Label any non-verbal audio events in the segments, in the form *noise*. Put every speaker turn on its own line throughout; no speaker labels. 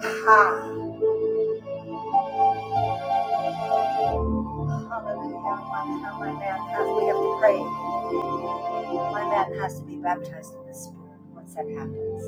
Ha! Hallelujah. My now my man has, we have to pray. My man has to be baptized in the Spirit once that happens.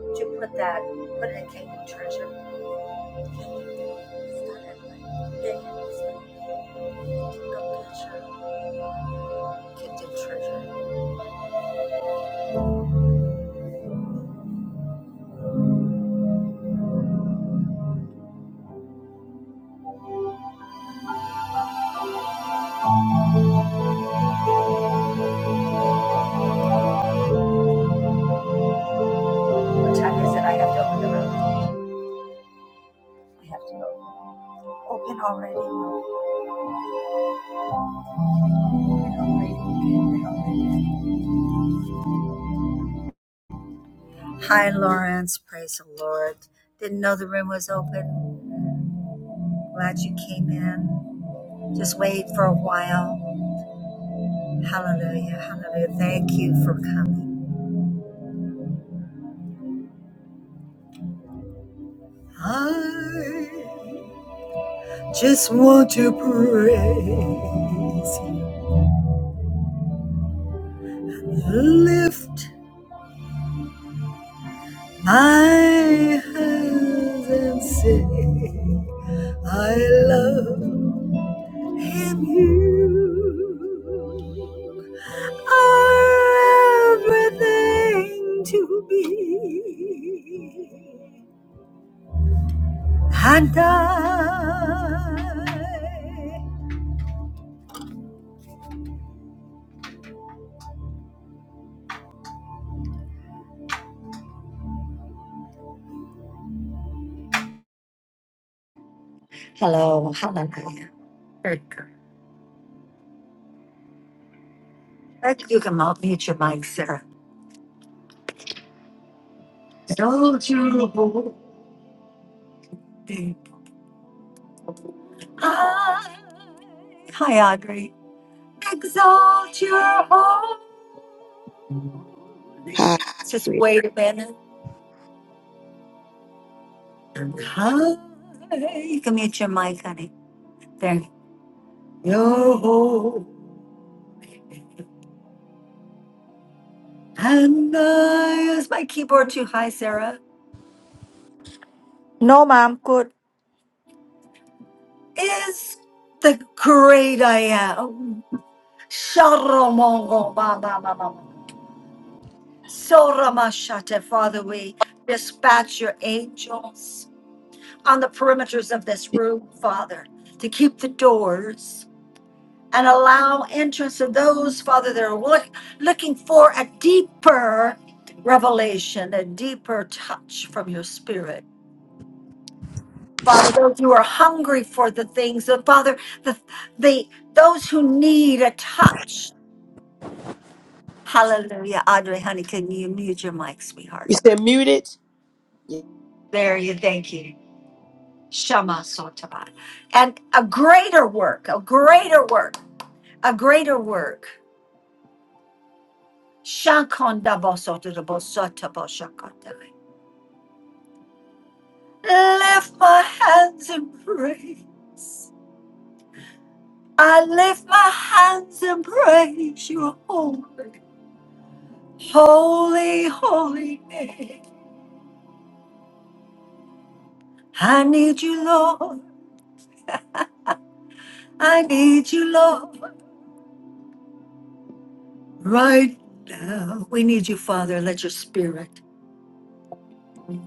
Would you put that, put it in kingdom treasure? Kingdom treasure. What time is it? I have to open the room. I have to open. Open already. Open already. Open already. Hi, Lawrence. Praise the Lord. Didn't know the room was open. Glad you came in. Just wait for a while. Hallelujah. Hallelujah. Thank you for coming. I just want to praise you. Lift my hands and say, I love him. You are everything to me. Handai. Hello, hallelujah. Very good. Thank You You can mute your mic, Sarah. Don't you hold it high. Hi, Audrey. Exalt your holy.
Hi.
Just
You
wait a minute. Hi, You can mute your mic, honey. There. Your holy and I. Is my keyboard too high, Sarah?
No, ma'am. Good.
Is the great I am. Sharomongo ba ba ba ba. Soramashate, Father, we dispatch your angels on the perimeters of this room, Father, to keep the doors and allow entrance of those, Father, that are look, looking for a deeper revelation, a deeper touch from your spirit. Father, those who are hungry for the things, that Father, the, the those who need a touch, Hallelujah. Audrey, honey, can you mute your mic, sweetheart?
said muted? Yeah.
There you thank you. Shama Sotaba. And a greater work, a greater work, a greater work. Shakondabosotabosotabo-shakotai. Lift my hands in praise. I lift my hands and praise your holy, holy, holy name. I need you, Lord. I need you, Lord. Right now, we need you, Father. Let your spirit. We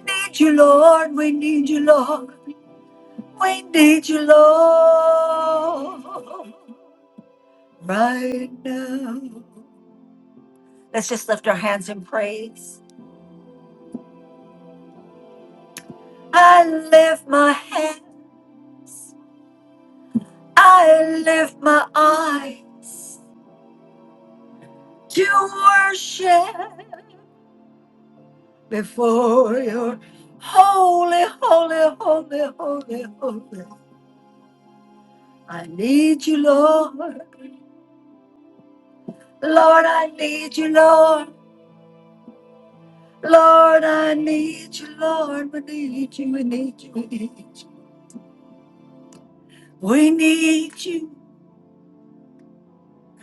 need you, Lord. We need you, Lord. We need you, Lord. Right now. Let's just lift our hands in praise. I lift my hand. I lift my eyes to worship before your holy, holy, holy, holy, holy. I need you, Lord. Lord, I need you, Lord. Lord, I need you, Lord. We need you, we need you, we need you. We need you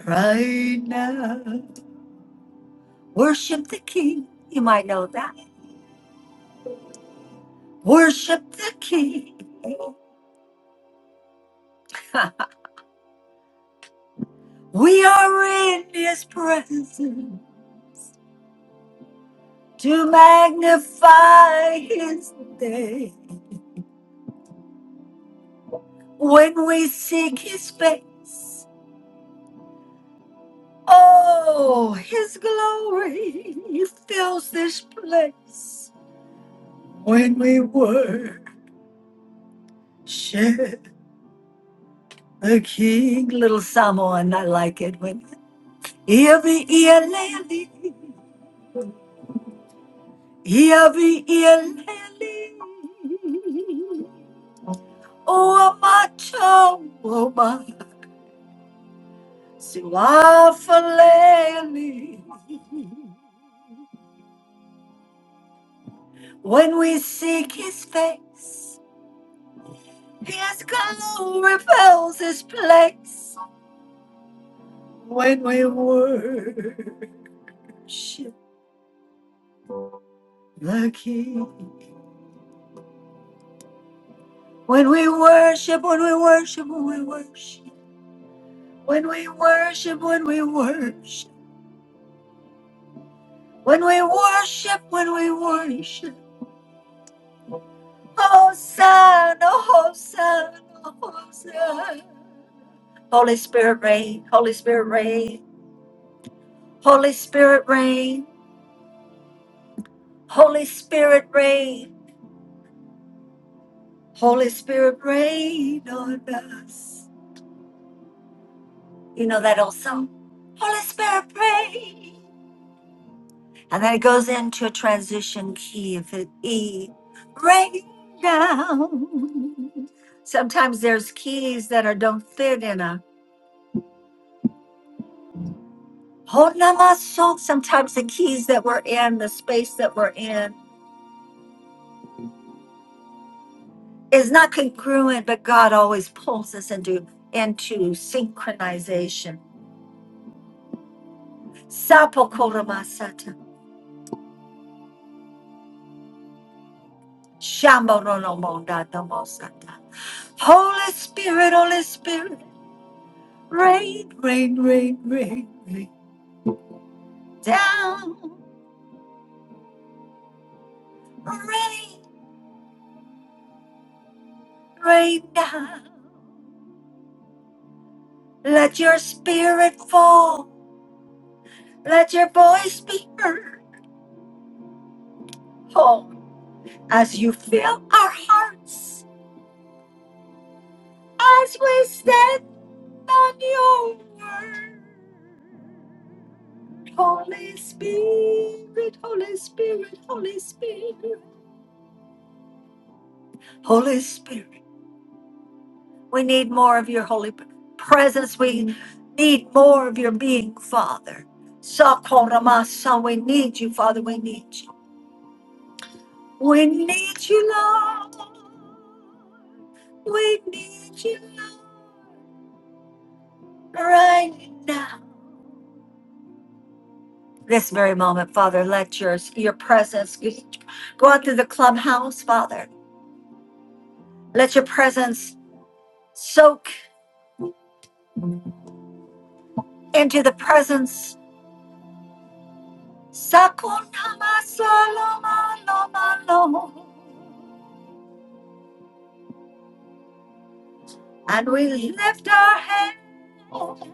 right now. Worship the King. You might know that. Worship the King. *laughs* We are in His presence to magnify His name. When we seek His face, oh, His glory fills this place. when we worship the King. Little Samoan, I like it. When Ivy Ialeli, Ivy Ialeli, O Amato, O Ma, Siwafaleli. When we seek His face, His glory fills His place. When we worship the King. When we worship, when we worship, when we worship, when we worship, when we worship, when we worship, when we worship. Hosanna, Hosanna, Hosanna. Holy Spirit reign, Holy Spirit reign, Holy Spirit reign, Holy Spirit reign, Holy Spirit reign on us. You know that old song? Holy Spirit reign. And then it goes into a transition key if it E rain down. Sometimes there's keys that are don't fit in a hold on my Sometimes the keys that we're in, the space that we're in, is not congruent, but God always pulls us into into synchronization. Sapokoromasata, shamborolomondadamosata. Holy Spirit, Holy Spirit, rain, rain, rain, rain, rain. down, rain, rain down. Let your spirit fall, let your voice be heard. Oh, as you fill our hearts, as we stand on your word. Holy Spirit, Holy Spirit, Holy Spirit, Holy Spirit. We need more of your holy presence. We need more of your being, Father. Sakoramasa, we need you, Father. We need you. We need you, Lord. We need you, Lord, right now. This very moment, Father, let your, your presence go out through the clubhouse, Father. Let your presence soak into the presence. Sakonamasalomalomalo. And we lift our hands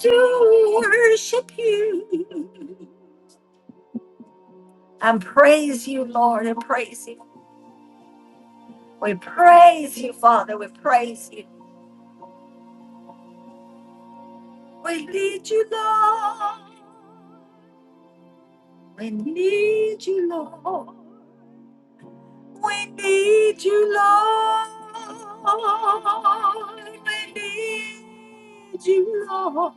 to worship you and praise you, Lord, and praise you. We praise you, Father. We praise you. We need you, Lord. We need you, Lord. We need you, Lord. We need you, Lord.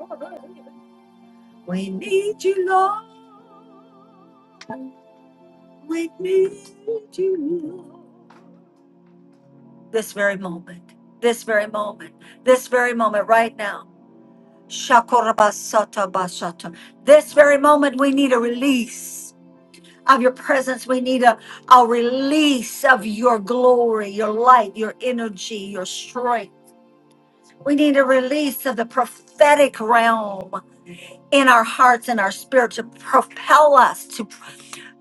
We need you, Lord. Wake me to This very moment, this very moment, this very moment, right now. Shakorabasata basata. This very moment, we need a release of your presence. We need a, a release of your glory, your light, your energy, your strength. We need a release of the prophetic realm in our hearts and our spirit to propel us, to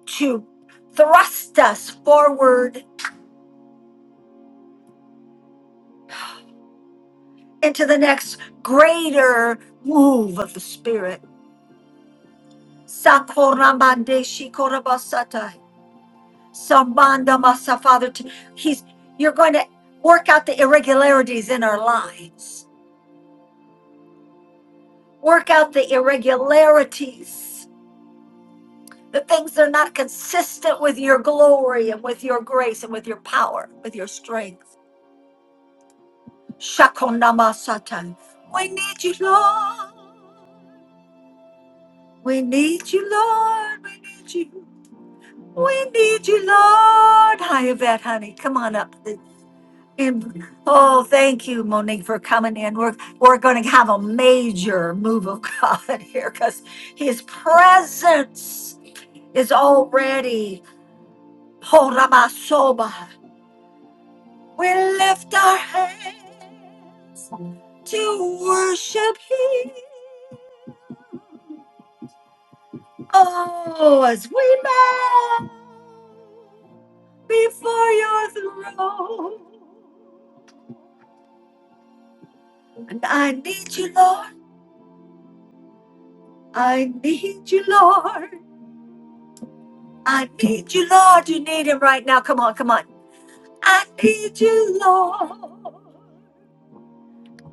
to thrust us forward into the next greater move of the Spirit. Sakoramande shikorabasatai. Sambanda masa, Father, t- he's you're going to work out the irregularities in our lives. Work out the irregularities, the things that are not consistent with your glory and with your grace and with your power, with your strength. Shakonamasatai. We need you, Lord. We need you, Lord. We need you. We need you, Lord. Hi, Yvette, honey. Come on up. And- oh, thank you, Monique, for coming in. We're we're going to have a major move of God *laughs* here because His presence is already. Horabasoba. We lift our hands to worship Him. Oh, as we bow before Your throne. I need you, Lord. I need you, Lord. I need you, Lord. You need him right now. Come on, come on. I need you, Lord.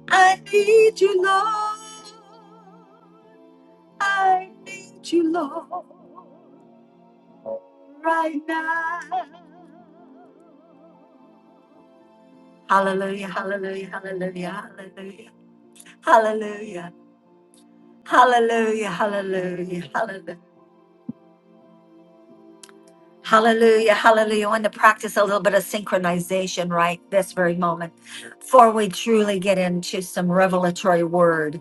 I need you, Lord. I need you, Lord, right now. Hallelujah, hallelujah, hallelujah, hallelujah, hallelujah, hallelujah, hallelujah, hallelujah. Hallelujah, hallelujah. I want to practice a little bit of synchronization right this very moment before we truly get into some revelatory word.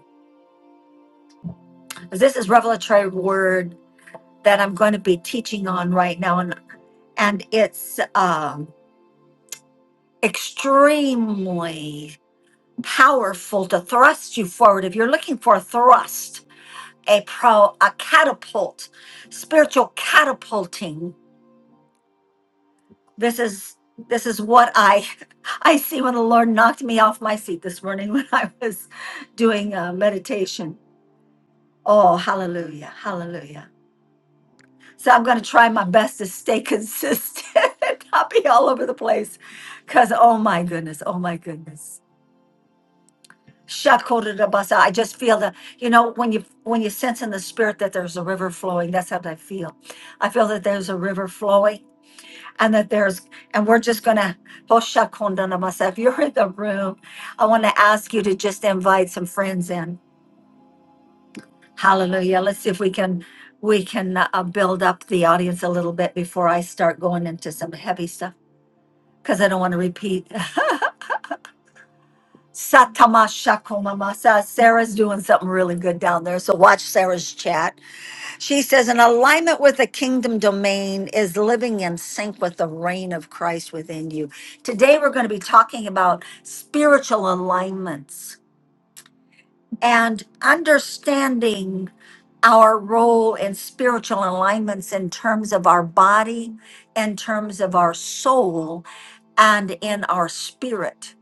This is revelatory word that I'm going to be teaching on right now, and, and it's um, extremely powerful to thrust you forward. If you're looking for a thrust, a pro, a catapult, spiritual catapulting, This is this is what I *laughs* I see when the Lord knocked me off my seat this morning *laughs* when I was doing uh, meditation. Oh, hallelujah, hallelujah. So I'm going to try my best to stay consistent, *laughs* and not be all over the place, because oh my goodness, oh my goodness. Shakodadabasa. I just feel the, you know, when you when you sense in the spirit that there's a river flowing, that's how I feel. I feel that there's a river flowing and that there's and we're just gonna Hoshakondanamasa. if you're in the room i want to ask you to just invite some friends in hallelujah let's see if we can we can uh, uh, build up the audience a little bit before i start going into some heavy stuff because i don't want to repeat *laughs* Satamashakomamasa. sarah's doing something really good down there so watch sarah's chat She says, an alignment with the kingdom domain is living in sync with the reign of Christ within you. Today, we're going to be talking about spiritual alignments and understanding our role in spiritual alignments in terms of our body, in terms of our soul, and in our spirit.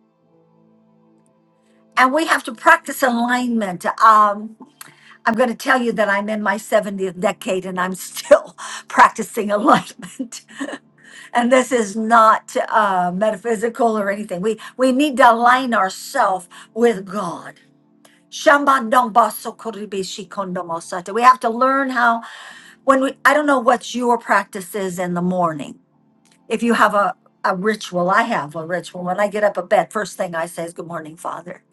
And we have to practice alignment. Um, I'm going to tell you that I'm in my 70th decade and I'm still *laughs* practicing alignment. And this is not uh, metaphysical or anything. We we need to align ourselves with God. Shambandombasokoribeshi kondomosata. We have to learn how when we I don't know what your practice is in the morning. If you have a a ritual, I have a ritual. When I get up a bed, first thing I say is good morning, Father.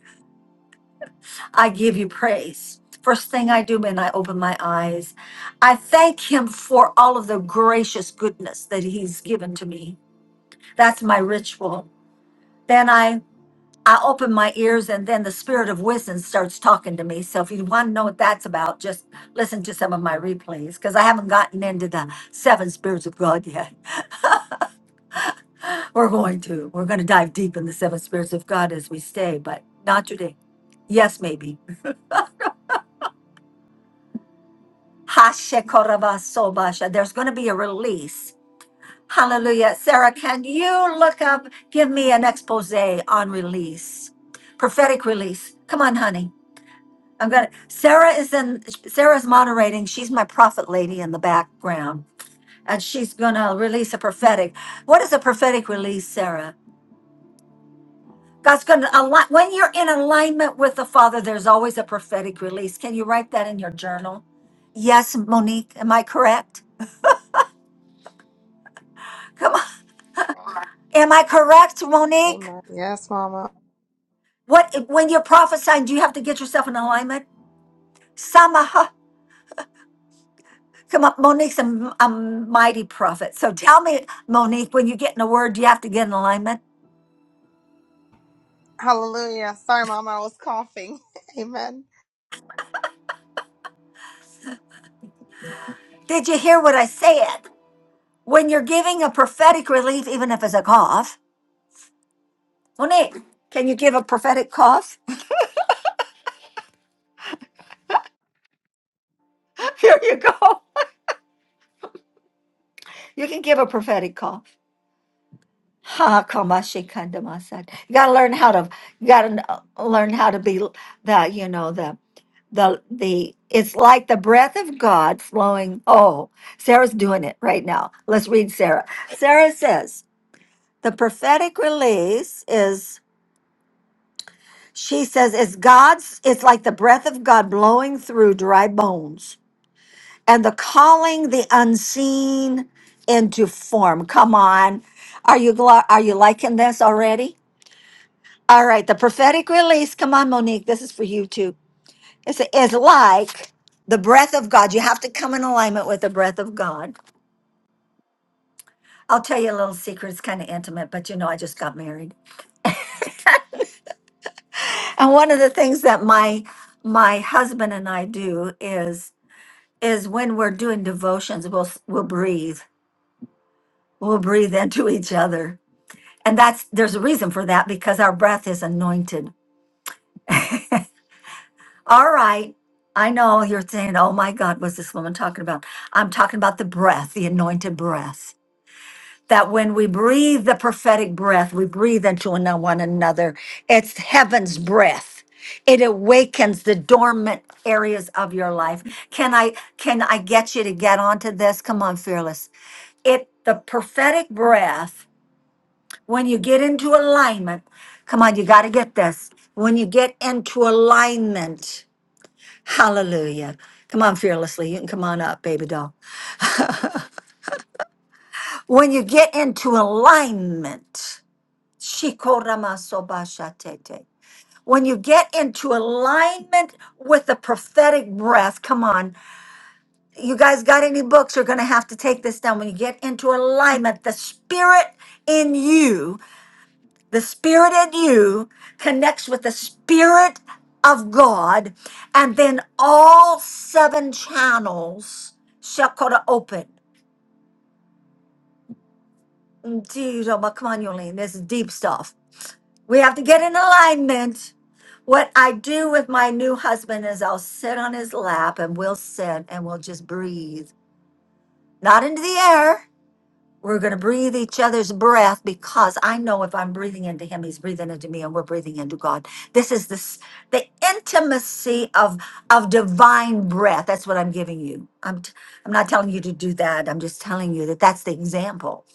I give you praise. First thing I do when I open my eyes, I thank him for all of the gracious goodness that he's given to me. That's my ritual. then I I open my ears and then the spirit of wisdom starts talking to me. So if you want to know what that's about, just listen to some of my replays because I haven't gotten into the seven spirits of God yet. *laughs* We're going to. We're going to dive deep in the seven spirits of God as we stay, but not today. Yes, maybe. Hashekorabasobasha. There's going to be a release. Hallelujah. Sarah, can you look up, give me an expose on release, prophetic release? Come on, honey. I'm gonna. Sarah is in. Sarah's moderating. She's my prophet lady in the background, and she's gonna release a prophetic. What is a prophetic release, Sarah? God's gonna align. When you're in alignment with the Father, there's always a prophetic release. Can you write that in your journal? Yes, Monique. Am I correct? Come on. Am I correct, Monique?
Amen. Yes, Mama.
What when you're prophesying, do you have to get yourself in alignment? Samaha. Come up, Monique's a a mighty prophet. So tell me, Monique, when you get in a word, you have to get in alignment?
Hallelujah. Sorry, Mama, I was coughing. *laughs* Amen.
Did you hear what I said? When you're giving a prophetic relief, even if it's a cough, Monique, can you give a prophetic cough? *laughs* Here you go. You can give a prophetic cough. Ha kamashi kandamasad. You gotta learn how to. You gotta kn- learn how to be the, you know, the the the it's like the breath of God flowing. Oh, Sarah's doing it right now. Let's read Sarah. Sarah says the prophetic release is she says it's God's it's like the breath of God blowing through dry bones and the calling the unseen into form. Come on. Are you gl- are you liking this already? All right, the prophetic release. Come on, Monique. This is for you too. It's, it's like the breath of God. You have to come in alignment with the breath of God. I'll tell you a little secret. It's kind of intimate, but you know, I just got married, and one of the things that my my husband and I do is is when we're doing devotions, we'll s- we'll breathe, we'll breathe into each other, and that's there's a reason for that because our breath is anointed. All right. I know you're saying, oh my God, what's this woman talking about? I'm talking about the breath, the anointed breath. that when we breathe the prophetic breath, we breathe into one one another. It's heaven's breath. It awakens the dormant areas of your life. Can I can I get you to get onto this? Come on, fearless. It the prophetic breath when you get into alignment. Come on, you got to get this. When you get into alignment, hallelujah. Come on, fearlessly. You can come on up, baby doll. When you get into alignment, Shikoramasobashatete. When you get into alignment with the prophetic breath, come on, you guys got any books? You're going to have to take this down. When you get into alignment, the spirit in you, the spirit in you connects with the spirit of God, and then all seven channels shakora open. Dude, oh my- come on, Yolene, this is deep stuff. We have to get in alignment. What I do with my new husband is I'll sit on his lap and we'll sit and we'll just breathe, not into the air. We're going to breathe each other's breath because I know if I'm breathing into him, he's breathing into me and we're breathing into God. This is this the intimacy of of divine breath. That's what I'm giving you. I'm t- I'm not telling you to do that. I'm just telling you that that's the example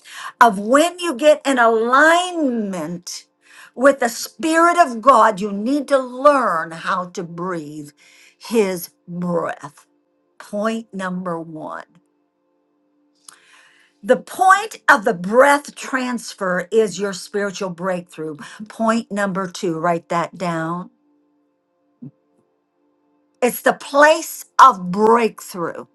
of when you get in alignment with the spirit of God, you need to learn how to breathe his breath. Point number 1. The point of the breath transfer is your spiritual breakthrough. Point number two, write that down. It's the place of breakthrough.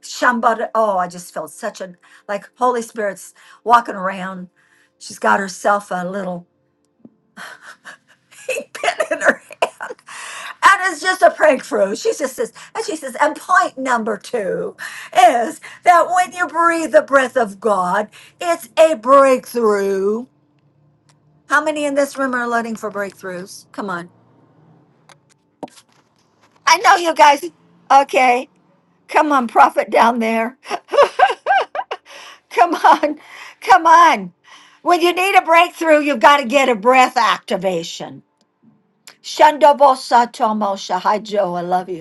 Shambada, oh, I just felt such a like Holy Spirit's walking around. She's got herself a little *laughs* pink pen in her hand. And it's just a breakthrough. She just says, and she says, and point number two is that when you breathe the breath of God, it's a breakthrough How many in this room are loading for breakthroughs? Come on. I know you guys. Okay. Come on, prophet down there. *laughs* Come on. Come on. When you need a breakthrough, you've got to get a breath activation. Shandobo Satomo Shahajo, I love you.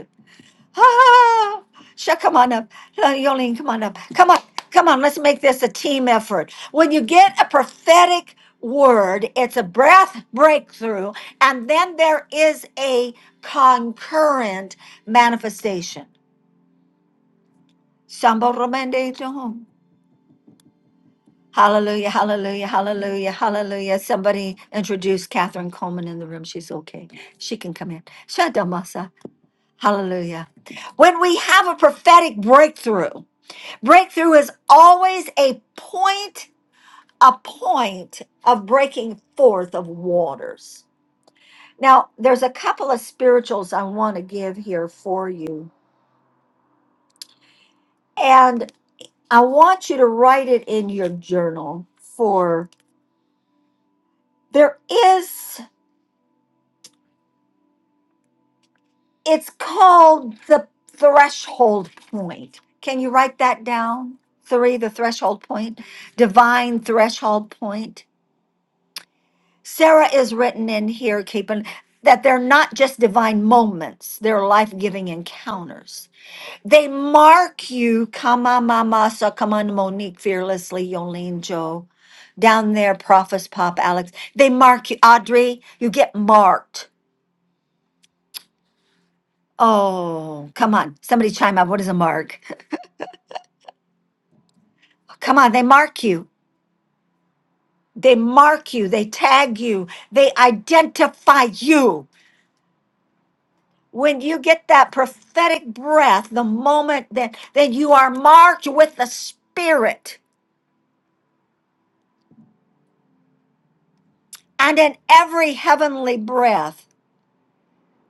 Ah, Sha, come on up. Uh, Yolene, come on up. Come on, come on. Let's make this a team effort. When you get a prophetic word, it's a breath breakthrough, and then there is a concurrent manifestation. Samba Romande John. Hallelujah, hallelujah, hallelujah, hallelujah. Somebody introduce Catherine Coleman in the room. She's okay. She can come in. Shadamasa. Hallelujah. When we have a prophetic breakthrough, Breakthrough is always a point, a point of breaking forth of waters. Now, there's a couple of spirituals I want to give here for you. And I want you to write it in your journal for there is, it's called the threshold point. Can you write that down? Three, the threshold point, divine threshold point Sarah is written in here, keeping that they're not just divine moments, they're life giving encounters. They mark you, Kama Mama, so come on, Monique, fearlessly, Yolene, Joe, down there, Prophets Pop, Alex. They mark you, Audrey, you get marked. Oh, come on, somebody chime up. What is a mark? Come on, they mark you. They mark you, they tag you, they identify you. when you get that prophetic breath, the moment that, that you are marked with the Spirit and in every heavenly breath,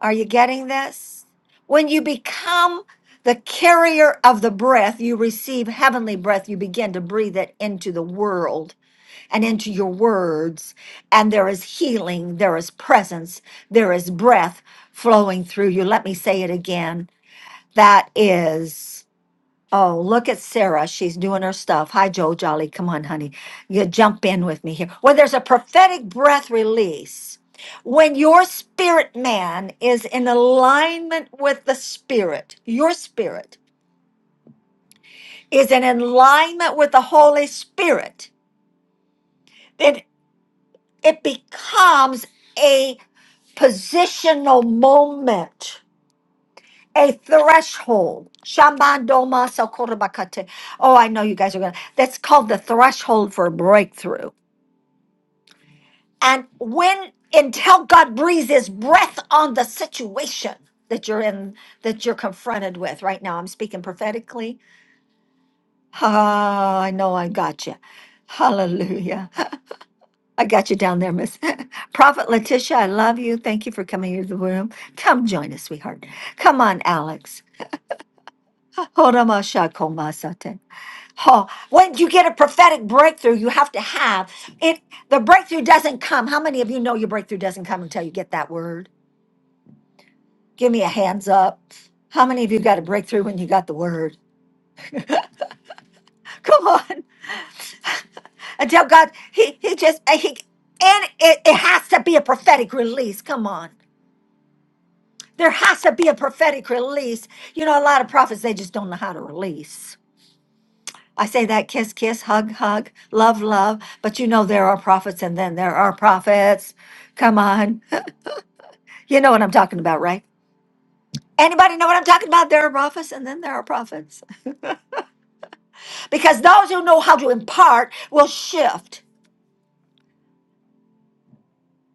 are you getting this? When you become the carrier of the breath, you receive heavenly breath, you begin to breathe it into the world and into your words. And there is healing, there is presence, there is breath flowing through you. Let me say it again. That is. Oh, look at Sarah. She's doing her stuff. Hi, Joe Jolly. Come on, honey. You jump in with me here. Well, there's a prophetic breath release. When your spirit man is in alignment with the spirit, your spirit is in alignment with the Holy Spirit, then it becomes a positional moment a threshold. Shamandoma sokorobakate. Oh, I know you guys are going to. That's called the threshold for breakthrough. And when, until God breathes his breath on the situation that you're in, that you're confronted with right now, I'm speaking prophetically. Ah, I know I got you. Hallelujah. *laughs* I got you down there, Miss. *laughs* Prophet Letitia, I love you. Thank you for coming into the room. Come join us, sweetheart. Come on, Alex. *laughs* Oh, when you get a prophetic breakthrough, you have to have it. The breakthrough doesn't come. How many of you know your breakthrough doesn't come until you get that word? Give me a hands up. How many of you got a breakthrough when you got the word? *laughs* Come on. Until God, He He just He and it, it has to be a prophetic release. Come on. There has to be a prophetic release. You know, a lot of prophets they just don't know how to release. I say that kiss, kiss, hug, hug, love, love. But you know there are prophets and then there are prophets. Come on. You know what I'm talking about, right? Anybody know what I'm talking about? There are prophets and then there are prophets. Because those who know how to impart will shift.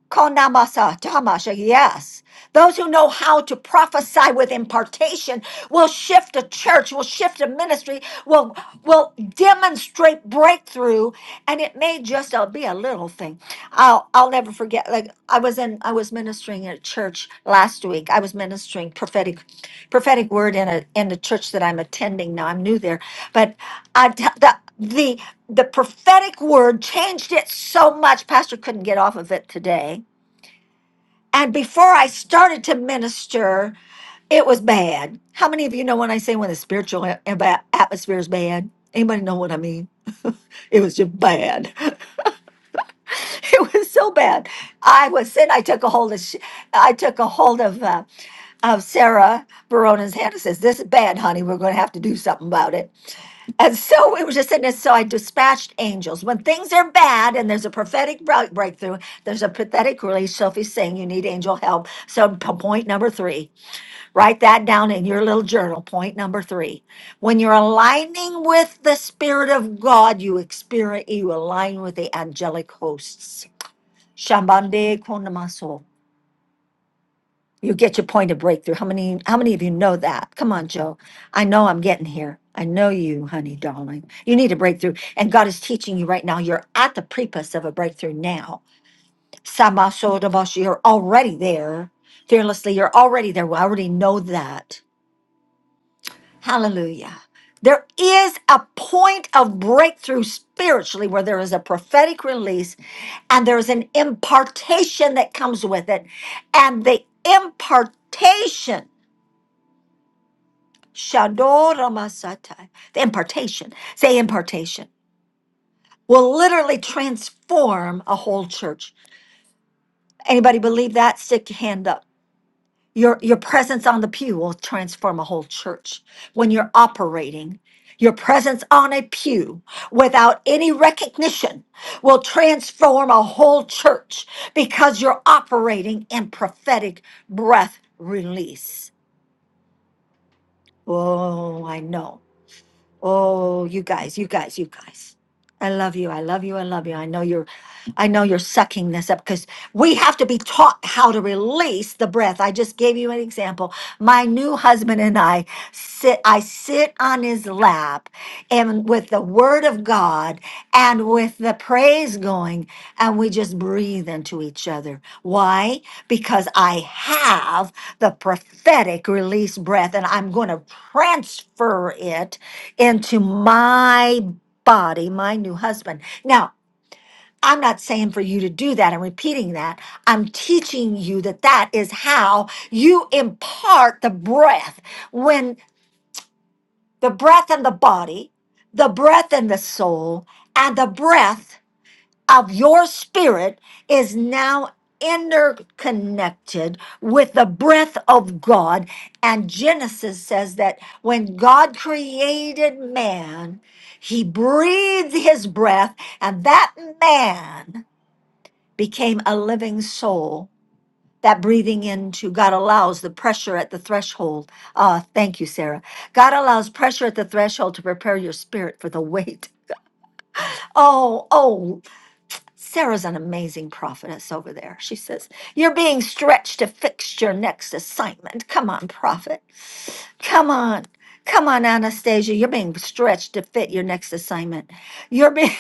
Konamasa, tamasha, yes. Those who know how to prophesy with impartation will shift a church, will shift a ministry, will will demonstrate breakthrough, and it may just uh, be a little thing. I'll I'll never forget. Like I was in, I was ministering at a church last week. I was ministering prophetic, prophetic word in a in the church that I'm attending now. I'm new there, but I the the prophetic word changed it so much pastor couldn't get off of it today and before i started to minister it was bad how many of you know when i say when the spiritual a- a- atmosphere is bad anybody know what i mean *laughs* it was just bad *laughs* it was so bad i was sitting i took a hold of sh- i took a hold of uh, of sarah Barona's hand and says this is bad honey we're going to have to do something about it And so it was just in this. So I dispatched angels. When things are bad and there's a prophetic break- breakthrough, there's a pathetic release. Sophie's saying you need angel help. So p- point number three, write that down in your little journal. Point number three, when you're aligning with the spirit of God, you experience you align with the angelic hosts. Shambande you get your point of breakthrough. How many how many of you know that? Come on, Joe. I know I'm getting here. I know you, honey, darling. You need a breakthrough. And God is teaching you right now. You're at the precipice of a breakthrough now. Samasodabashi, you're already there. Fearlessly, you're already there. We already know that. Hallelujah. There is a point of breakthrough spiritually where there is a prophetic release and there's an impartation that comes with it. And the impartation Shadoramasata, the impartation, say impartation, will literally transform a whole church. Anybody believe that? Stick your hand up. Your your presence on the pew will transform a whole church when you're operating. Your presence on a pew without any recognition will transform a whole church because you're operating in prophetic breath release. Oh, I know. Oh, you guys, you guys, you guys. I love you. I love you. I love you. I know you're I know you're sucking this up because we have to be taught how to release the breath. I just gave you an example. My new husband and I sit I sit on his lap and with the word of God and with the praise going, and we just breathe into each other. Why? Because I have the prophetic release breath and I'm going to transfer it into my body, my new husband. Now, I'm not saying for you to do that. I'm repeating that. I'm teaching you that that is how you impart the breath when the breath and the body, the breath and the soul, and the breath of your spirit is now interconnected with the breath of God. And Genesis says that when God created man, he breathed his breath, and that man became a living soul that breathing into God allows the pressure at the threshold. Uh, thank you, Sarah. God allows pressure at the threshold to prepare your spirit for the wait. Oh, oh, Sarah's an amazing prophetess over there. She says, You're being stretched to fix your next assignment. Come on, prophet. Come on. Come on, Anastasia. You're being stretched to fit your next assignment. You're being *laughs*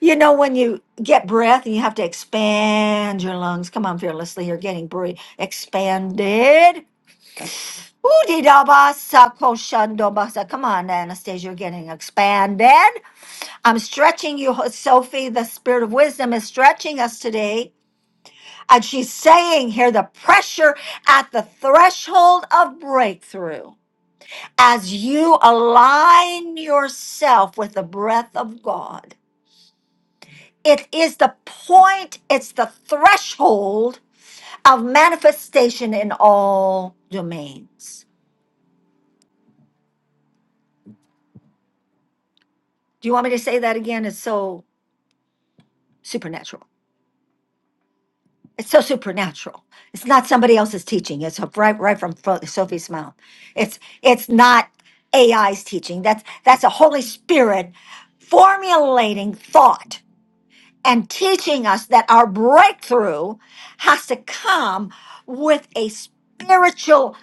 You know, when you get breath and you have to expand your lungs. Come on, fearlessly, you're getting breath expanded. Ooh-dee-da-ba-sa, ko koshan-do-ba-sa. Come on, Anastasia, you're getting expanded. I'm stretching you, Sophie. The spirit of wisdom is stretching us today. And she's saying here the pressure at the threshold of breakthrough as you align yourself with the breath of God. It is the point, it's the threshold of manifestation in all domains. Do you want me to say that again? It's so supernatural. It's so supernatural. It's not somebody else's teaching. It's right right from Fro- Sophie's mouth. It's it's not AI's teaching. That's that's a Holy Spirit formulating thought and teaching us that our breakthrough has to come with a spiritual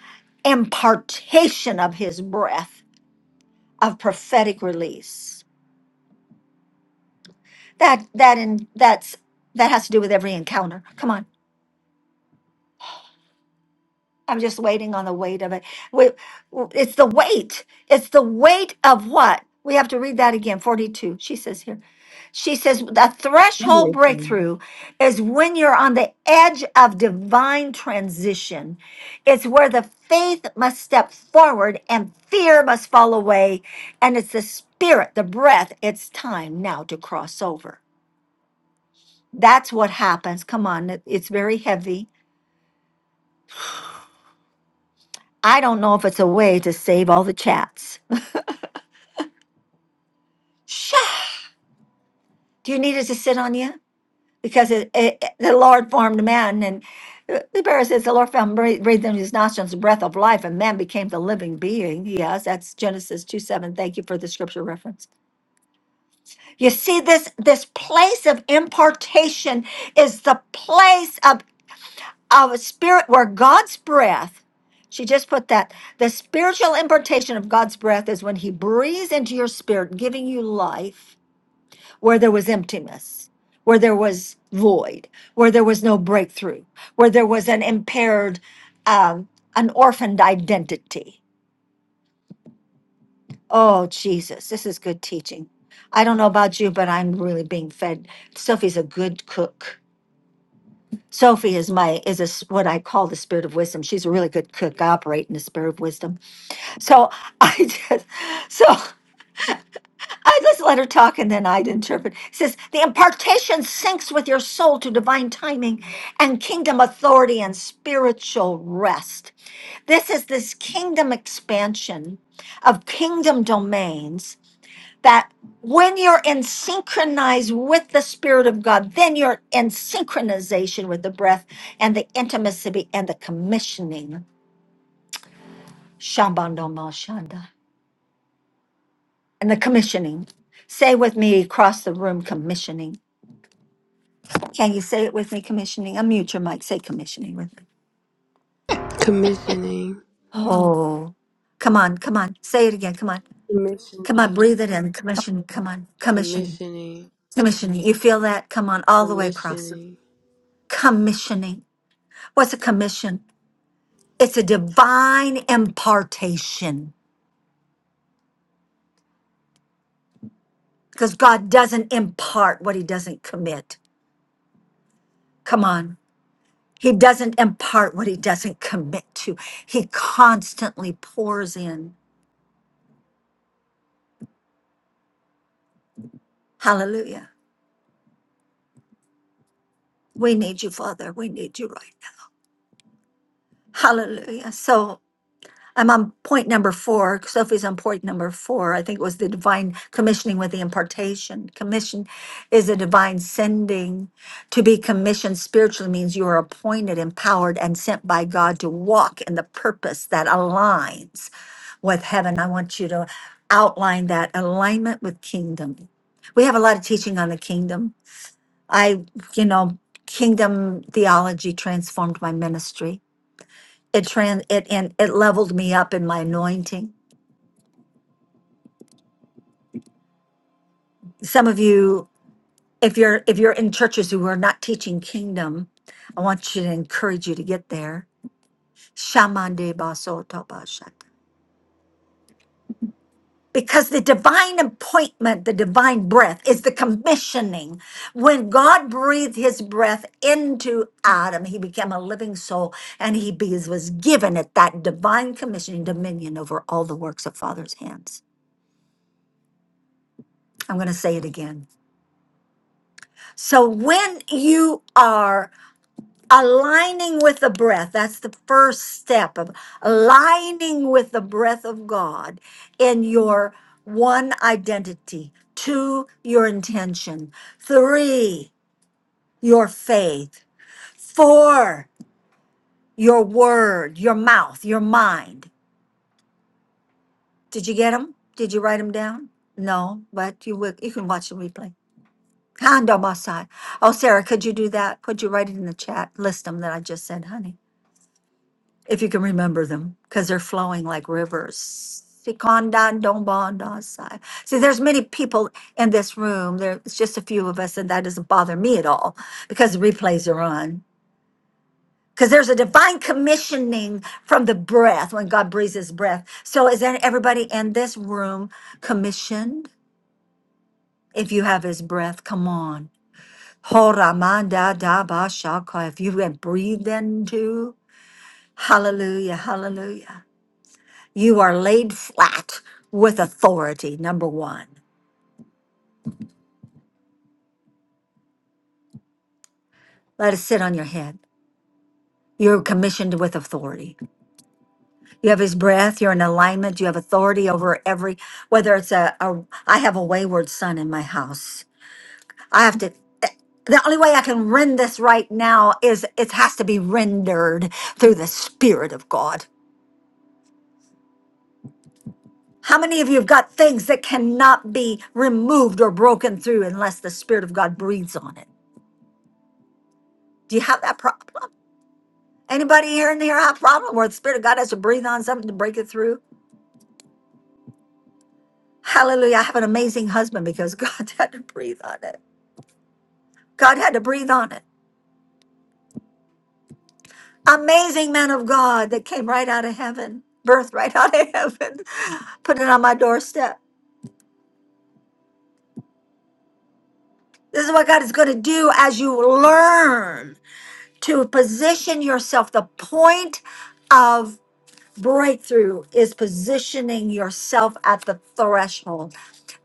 impartation of his breath of prophetic release that that in that's that has to do with every encounter come on I'm just waiting on the weight of it. We, w- it's the weight. It's the weight of what? We have to read that again. 42. She says here. She says the threshold
Revelation.
breakthrough is when you're on the edge of divine transition. It's where the faith must step forward and fear must fall away. And it's the spirit, the breath. It's time now to cross over. That's what happens. Come on. it- It's very heavy. I don't know if it's a way to save all the chats. Sha! Do you need it to sit on you? Because it, it, it- the Lord formed man, and uh, the Bible says the Lord found breathed, breathed in his nostrils the breath of life, and man became the living being. Yes, that's Genesis two seven. Thank you for the scripture reference. You see, this this place of impartation is the place of of a spirit where God's breath. She just put that the spiritual impartation of God's breath is when He breathes into your spirit, giving you life where there was emptiness, where there was void, where there was no breakthrough, where there was an impaired, um, an orphaned identity. Oh, Jesus, this is good teaching. I don't know about you, but I'm really being fed. Sophie's a good cook. Sophie is my is a, s- what I call the spirit of wisdom. She's a really good cook. I operate in the spirit of wisdom. So I *laughs* just so *laughs* I just let her talk and then I'd interpret. It says, the impartation syncs with your soul to divine timing and kingdom authority and spiritual rest. This is this kingdom expansion of kingdom domains that when you're in synchronized with the Spirit of God, then you're in synchronization with the breath and the intimacy and the commissioning. Shambandoma Shanda. And the commissioning. Say with me across the room, commissioning Can you say it with me, commissioning? Unmute your mic. Say commissioning with me.
Commissioning,
Mm.
Oh, come on, come on. Say it again. Come on. Come on,
commissioning,
breathe it in. Commission, come on. Commission,
commissioning,
commissioning. You feel that? Come on, all the way.
commissioning.
Commissioning. What's a commission? It's a divine impartation because God doesn't impart what he doesn't commit. Come on. He doesn't impart what he doesn't commit to. He constantly pours in. Hallelujah. We need you, Father. We need you right Hallelujah. So I'm on point number four. Sophie's on point number four. I think it was the divine commissioning with the impartation. Commission is a divine sending. To be commissioned spiritually means you are appointed, empowered, and sent by God to walk in the purpose that aligns with heaven. I want you to outline that alignment with kingdom. We have a lot of teaching on the kingdom. I, you know, kingdom theology transformed my ministry it trans it and it leveled me up in my anointing some of you if you're if you're in churches who are not teaching kingdom i want you to encourage you to get there Shamande baso toba shata. because the divine appointment the divine breath is the commissioning when god breathed his breath into adam he became a living soul and he be- was given at that divine commissioning dominion over all the works of father's hands i'm going to say it again So when you are aligning with the breath, that's the first step of aligning with the breath of God in your one identity, two, your intention, three, your faith, four, your word, your mouth, your mind. Did you get them? Did you write them down? No, but you will, you can watch the replay. Kando Masai. Oh, Sarah, could you do that? Could you write it in the chat? List them that I just said, honey. if you can remember them, because they're flowing like rivers. Sikondan dongbon dasai. See, there's many people in this room. There's just a few of us, and that doesn't bother me at all because the replays are on. Because there's a divine commissioning from the breath when God breathes His breath. So is there everybody in this room commissioned? If you have His breath, come on. Horamanda dabashaka. If you have breathed into, hallelujah, hallelujah. You are laid flat with authority, number one. Let it sit on your head. You're commissioned with authority. You have his breath, you're in alignment, you have authority over every, whether it's a, a I have a wayward son in my house. I have to, eh, the only way I can rend this right now is it has to be rendered through the Spirit of God. How many of you have got things that cannot be removed or broken through unless the Spirit of God breathes on it? Do you have that problem? Anybody here in the here high problem where the Spirit of God has to breathe on something to break it through? Hallelujah. I have an amazing husband because *laughs* God had to breathe on it. God had to breathe on it. Amazing man of God that came right out of heaven, birthed right *laughs* out of heaven, put it on my doorstep. This is what God is going to do as you learn to position yourself. The point of breakthrough is positioning yourself at the threshold.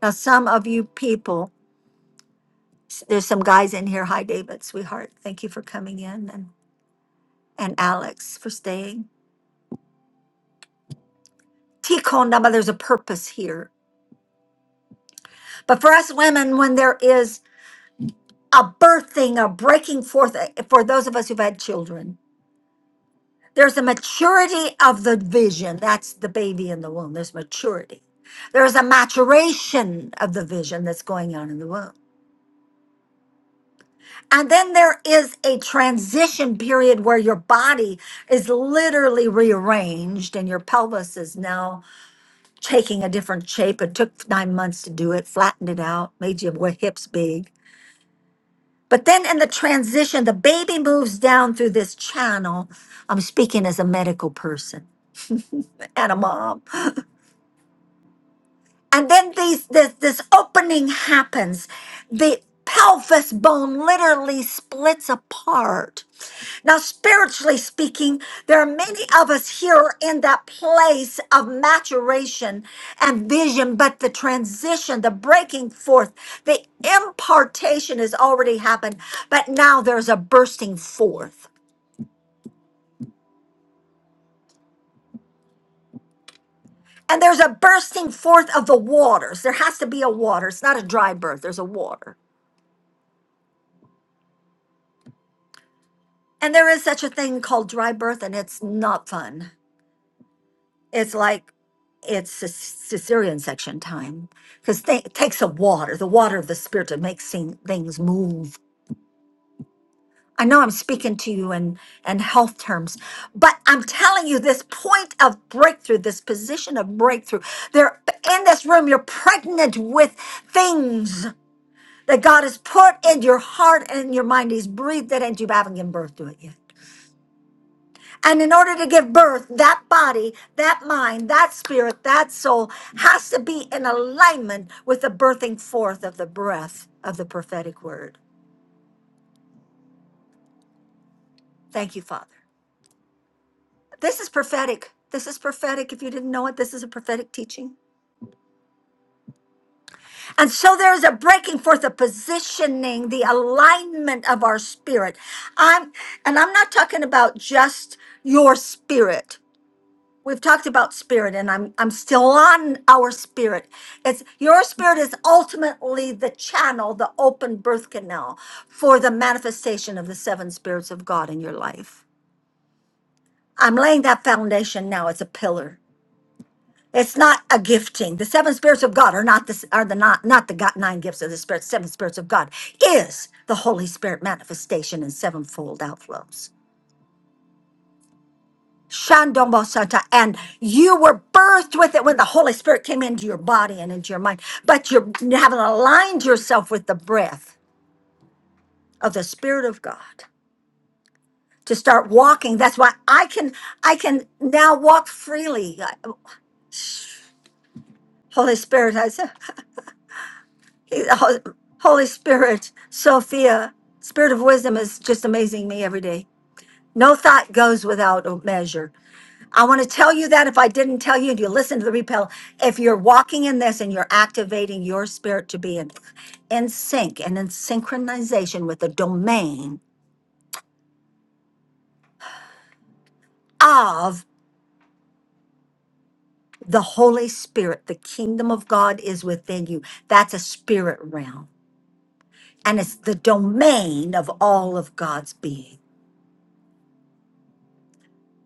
Now, some of you people s- there's some guys in here. Hi, David, sweetheart. Thank you for coming in and, and Alex for staying. Tikkun Nama, there's a purpose here. But for us women, when there is a birthing, a breaking forth, uh, for those of us who've had children, there's a maturity of the vision. That's the baby in the womb. There's maturity. There's a maturation of the vision that's going on in the womb. And then there is a transition period where your body is literally rearranged and your pelvis is now taking a different shape. It took nine months to do it, flattened it out, made your wa- hips big. But then in the transition, the baby moves down through this channel. I'm speaking as a medical person and a mom. And then these this this opening happens. The pelvis bone literally splits apart Now, spiritually speaking, there are many of us here in that place of maturation and vision, but the transition, the breaking forth, the impartation has already happened, but now there's a bursting forth. And there's a bursting forth of the waters. There has to be a water. It's not a dry birth, there's a water. And there is such a thing called dry birth, and it's not fun. it's like it's Cis- Caesarean section time because it takes a water, the water of the spirit to make sing- things move. I know I'm speaking to you in, in health terms, but I'm telling you this point of breakthrough, this position of breakthrough. There in this room, you're pregnant with things that God has put in your heart and in your mind. He's breathed it into you, but haven't given birth to it yet. And in order to give birth, that body, that mind, that spirit, that soul has to be in alignment with the birthing forth of the breath of the prophetic word. Thank you, Father. This is prophetic. This is prophetic. If you didn't know it, this is a prophetic teaching. And so there is a breaking forth, a positioning, the alignment of our spirit. I'm, and I'm not talking about just your spirit. we've talked about spirit and I'm I'm still on our spirit. It's your spirit is ultimately the channel, the open birth canal for the manifestation of the seven spirits of God in your life. I'm laying that foundation now as a pillar. It's not a gifting. The seven spirits of God are not the are the not not the God, nine gifts of the spirit. Seven spirits of God is the Holy Spirit manifestation in sevenfold outflows. Shandong Bosata, and you were birthed with it when the Holy Spirit came into your body and into your mind. But you're, you haven't aligned yourself with the breath of the Spirit of God to start walking. That's why I can I can now walk freely. Holy Spirit, I said, Holy Spirit, Sophia, Spirit of wisdom is just amazing me every day. No thought goes without measure. I want to tell you that if I didn't tell you, and you listen to the repel, if you're walking in this and you're activating your spirit to be in, in sync and in synchronization with the domain of the Holy Spirit, the kingdom of God is within you. That's a spirit realm, and it's the domain of all of God's being.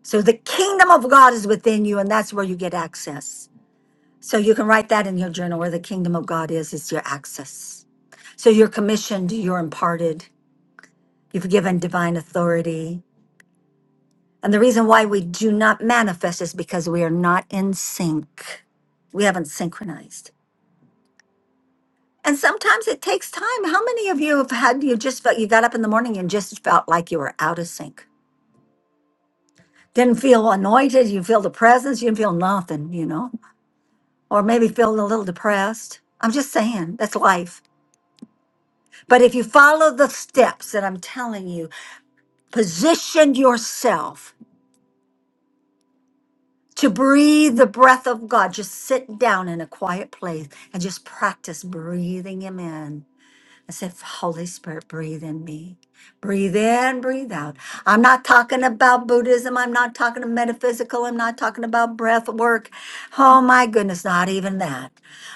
So the kingdom of God is within you, and that's where you get access. So you can write that in your journal where the kingdom of God is, is your access. So you're commissioned, you're imparted, You've given divine authority. And the reason why we do not manifest is because we are not in sync. We haven't synchronized. And sometimes it takes time. How many of you have had you just felt you got up in the morning and just felt like you were out of sync? Didn't feel anointed, you feel the presence, you didn't feel nothing, you know, or maybe feeling a little depressed. I'm just saying, that's life. But if you follow the steps that I'm telling you, position yourself to breathe the breath of God. Just sit down in a quiet place and just practice breathing Him in. I said, Holy Spirit, breathe in me. Breathe in, breathe out. I'm not talking about Buddhism. I'm not talking about metaphysical. I'm not talking about breath work. Oh my goodness, not even that.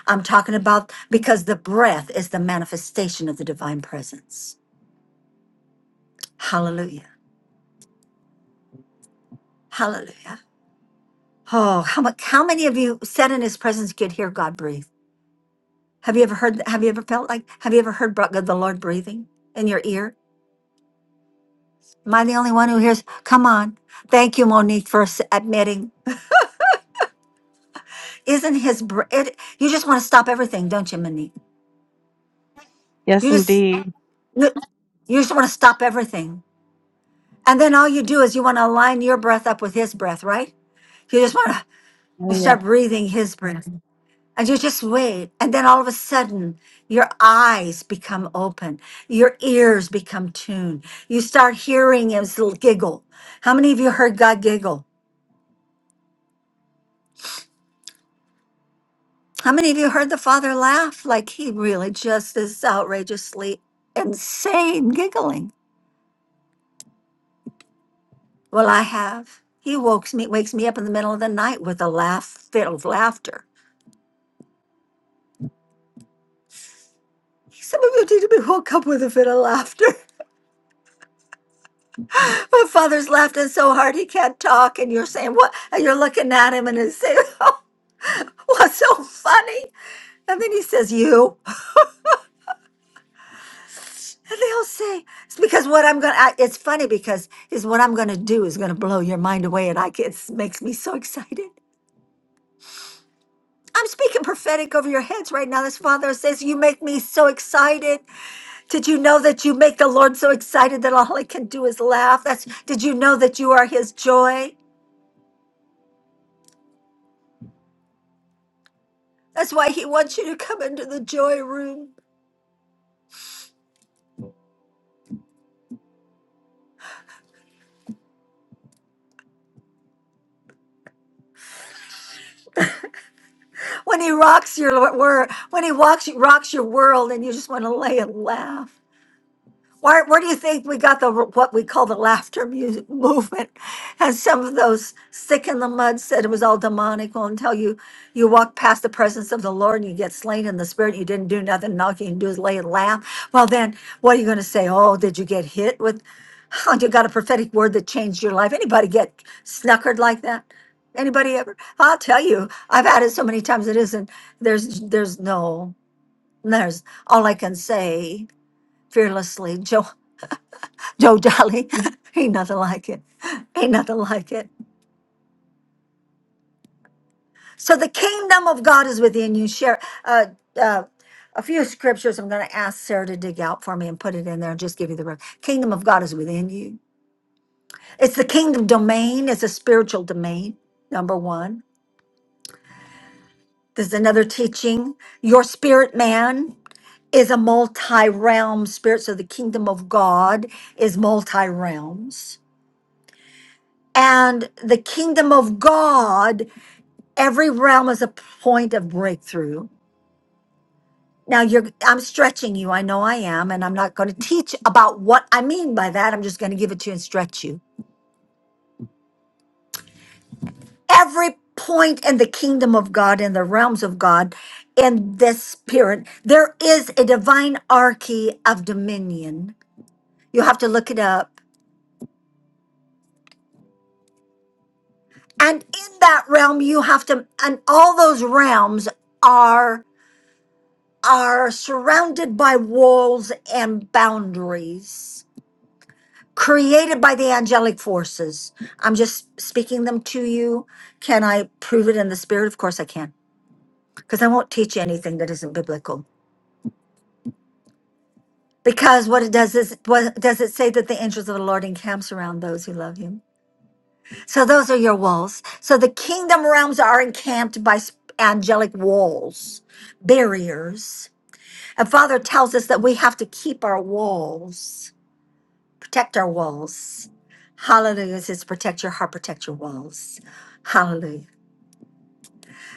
I'm talking about because the breath is the manifestation of the divine presence. Hallelujah. Hallelujah. Oh, how, much, how many of you sat in his presence could hear God breathe? Have you ever heard, have you ever felt like, have you ever heard bro- the Lord breathing in your ear? Am I the only one who hears? Come on. Thank you, Monique, for s- admitting. Isn't his, br- it, you just want to stop everything, don't you, Monique?
Yes,
You just,
indeed.
you you just want to stop everything. And then all you do is you want to align your breath up with his breath, right? You just want to, you
Oh, yeah.
start breathing his breath. And you just wait. And then all of a sudden, your eyes become open. Your ears become tuned. You start hearing his little giggle. How many of you heard God giggle? How many of you heard the Father laugh? Like he really just is outrageously insane giggling. Well, I have. He wakes me, wakes me up in the middle of the night with a laugh, fit of laughter. Some of you need to be woke up with a fit of laughter. *laughs* My father's laughing so hard he can't talk, and you're saying what? And you're looking at him, and he's saying, *laughs* "What's so funny?" And then he says, "You." And they'll say, "It's because what I'm gonna." I, it's funny because is what I'm gonna do is gonna blow your mind away, and I get- it makes me so excited. I'm speaking prophetic over your heads right now. This father says, You make me so excited. Did you know that you make the Lord so excited that all he can do is laugh? That's did you know that you are his joy? That's why he wants you to come into the joy room. *laughs* when he rocks your wor- when he walks rocks your world, and you just want to lay and laugh. Where, where do you think we got the what we call the laughter music *laughs* movement? And some of those sick in the mud said it was all demonical until you you walk past the presence of the Lord and you get slain in the spirit. You didn't do nothing. and All you can do is lay and laugh. Well, then what are you going to say? Oh, did you get hit with? *laughs* Oh, you got a prophetic word that changed your life. Anybody get snuckered like that? Anybody ever? I'll tell you, I've had it so many times. It isn't. There's there's no. There's all I can say fearlessly. *laughs* Joe Dolly. *laughs* Ain't nothing like it. Ain't nothing like it. So the kingdom of God is within you. Share uh, uh, a few scriptures. I'm going to ask Sarah to dig out for me and put it in there and just give you the rest. Kingdom of God is within you. It's the kingdom domain. It's a spiritual domain. Number one. There's another teaching. Your spirit man is a multi-realm spirit. So the kingdom of God is multi-realms and the kingdom of God every realm is a point of breakthrough. Now you're I'm stretching you. I know I am and I'm not going to teach about what I mean by that. I'm just going to give it to you and stretch you. Every point in the kingdom of God in the realms of God in this spirit there is a divine archy of dominion. You have to look it up. And in that realm you have to and all those realms are are surrounded by walls and boundaries created by the angelic forces. I'm just speaking them to you. Can I prove it in the spirit? Of course I can, because I won't teach you anything that isn't biblical. Because what it does is, what does it say that the angels of the Lord encamps around those who love Him? So those are your walls. So the kingdom realms are encamped by s- angelic walls, barriers. And Father tells us that we have to keep our walls. protect our walls. Hallelujah. It says protect your heart, protect your walls. Hallelujah.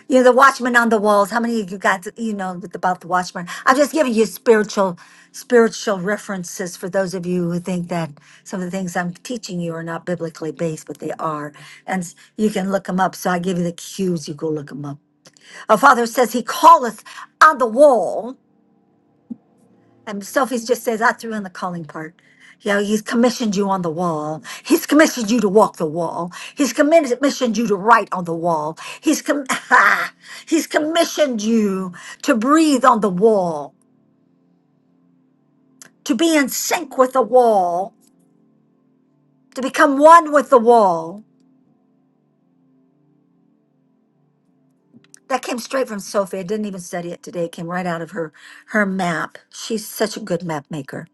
You know, the watchman on the walls. How many of you got, to- you know, with about the watchman? I'm just giving you spiritual, spiritual references for those of you who think that some of the things I'm teaching you are not biblically based, but they are. And s- you can look them up. So I give you the cues. You go look them up. Our Father says he calleth on the wall And Sophie just says, I threw in the calling part. You know, he's commissioned you on the wall. He's commissioned you to walk the wall. He's commissioned you to write on the wall. He's com- *laughs* he's commissioned you to breathe on the wall, to be in sync with the wall, to become one with the wall. That came straight from Sophie. I didn't even study it today. It came right out of her her map. She's such a good map maker.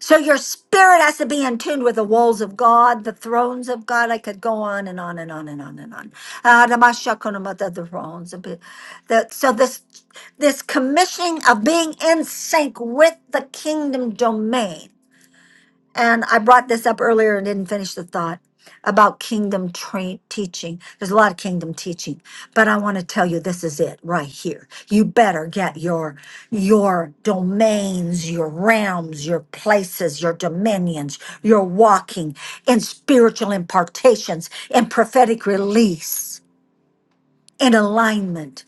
So your spirit has to be in tune with the walls of God, the thrones of God. I could go on and on and on and on and on. Ah, the Mashakunamata, the thrones. of it. The- So this this commissioning of being in sync with the kingdom domain. And I brought this up earlier and didn't finish the thought about kingdom tra- teaching. There's a lot of kingdom teaching, but I want to tell you this is it right here. You better get your your domains, your realms, your places, your dominions, your walking in spiritual impartations and prophetic release in alignment.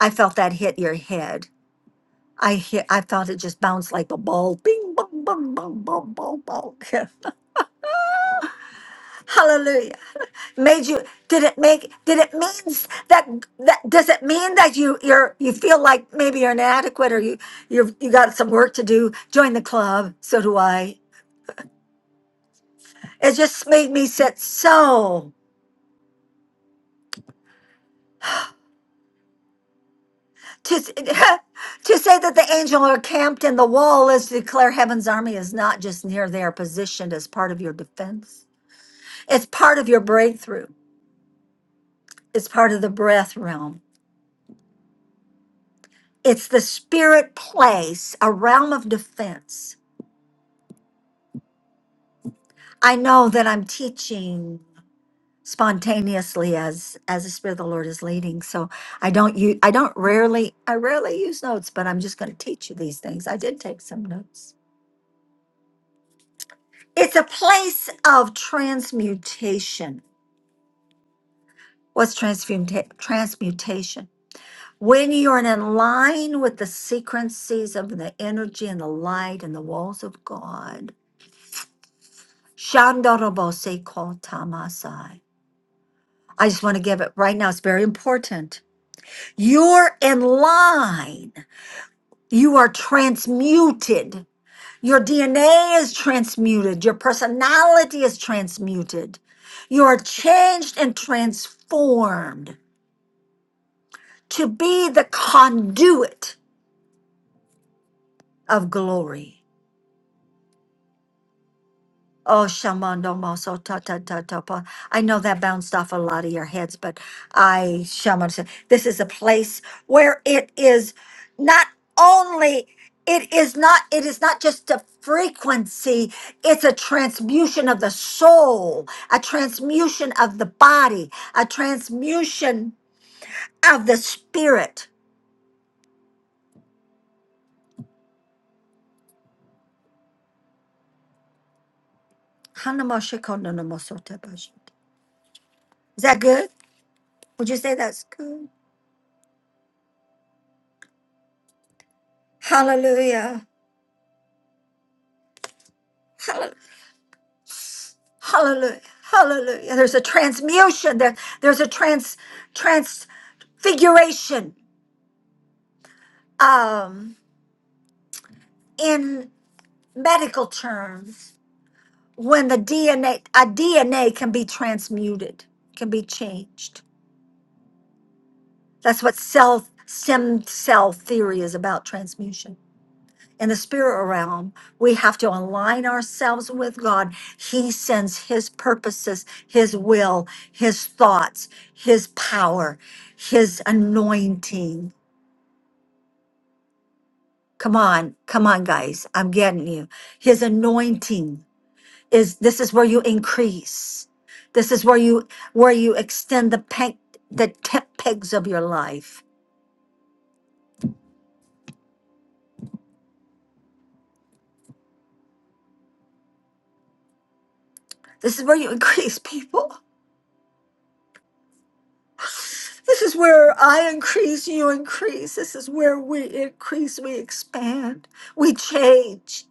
I felt that hit your head. I hit, I felt it just bounce like a ball. Bing, bong, bong, bong, bong, bong, bong. *laughs* Hallelujah. made you did it make did it means that that does it mean that you you're you feel like maybe you're inadequate or you you've you got some work to do join the club so do i it just made me sit so to s- *laughs* to say that the angel are camped in the wall is to declare heaven's army is not just near they are positioned as part of your defense it's part of your breakthrough it's part of the breath realm it's the spirit place a realm of defense I know that I'm teaching spontaneously as as the spirit of the Lord is leading. So I don't you I don't rarely I rarely use notes, but I'm just going to teach you these things. I did take some notes. It's a place of transmutation. What's transmuta- transmutation? When you're in line with the sequences of the energy and the light and the walls of God, Shandorobo Seiko Tamasai. I just want to give it right now. It's very important. You're in line. You are transmuted. Your DNA is transmuted. Your personality is transmuted. You are changed and transformed to be the conduit of glory. Oh, Shamandomo, so ta ta ta ta pa. I know that bounced off a lot of your heads, but I, Shaman, said, this is a place where it is not only, it is not, it is not just a frequency, it's a transmutation of the soul, a transmutation of the body, a transmutation of the spirit. Hanamashikononomosotebashite. Is that good? Would you say that's good? Hallelujah. Hallelujah. Hallelujah. Hallelujah. There's a transmutation. There, there's a trans transfiguration um, in medical terms when the DNA a DNA can be transmuted, can be changed. That's what cell stem cell theory is about transmutation. in the spirit realm, we have to align ourselves with God. He sends His purposes, His will, His thoughts, His power, His anointing. Come on, come on, guys. I'm getting you. His anointing is this is where you increase. This is where you where you extend the peg, the tent pegs of your life. This is where you *laughs* increase people. This is where I increase, you increase. This is where we increase, we expand, we change,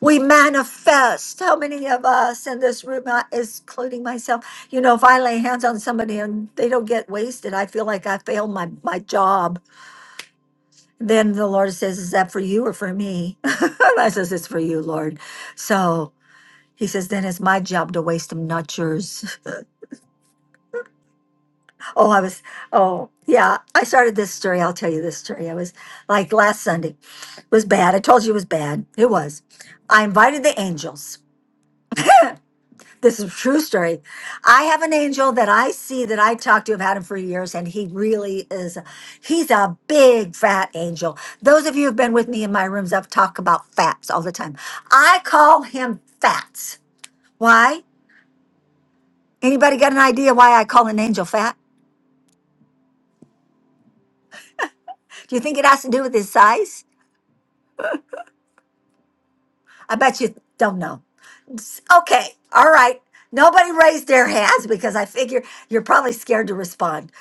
we manifest. How many of us in this room, I- is- including myself, you know, if I lay hands on somebody and they don't get wasted, I feel like I failed my, my job. Then the Lord says, Is that for you or for me? *laughs* and I says, It's for you, Lord. So he says, Then it's my job to waste them, not yours. *laughs* Oh, I was, oh, yeah. I started this story. I'll tell you this story. I was like last Sunday it was bad. I told you it was bad. It was. I invited the angels. *clears throat* This is a true story. I have an angel that I see that I talked to. I've had him for years, and he really is. He's a big fat angel. Those of you who've been with me in my rooms, I've talked about fats all the time. I call him fats. Why? Anybody got an idea why I call an angel fat? Do you think it has to do with his size? I bet you don't know. Okay. All right. Nobody raised their hands because I figure you're probably scared to respond.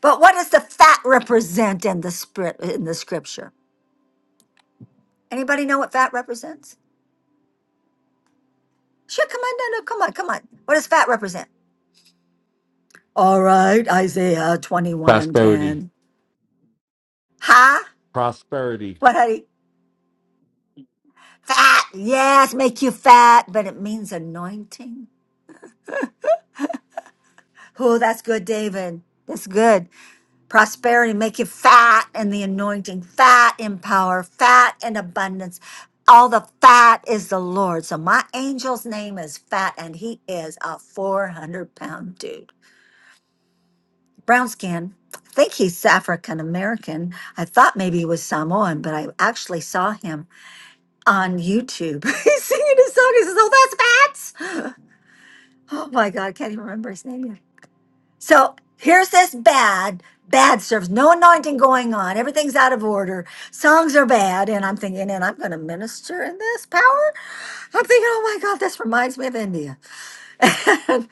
But what does the fat represent in the spirit in the scripture? Anybody know what fat represents? Sure, come on, no, no, come on, come on. What does fat represent? All right, Isaiah 21
Prosperity.
10. Huh?
Prosperity.
What honey? Fat. Yes, make you fat, but it means anointing. Oh, that's good, David. That's good. prosperity make you fat and the anointing fat in power fat in abundance all the fat is the lord so my angel's name is fat and he is a 400 pound dude brown skin i think he's african american i thought maybe he was samoan but i actually saw him on youtube *laughs* he's singing his song he says oh that's fats *gasps* oh my god i can't even remember his name So here's this bad, bad service, no anointing going on, everything's out of order, songs are bad, and I'm thinking, and I'm going to minister in this power. I'm thinking, oh my God, this reminds me of India. *laughs*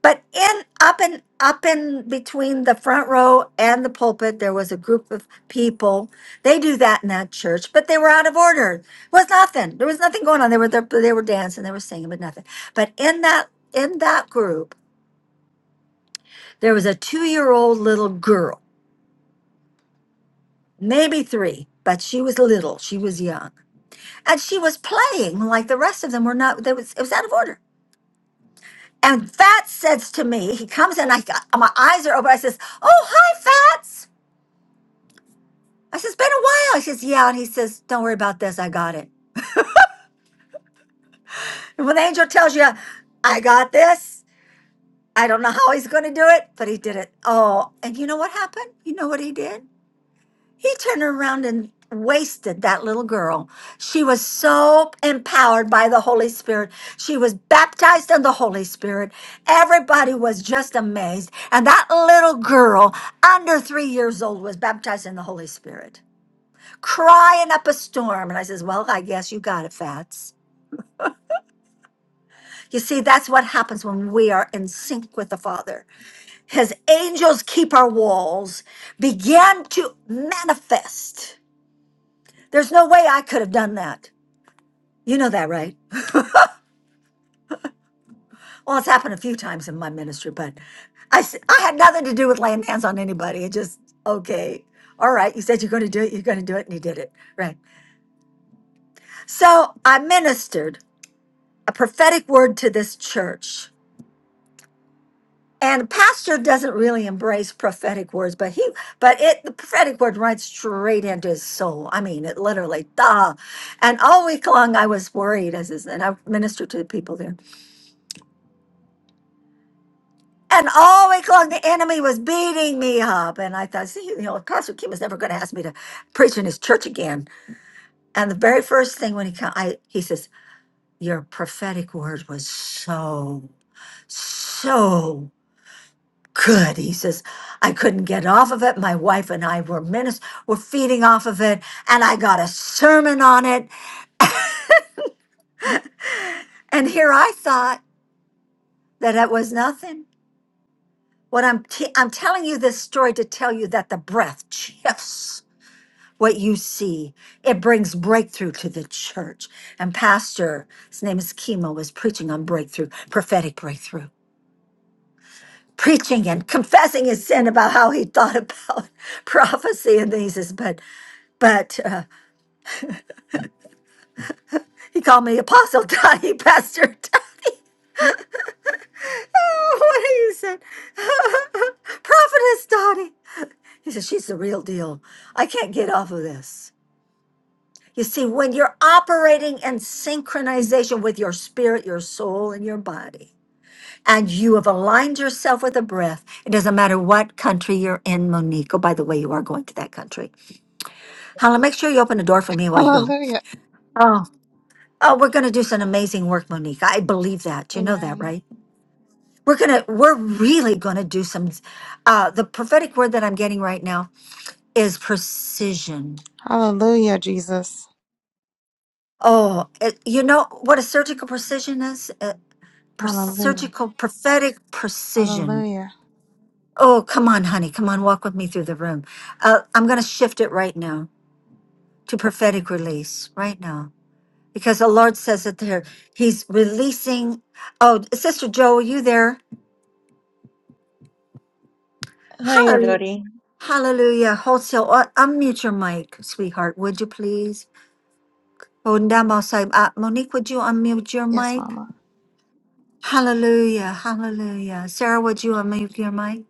but in up and up in between the front row and the pulpit, there was a group of people. They do that in that church, but they were out of order. It was nothing. There was nothing going on. They were they were dancing, they were singing, but nothing. But in that in that group, there was a two year old little girl maybe three, but she was little. She was young. And she was playing like the rest of them were not, they was, it was out of order. And Fats says to me, he comes in, I, got- my eyes are open. I says, Oh, hi, Fats. I says, Been a while. He says, Yeah. And he says, Don't worry about this. I got it. And when the angel tells you, I got this, I don't know how he's going to do it, but he did it. Oh, and you know what happened? You know what he did? He turned around and wasted that little girl. She was so empowered by the Holy Spirit. She was baptized in the Holy Spirit. Everybody was just amazed. And that little girl, under three years old, was baptized in the Holy Spirit, crying up a storm. And I says, Well, I guess you got it, Fats. You see, that's what happens when we are in sync with the Father. His angels keep our walls, began to manifest. There's no way I could have done that. You know that, right? Well, it's happened a few times in my ministry, but I, s- I had nothing to do with laying hands on anybody. It just, okay, all right, you said you're going to do it, you're going to do it, and you did it, right? So I ministered a prophetic word to this church. And a pastor doesn't really embrace prophetic words, but he, but it, the prophetic word runs straight into his soul. I mean, it literally, duh. And all week long, I was worried as, is- and I ministered to the people there. And all week long, the enemy was beating me up. And I thought, see, you know, Pastor Kim is never going to ask me to preach in his church again. And the very first thing when he come, I, he says, your prophetic word was so, so good. He says, I couldn't get off of it. My wife and I were minist- were feeding off of it. And I got a sermon on it. And here I thought that it was nothing. What I'm, t- I'm telling you this story to tell you that the breath shifts what you see. It brings breakthrough to the church. And Pastor, his name is Chemo, was preaching on breakthrough, prophetic breakthrough, preaching and confessing his sin about how he thought about *laughs* prophecy. And then he says, but, but uh, he called me Apostle Dottie, *laughs* Pastor Dottie. *laughs* what do you say? *laughs* Prophetess Dottie. He said, she's the real deal. I can't get off of this. You see, when you're operating in synchronization with your spirit, your soul, and your body, and you have aligned yourself with a breath. It doesn't matter what country you're in, Monique. Oh, by the way, you are going to that country. Hala, make sure you open the door for me while you go.
Hallelujah.
Oh, oh, we're gonna do some amazing work, Monique. I believe that. You know that,
Amen.
right? We're gonna, we're really gonna do some. Uh, the prophetic word that I'm getting right now is precision.
Hallelujah, Jesus.
Oh, it, you know what a surgical precision is? Uh, per-
Hallelujah.
surgical prophetic precision
Hallelujah.
Oh, come on, honey. Come on, walk with me through the room. Uh, I'm going to shift it right now to prophetic release right now because the Lord says it there. He's releasing. Oh, Sister Joe, are you there?
Hi,
Hallelujah.
Lori.
Hallelujah. Wholesale. Uh, unmute your mic, sweetheart. Would you please? Oh, Ndamosai. Uh, Monique, would you unmute your
Yes,
mic?
Mama.
Hallelujah. Hallelujah. Sarah, would you unmute your mic?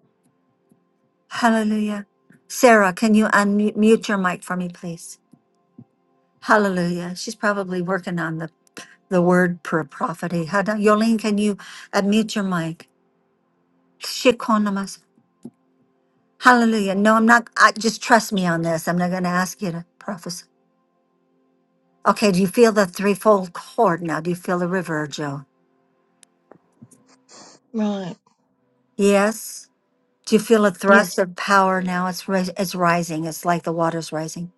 Hallelujah. Sarah, can you unmute mute your mic for me, please? Hallelujah. She's probably working on the, the word per prophecy. Hada- Yolene, can you unmute your mic? Shikonamas. Hallelujah. No, I'm not. I, just trust me on this. I'm not going to ask you to prophesy. Okay, do you feel the threefold cord now? Do you feel the river, Joe?
Right.
Yes. Do you feel a
Yes.
thrust of power now? It's ris- it's rising. It's like the water's rising.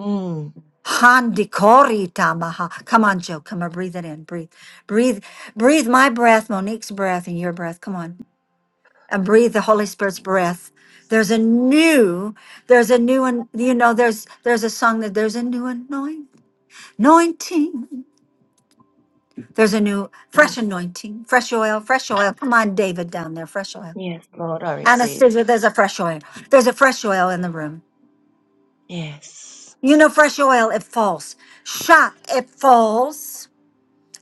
Mm.
Handikori tamaha. Come on, Joe. Come on, breathe it in. Breathe. Breathe. Breathe my breath, Monique's breath, and your breath. Come on. and breathe the Holy Spirit's breath. There's a new, there's a new one, you know, there's there's a song that there's a new anoint- anointing. There's a new fresh
Mm.
anointing, fresh oil, fresh oil. Come on, David down there, fresh oil.
Yes, Lord, I receive.
Anastasia, there's a fresh oil. There's a fresh oil in the room.
Yes.
You know, fresh oil, it falls. Shot, it falls.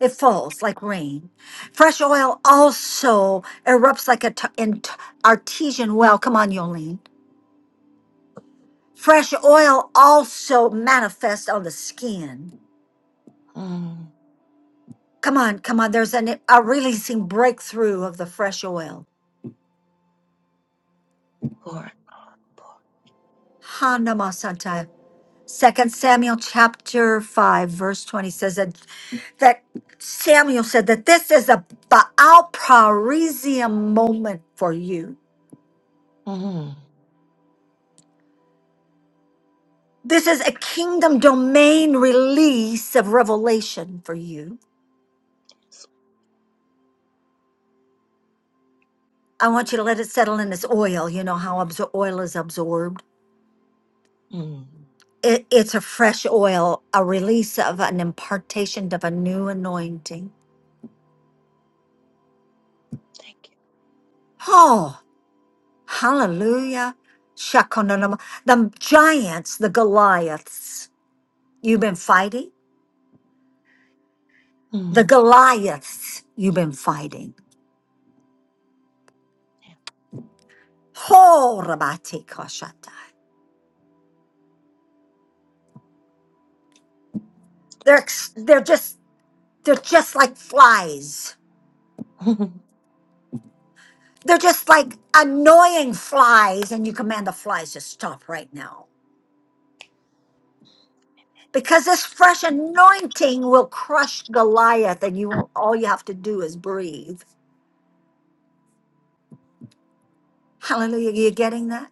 It falls like rain. Fresh oil also erupts like a t- an artesian well. Come on, Yolene Fresh oil also manifests on the skin.
Mm.
Come on, come on. There's an, a releasing breakthrough of the fresh oil.
Pour, pour.
Hanamasanta. Second Samuel chapter 5, verse 20 says that, that Samuel said that this is a Baal Parisium moment for you.
Mm.
This is a kingdom domain release of revelation for you.
Yes.
I want you to let it settle in this oil. You know how absor- oil is absorbed
Mm.
It, it's a fresh oil, a release of an impartation of a new anointing.
Thank
Oh, hallelujah. Shakononoma. The giants, the Goliaths you've been fighting,
you.
the
Mm.
Goliaths you've been fighting. Oh, Rabati Koshata. They're, ex- they're just, they're just like flies.
Yeah. *laughs*
They're just like annoying flies, and you command the flies to stop right now. Because this fresh anointing will crush Goliath, and you won't, all you have to do is breathe. Hallelujah. You getting that?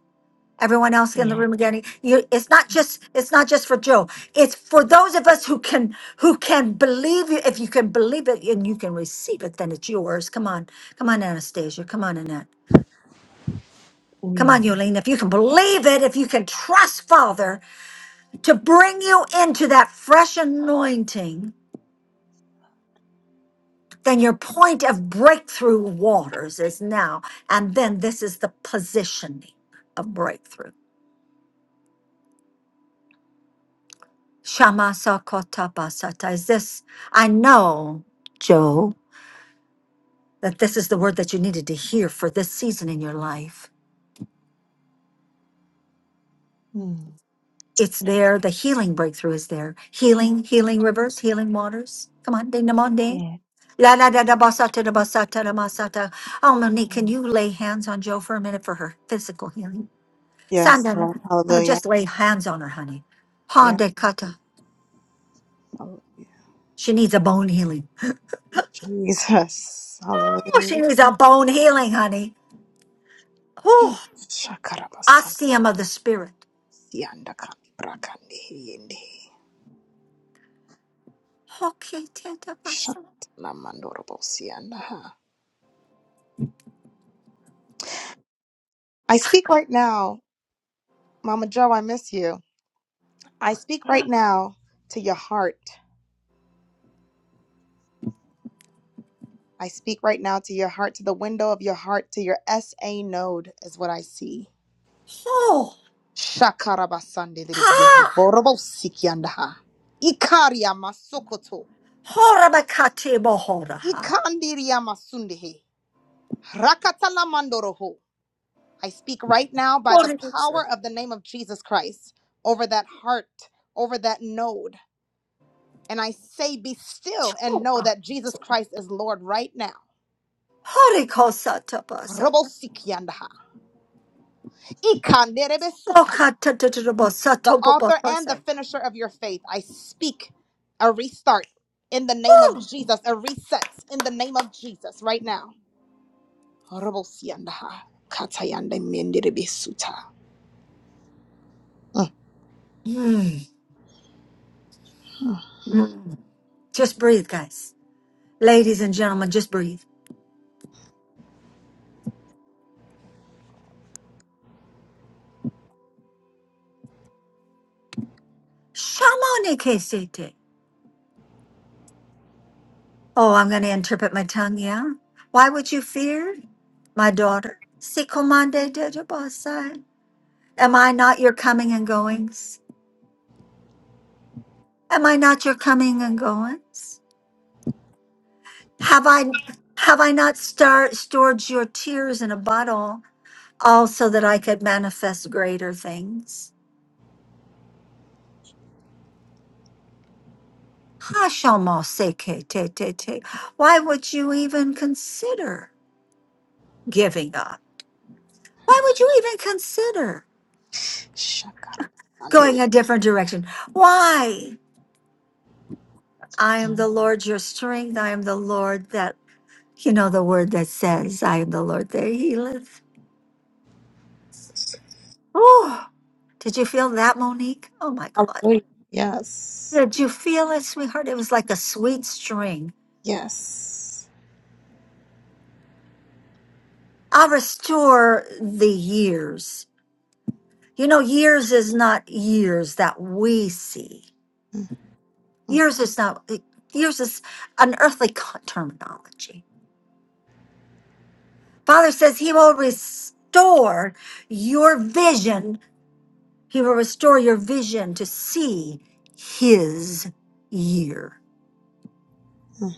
Everyone else in the
yeah.
room getting you it's not just it's not just for Joe. It's for those of us who can who can believe you? If you can believe it and you can receive it, then it's yours. Come on. Come on, Anastasia. Come on, Annette. Come on,
Mm.
Yolene. If you can believe it, if you can trust Father to bring you into that fresh anointing, then your point of breakthrough waters is now. And then this is the positioning of breakthrough. Shama Sakotabasata. Is this, I know, Joe, that this is the word that you needed to hear for this season in your life.
Mm.
It's
Thank
there.
you.
The healing breakthrough is there. Healing, healing rivers, healing waters. Come on, ding namonde.
Yeah.
La la da da basata da basata da masata. Oh, Monique, can
Mm.
you lay hands on Joe for a minute for her physical healing?
Yes,
Sandan,
Lord.
uh,
Hallelujah.
just lay hands on her, honey.
Yeah.
Honda kata.
Hallelujah.
She needs a bone healing.
Jesus.
Oh, she
Hallelujah.
needs a bone healing, honey. Oh,
Shakarabasan.
ostium of the spirit.
Sianda kandi brakandi hiyindi.
Hoki teta basa.
Shantanamandorobo sianda. I speak right now. Mama Joe, I miss you. I speak right
*gasps*
now to your heart. I speak right now to your heart, to the window of your heart, to your SA node, is what I see.
Oh,
Shakarabasande liribyo,
ha!
borobosikiandaha. Ikaria masokoto.
Horabakati bohoraha.
Ikandiria masundehe. Rakatala mandoroho. I speak right now by the
Horibasa.
power of the name of Jesus Christ over that heart, over that node. And I say, Be still and know
Choa.
that Jesus Christ is Lord right now.
Horikosa tabasa.
Robosikiandaha. Ikanderebesuta,
Okatatatabasa
the author and the
topopopasa.
finisher of your faith. I speak a restart in the name of
Oh.
Jesus, a reset in the name of Jesus right now. Orobosiandaha, katayande menderebesuta.
Mm,
Mhm.
mm. Just breathe, guys. Ladies and gentlemen, just breathe. Shamonikesete. Oh, I'm going to interpret my tongue, yeah? Why would you fear, my daughter? Sikomande dejabasai. Am I not your coming and goings? Am I not your coming and goings? Have I have I not star, stored your tears in a bottle, all so that I could manifest greater things? Hashamosekete. Why would you even consider giving up? Why would you even consider?
Shakara, sande-
going a different direction. Why? I am
Yeah.
the Lord your strength. I am the Lord that, you know, the word that says, I am the Lord that healeth. Oh, did you feel that, Monique? Oh my God.
Hallelujah. Yes.
Did you feel it, sweetheart? It was like a sweet string.
Yes.
I'll restore the years. You know, years is not years that we see. Years is not, years is an earthly co- terminology Father says he will restore your vision. He will restore your vision to see his year
Mhm.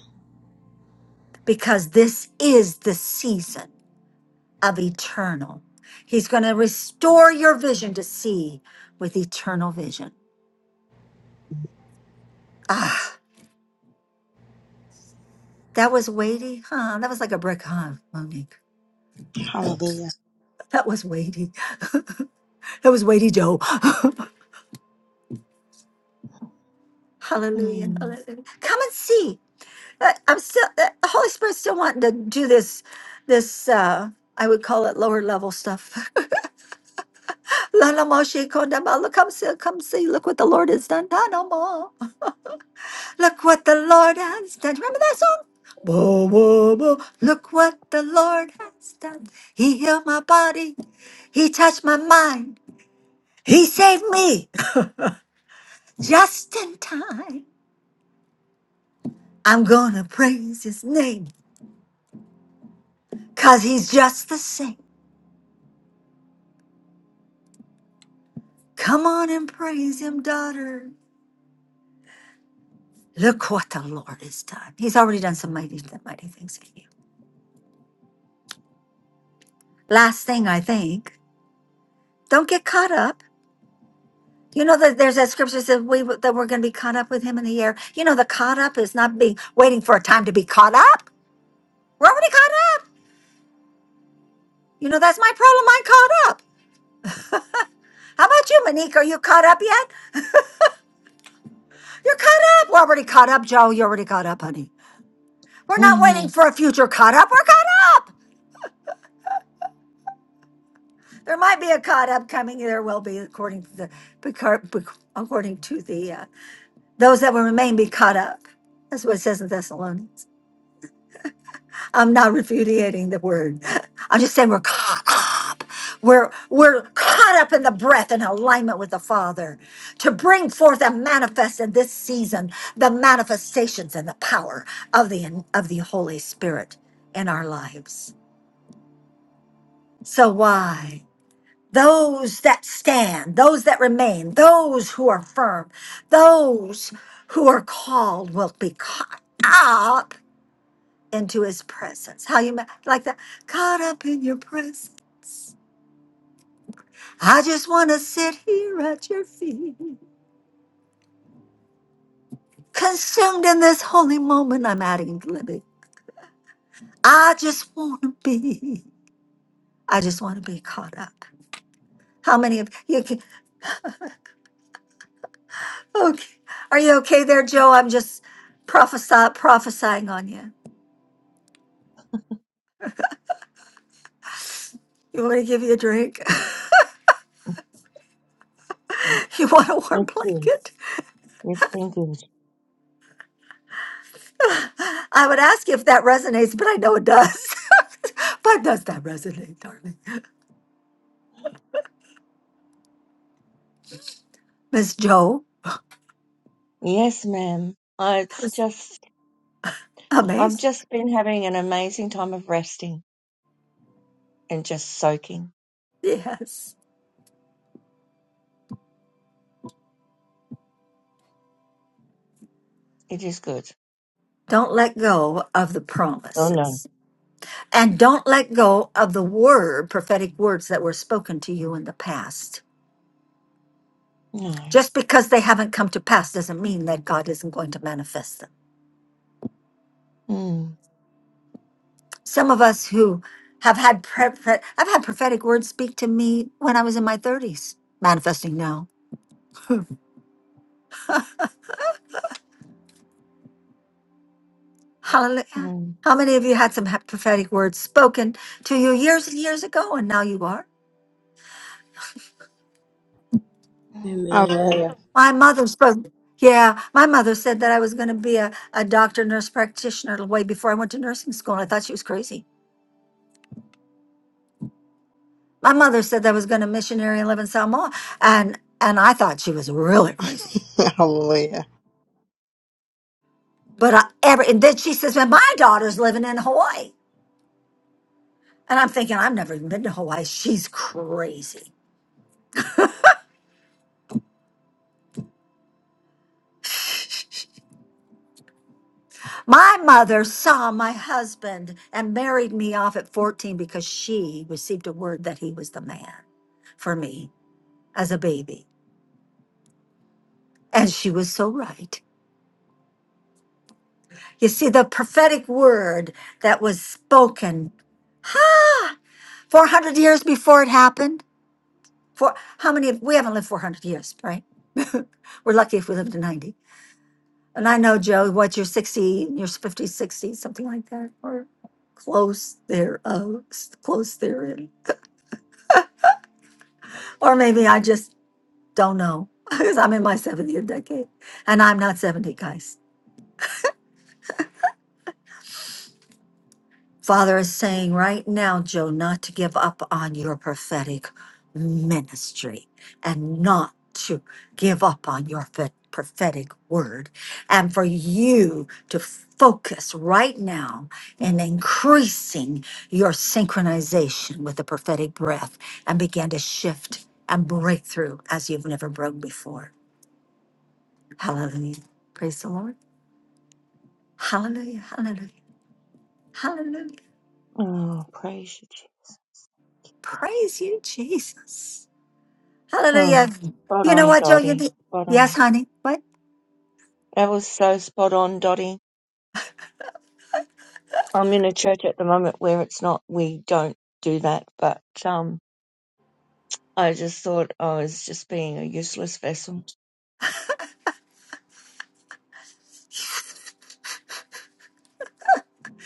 because this is the season of eternal. He's going to restore your vision to see with eternal vision. Ah, that was weighty, huh? That was like a brick, huh, Monique?
Hallelujah.
That was weighty. That was weighty, dough. *laughs* hallelujah,
Mm.
hallelujah. Come and see. But I'm still the Holy Spirit's still wanting to do this this uh I would call it lower level stuff. *laughs* Lana Moshe Kondama, Look, come see, come see, look what the Lord has done. Lana Mo. Look what the Lord has done. Remember that song? Bo, bo, bo. Look what the Lord has done. He healed my body. He touched my mind. He saved me *laughs* just in time. I'm gonna praise his name. Cause he's just the same. Come on and praise him, daughter. Look what the Lord has done. He's already done some mighty, mighty things in you. Last thing, I think, don't get caught up. You know that there's that scripture that we that we're going to be caught up with Him in the air. You know, the caught up is not being waiting for a time to be caught up. We're already caught up. You know, that's my problem. I'm caught up. How about you, Monique? Are you caught up yet? You're caught up. We're already caught up, Joe. You're already caught up, honey. We're not waiting
Mm.
for a future caught up. We're caught up. There might be a caught up coming. There will be, according to the, becau- bec- according to the uh, Those that will remain be caught up. That's what it says in Thessalonians. I'm not repudiating the word. *laughs* I'm just saying we're caught up. We're we're caught up in the breath and alignment with the Father to bring forth and manifest in this season the manifestations and the power of the of the Holy Spirit in our lives. So why? Those that stand, those that remain, those who are firm, those who are called will be caught up into his presence. How you ma- like that? Caught up in your presence. I just want to sit here at your feet. Consumed in this holy moment, I'm adding living. I just want to be. I just want to be caught up. How many of you can? Okay. Are you okay there, Joe? I'm just prophesy, prophesying on you. You want me to give you a drink? *laughs* you want a warm
It's good.
blanket?
It's been good.
*laughs* I would ask you if that resonates, but I know it does. *laughs* but does that resonate, darling? Miss Joe?
Yes, ma'am. Uh, It's just, I've
Amazing.
just been having an amazing time of resting and just soaking.
Yes.
It is good.
Don't let go of the
Oh no,
promises. And don't let go of the word, prophetic words that were spoken to you in the past.
no.
Just because they haven't come to pass doesn't mean that God isn't going to manifest them.
Mm,
Some of us who have had pre- pre- I've had prophetic words speak to me when I was in my 30s, manifesting now. Hmm. Hallelujah.
mm.
How many of you had some ha- prophetic words spoken to you years and years ago and now you are?
Amen.
Hallelujah.
My mother spoke, yeah, my mother said that I was going to be a, a doctor, nurse practitioner way before I went to nursing school. And I thought she was crazy. My mother said that I was going to missionary and live in Samoa. And, and I thought she was really crazy.
*laughs* Hallelujah.
But I ever, and then she says, well, my daughter's living in Hawaii. And I'm thinking, I've never even been to Hawaii. She's crazy. My mother saw my husband and married me off at 14 because she received a word that he was the man for me as a baby. And she was so right. You see, the prophetic word that was spoken ha, 400 years before it happened. For how many? Of, we haven't lived 400 years, right? *laughs* We're lucky if we lived to 90. And I know, Joe, what you're 60, you're 50, sixty, something like that, or close there, oh, close therein. Or maybe I just don't know *laughs* because I'm in my 70th decade and I'm not 70, guys. Father is saying right now, Joe, not to give up on your prophetic ministry and not to give up on your fe- prophetic word, and for you to focus right now in increasing your synchronization with the prophetic breath and begin to shift and break through as you've never broke before. Hallelujah. Praise the Lord. Hallelujah. Hallelujah. Hallelujah.
Oh, praise you, Jesus.
Praise you, Jesus. Hallelujah.
Oh, spot
You know
on,
what, Joe? You
Dottie.
need-
Spot
yes,
on.
honey. What?
That was so spot on, Dottie. I'm in a church at the moment where it's not. We don't do that, but um, I just thought I was just being a useless vessel.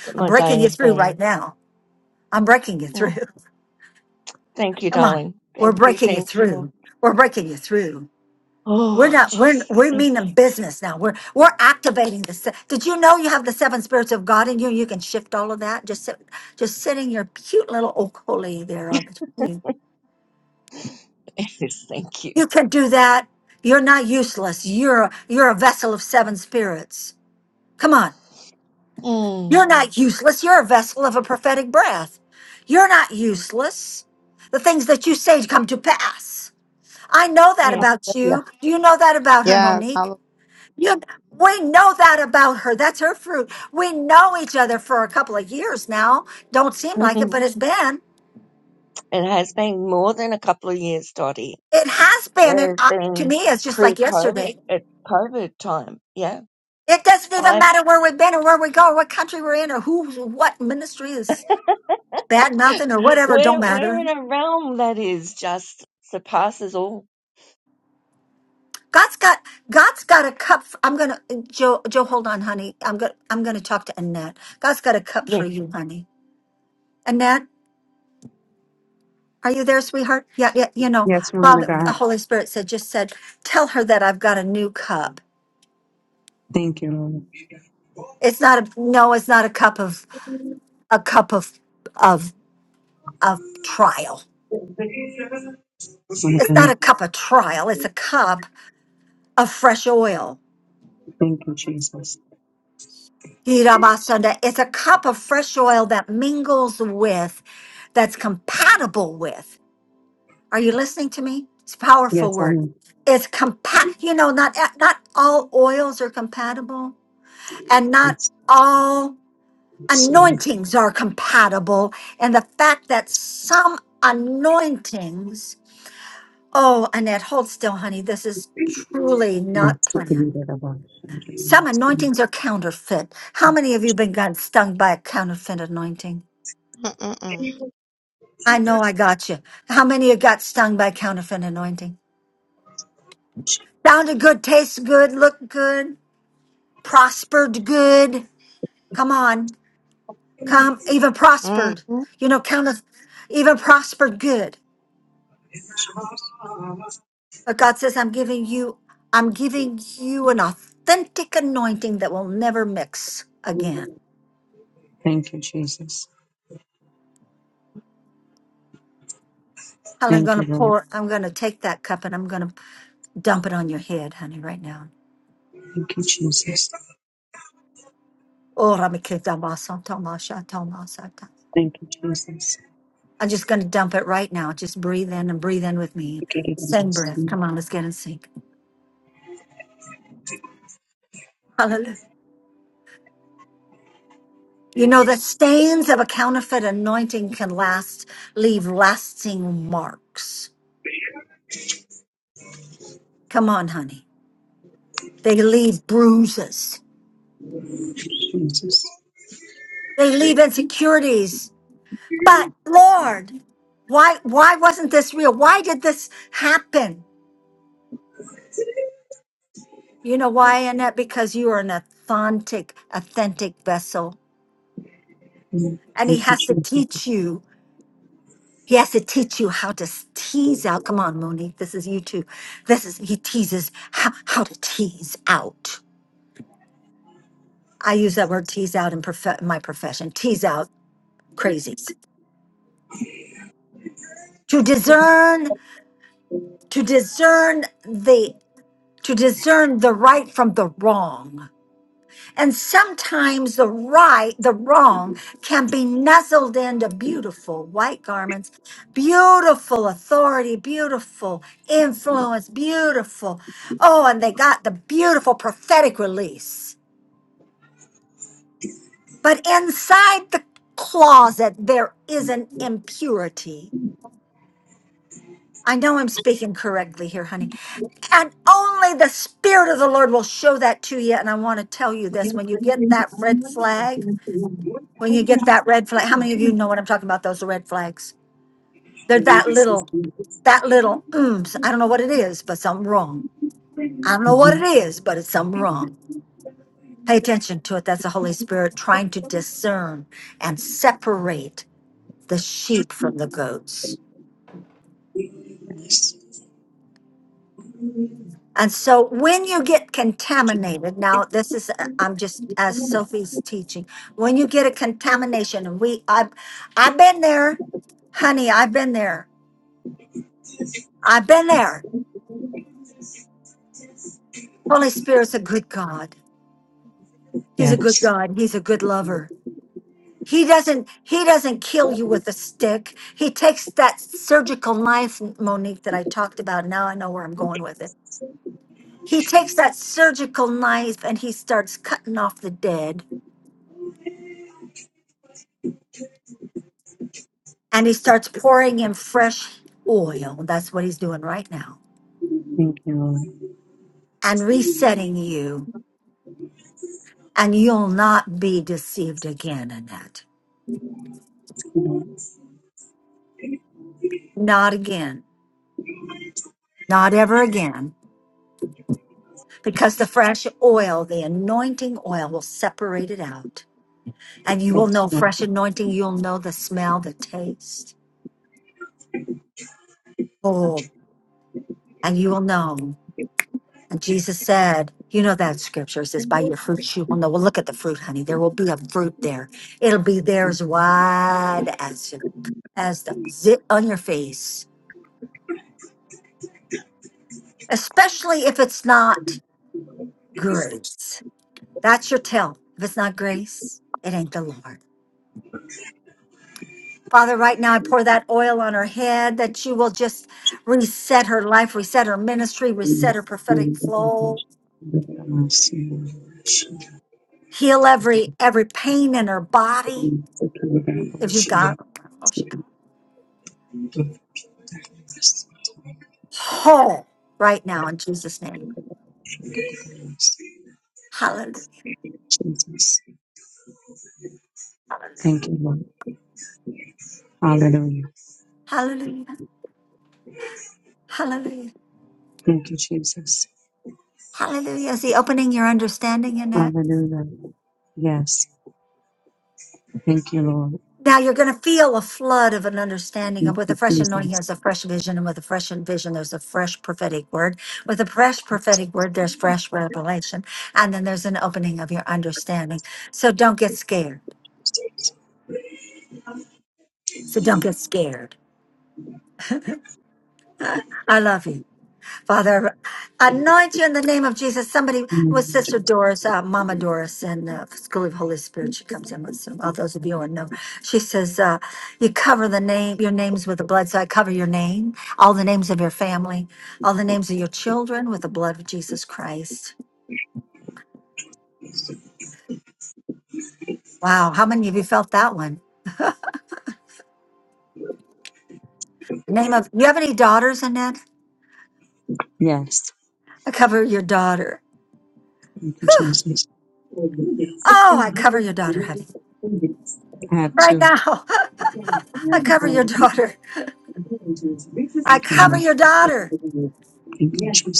That
I'm
my day
breaking you
has
through
been.
right now. I'm breaking you through.
Mm. Thank you,
*laughs* Come on.
darling.
We're
Thank you.
breaking you
Thank you, Lord.
through. We're breaking you through. We're
Oh,
not, we're,
Jesus.
we
Thank
mean the business now. We're, we're activating the, se- did you know you have the seven spirits of God in you? You can shift all of that. Just sit, just sitting your cute little okoli there on between you.
you. *laughs* yes, thank you.
You can do that. You're not useless. You're, you're a vessel of seven spirits. Come on.
Mm.
You're not useless. You're a vessel of a prophetic breath. You're not useless. The things that you say come to pass. I know that
Yeah.
about you.
Hallelujah.
Do you know that about her,
Yes.
Monique?
Hallelujah.
You, we know that about her. That's her fruit. We know each other for a couple of years now. Don't
*laughs*
seem like it,
it
but it's been.
has been more than a couple of years, Dottie.
It has been. It
There's
I, to
been
me, it's just like
pre-COVID,
yesterday.
at COVID time. Yeah,
It
it's
doesn't even
fine.
matter where we've been or where we go or what country we're in or who, what ministry is bad mouthing or
*laughs*
whatever. Don't
We're we're
matter.
in a realm that is just surpasses all.
God's got God's got a cup. For, I'm gonna Joe Joe. Hold on, honey. I'm gonna I'm gonna talk to Annette. God's got a cup for
Yes,
you, honey. Annette, are you there, sweetheart? Yeah, yeah. You know,
Yes, woman of
Father, the
God.
Holy Spirit said, just said, tell her that I've got a new cup.
Thank you, Lord.
It's not a no. It's not a cup of a cup of of of trial.
Woman of
It's not
God.
a cup of trial. It's a cup of fresh oil.
Thank you, Jesus.
Irabasanda. It's a cup of fresh oil that mingles with, that's compatible with. Are you listening to me? It's a powerful
Yes, I
word.
am.
It's compa you know, not eh, not all oils are compatible and not
Yes,
all
yes,
anointings are compatible. And the fact that some anointings, oh Annette, hold still, honey. This is truly not
yes.
planned. Some anointings are counterfeit. How many of you been got stung by a counterfeit anointing?
Mm-mm-mm.
I know I got you. How many of you got stung by counterfeit anointing? Sounded good, tastes good, looked good. prospered good. Come on, come, even prospered.
Mhm.
You know, count of even prospered good. But God says, I'm giving you, I'm giving you an authentic anointing that will never mix again.
Thank you, Jesus.
Helen, I'm
Thank
gonna
you, Lord.
pour, I'm gonna take that cup and I'm gonna dump it on your head, honey, right now.
Thank you, Jesus.
Oh, Ramikitabasantamashatamashata.
Thank you, Jesus.
I'm just gonna dump it right now. Just breathe in and breathe in with me.
Thank you,
Same
Jesus.
breath. Come on, let's get in sync. You know, the stains of a counterfeit anointing can last, leave lasting marks. Come on, honey. They leave bruises. They leave insecurities. But Lord, why, why wasn't this real? Why did this happen? You know why, Annette? Because you are an authentic, authentic vessel. And he
Thank you,
has to teach you. He has to teach you how to s- tease out. Come on, Monique. This is you too. This is, he teases how, how to tease out. I use that word tease out in prof- my profession, tease out crazies. To discern, to discern the to discern the right from the wrong. And sometimes the right, the wrong can be nuzzled into beautiful white garments, beautiful authority, beautiful influence, beautiful. Oh, and they got the beautiful prophetic release. But inside the closet, there is an impurity I know I'm speaking correctly here, honey. And only the Spirit of the Lord will show that to you. And I want to tell you this when you get that red flag, when you get that red flag, how many of you know what I'm talking about? Those red flags. They're that
Jesus.
little, that little, mm, I don't know what it is, but something wrong. I don't know what
Mhm.
it is, but it's something wrong. Pay attention to it. That's the Holy Spirit trying to discern and separate the sheep from the goats.
Yes.
And so when you get contaminated, now this is uh, I'm just as Sophie's teaching. When you get a contamination, and we I've I've been there, honey, I've been there. I've been there. Holy Spirit's a good God. He's a good
Yes.
God. He's a good lover. He doesn't he doesn't kill you with a stick. He takes that surgical knife, Monique, that I talked about. Now I know where I'm going with it. He takes that surgical knife and he starts cutting off the dead and he starts pouring in fresh oil. That's what he's doing right now
Thank you, Lord.
and resetting you. And you'll not be deceived again, Annette.
Lord,
Not again. Not ever again. Because the fresh oil, the anointing oil, will separate it out. And you will
Yes,
know
Lord.
fresh
Thank
anointing. You'll know the smell, the taste. Oh, and you will know. And Jesus said, you know that scripture it says,
you,
by
Lord.
your fruits you will know. Well, look at the fruit, honey. There will be a fruit there. It'll be there as wide as, as the zit on your face, especially if it's not grace. That's your tell. If it's not grace, it ain't the Lord. Father, right now I pour that oil on her head that you will just reset her life, reset her ministry, reset her prophetic flow,
Lord, I want to see you. for the mercy, Lord.
heal every every pain in her
Thank
body.
you, Lord. I want
If
to
she's
see
got, oh, she."
you. for
whole right now in Jesus' name.
the mercy.
Hallelujah.
Jesus. Thank you, Lord. Hallelujah.
Hallelujah. Hallelujah.
Thank you, Jesus.
Hallelujah. Is he opening your understanding in that?
Hallelujah. Yes. Thank you, Lord.
Now you're going to feel a flood of an understanding.
Thank
And with a
you,
fresh anointing,
Jesus.
there's a fresh vision. And with a fresh vision, there's a fresh prophetic word. With a fresh prophetic word, there's fresh revelation. And then there's an opening of your understanding. So don't get scared. So don't get scared. I love you. Father, anoint you in the name of Jesus. Somebody was
Mm,
Sister
Jesus.
Doris, uh, Mama Doris, in the School of Holy Spirit. She comes in with some, all those of you who know. She says, uh, You cover the name, your names with the blood. So I cover your name, all the names of your family, all the names of your children with the blood of Jesus Christ. Wow. How many of you felt that one? The name of, you have any daughters, Annette?
Yes.
I cover your daughter.
Thank you, Jesus.
Oh, I cover your daughter, honey.
I have
Right
two.
now, *laughs*
Thank
I
you,
cover your
Lord.
daughter. I cover your daughter.
Thank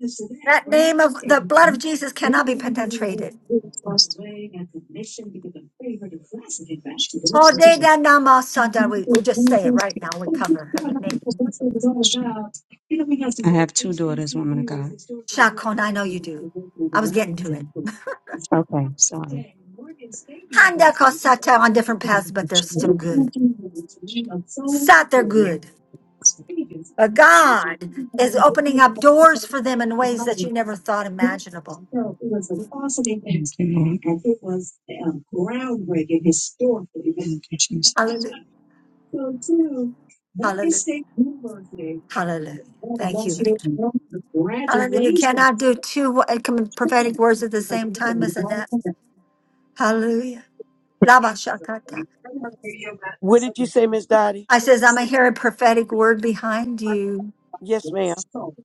you,
That name of the blood of Jesus cannot be penetrated. Oh, de
Jesus.
da nama
I
sada. We, we'll just say it right now. We cover her name.
have two daughters, woman of God.
Shakon, I know you do. I was getting to it.
Okay, sorry.
Handa kosata on different paths, but they're still good. Sat, they're good. But God is opening up doors for them in ways that you never thought imaginable. Hallelujah.
So two, Morgan
Hallelujah.
State University.
Hallelujah.
Oh,
Thank
bless
you.
you.
Hallelujah. You
Congratulations.
cannot do two wo- uh, com- prophetic words at the
Because
same
it's
time,
a
isn't
long
that?
time.
Hallelujah. Lava
I'm
shakata.
not gonna hear about that.
What
So,
did you
Morgan
say, Miss Dottie?
I says, I'm going
State
to hear a prophetic word behind you.
Yes,
University.
ma'am.
So,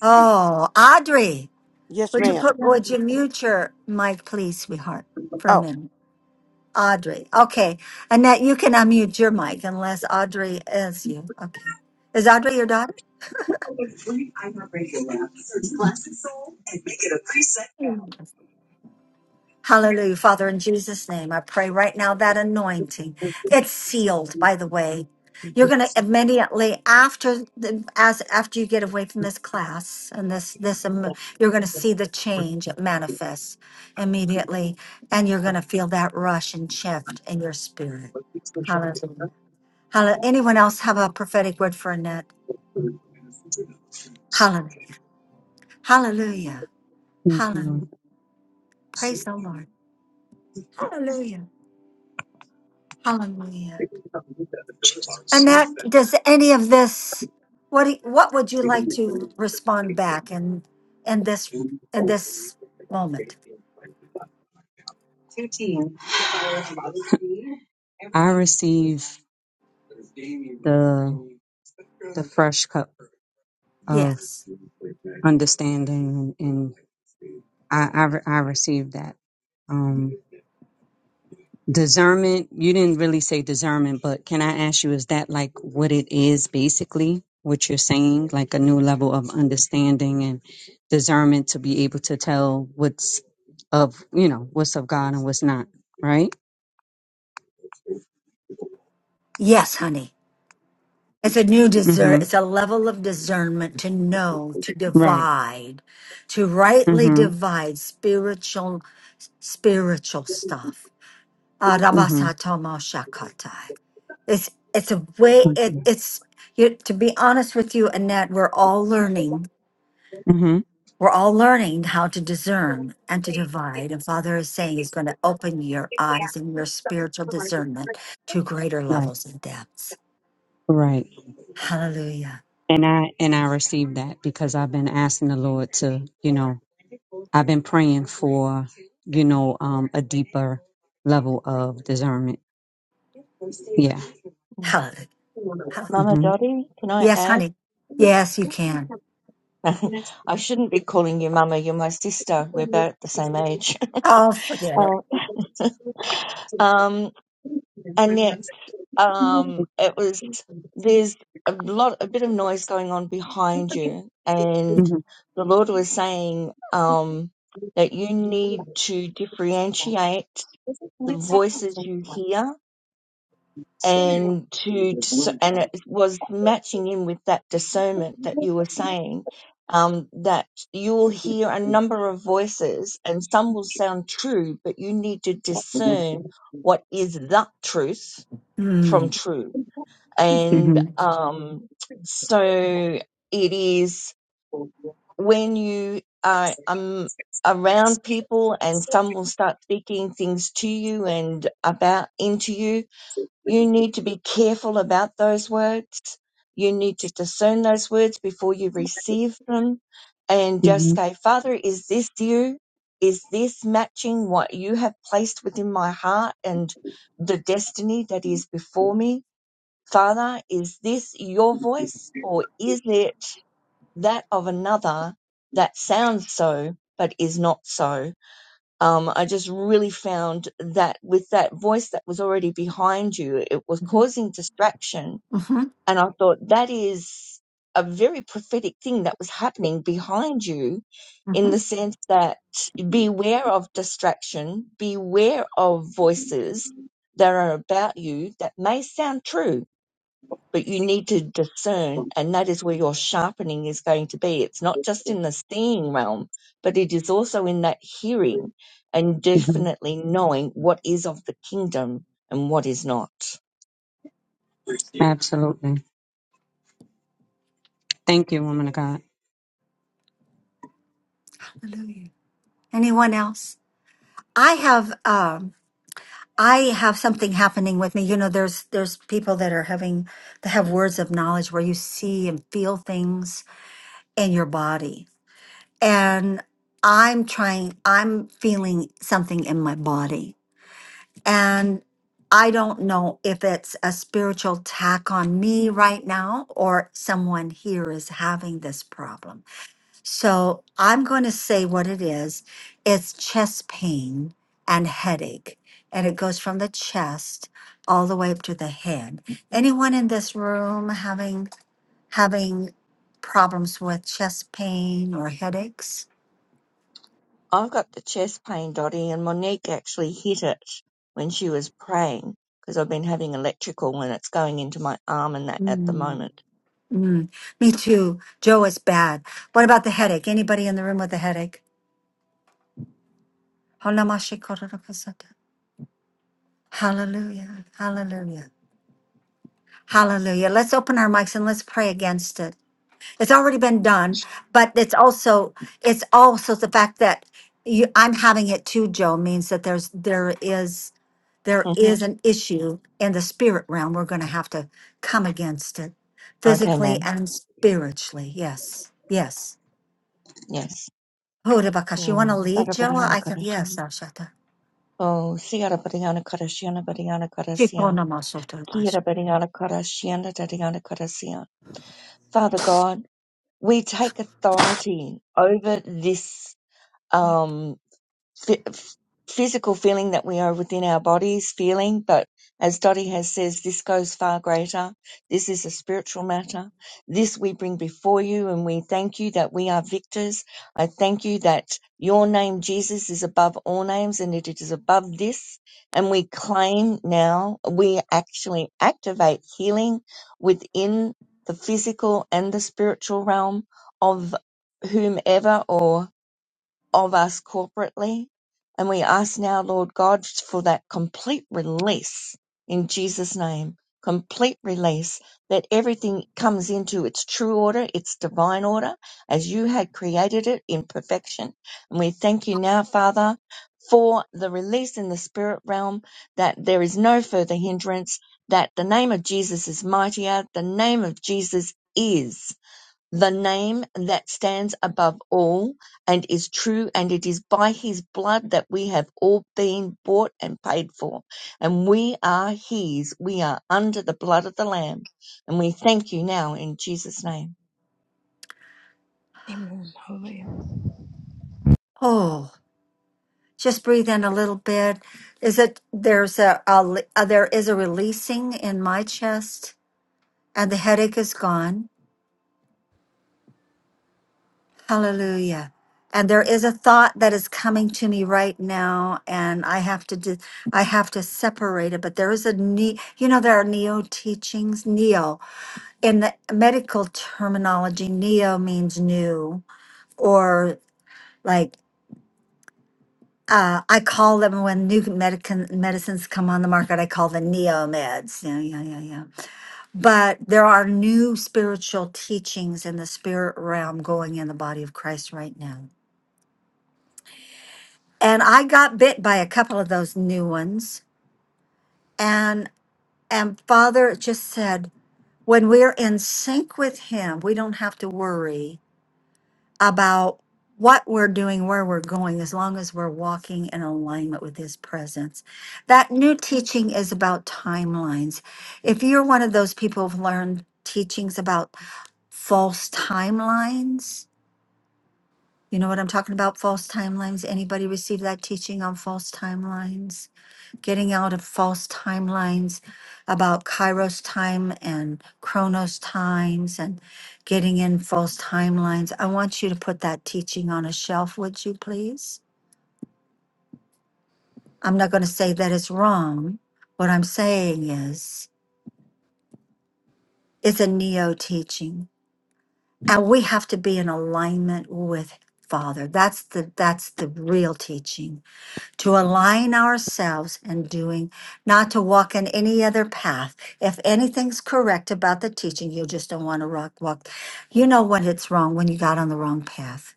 Oh, Audrey,
Yes,
would you
ma'am.
put, would you mute your mic, please, sweetheart, for a
Oh,
minute? Audrey. Okay. Annette, you can unmute your mic unless Audrey is you. Okay. Is Audrey your daughter?
I have radio lab. Search classic soul and make it a preset now.
Hallelujah. Father, in Jesus' name, I pray right now that anointing,
Okay.
it's sealed, by the way. You're going to immediately after the, as after you get away from this class and this this um, you're going to see the change it manifests immediately and you're going to feel that rush and shift in your spirit. Hallelujah. Hallelujah. Anyone else have a prophetic word for Annette? Hallelujah. Hallelujah. Hallelujah. Praise the Lord. Hallelujah. Hallelujah. Annette, does any of this, what, do- what would you like to respond back in, in this, in this moment?
Two teams. I receive the the fresh cup of
Yes.
understanding, and, I, I re- I receive that. Um, discernment. You didn't really say discernment, but can I ask you, is that like what it is basically? What you're saying, like a new level of understanding and discernment to be able to tell what's of you know what's of God and what's not, right?
Yes, honey. It's a new discern,
Mm-hmm.
it's a level of discernment to know, to
Right.
divide, to rightly
Mm-hmm.
divide spiritual, spiritual stuff. Ah,
Mm-hmm.
Rabasatomo Shakatai. It's, it's a way, it, it's, you, to be honest with you, Annette, we're all learning
Mm-hmm.
We're all learning how to discern and to divide. And Father is saying He's going to open your eyes and your spiritual discernment to greater
Right.
levels and depths.
Right.
Hallelujah.
And I and I received that because I've been asking the Lord to, you know, I've been praying for, you know, um a deeper level of discernment. Yeah.
Mm.
Hallelujah. Hallelujah.
Mama
hmm
Dottie, can I
Yes,
add?
honey. Yes, you can.
I shouldn't be calling you Mama. You're my sister. We're about the same age. *laughs*
Oh, forget it.
Uh, um,
hmm
and yet
hmm
um, it was there's a lot a bit of noise going on behind you,
hmm
and
hmm
the Lord was saying um, that you need to differentiate the voices you hear and to dis- and it was matching in with that discernment that you were saying. Um, that you will hear a number of voices and some will sound true, but you need to discern what is the truth from
Mm.
true. And um, so it is when you are um, around people and some will start speaking things to you and about into you, you need to be careful about those words. You need to discern those words before you receive them and just say, Father, is this you? Is this matching what you have placed within my heart and the destiny that is before me? Father, is this your voice or is it that of another that sounds so but is not so? Um, I just really found that with that voice that was already behind you, it was
Mhm.
causing distraction.
Mhm.
And I thought that is a very prophetic thing that was happening behind you in
Mhm.
the sense that beware of distraction, beware of voices that are about you that may sound true but you need to discern, and that is where your sharpening is going to be. It's not just in the seeing realm, but it is also in that hearing and definitely knowing what is of the kingdom and what is not.
Absolutely. Thank you, woman
Hallelujah. Anyone else? I have um I have something happening with me. You know, there's there's people that are having that have words of knowledge where you see and feel things in your body and I'm trying, I'm feeling something in my body. And I don't know if it's a spiritual attack on me right now or someone here is having this problem. So I'm going to say what it is it's chest pain and headache. And it goes from the chest all the way up to the head. Anyone in this room having having problems with chest pain or headaches?
I've got the chest pain, Dottie, and Monique actually hit it when she was praying because I've been having electrical and it's going into my arm and that at the moment.
Mm, me too. Joe is bad. What about the headache? Anybody in the room with a headache? Hallelujah. Hallelujah. Hallelujah. Let's open our mics and let's pray against it. It's already been done, but it's also it's also the fact that you I'm having it too, Joe, means that there's there is there
hmm
is an issue in the spirit realm. We're gonna have to come against it
Okay,
physically
ma'am.
and spiritually. Yes. Yes.
Yes.
Horabakash, you want
Oh,
to lead, Joa?
sarabariana
I can, yes,
karashyana.
Ashata.
Oh, siyarabariana karashyana, bariana karasya.
Shikonamasotobash.
Father God, we take authority over this. Um, phy- f- physical feeling that we are within our bodies feeling, but as Dottie has says, this goes far greater. This is a spiritual matter. This we bring before you and we thank you that we are victors. I thank you that your name, Jesus, is above all names and it is above this. And we claim now, we actually activate healing within the physical and the spiritual realm of whomever or of us corporately. And we ask now, Lord God, for that complete release in Jesus' name, complete release that everything comes into its true order, its divine order, as you had created it in perfection. And we thank you now, Father, for the release in the spirit realm that there is no further hindrance, that the name of Jesus is mightier, the name of Jesus is the name that stands above all and is true, and it is by his blood that we have all been bought and paid for, and we are his. We are under the blood of the Lamb, and we thank you now in Jesus' name.
Amen. Hallelujah.
Oh, just breathe in a little bit. Is it, there's a, a le- uh, there is a releasing in my chest and the headache is gone. Hallelujah. And there is a thought that is coming to me right now and I have to do, I have to separate it, but there is a ne you know, there are neo teachings, neo. In the medical terminology, neo means new or like uh, I call them when new medic- medicines come on the market. I call them neo meds. Yeah, yeah, yeah, yeah. But there are new spiritual teachings in the spirit realm going in the body of Christ right now. And I got bit by a couple of those new ones. And and Father just said, when we're in sync with Him, we don't have to worry about what we're doing, where we're going, as long as we're walking in alignment with His presence. That new teaching is about timelines. If you're one of those people who've learned teachings about false timelines, you know what I'm talking about? False timelines. Anybody receive that teaching on false timelines? getting out of false timelines about Kairos time and Chronos times and getting in false timelines. I want you to put that teaching on a shelf, would you please? I'm not going to say that it's wrong. What I'm saying is, it's a neo teaching, and we have to be in alignment with Father. That's the that's the real teaching to align ourselves in doing, not to walk in any other path. If anything's correct about the teaching, you just don't want to rock, walk. You know when it's wrong, when you got on the wrong path.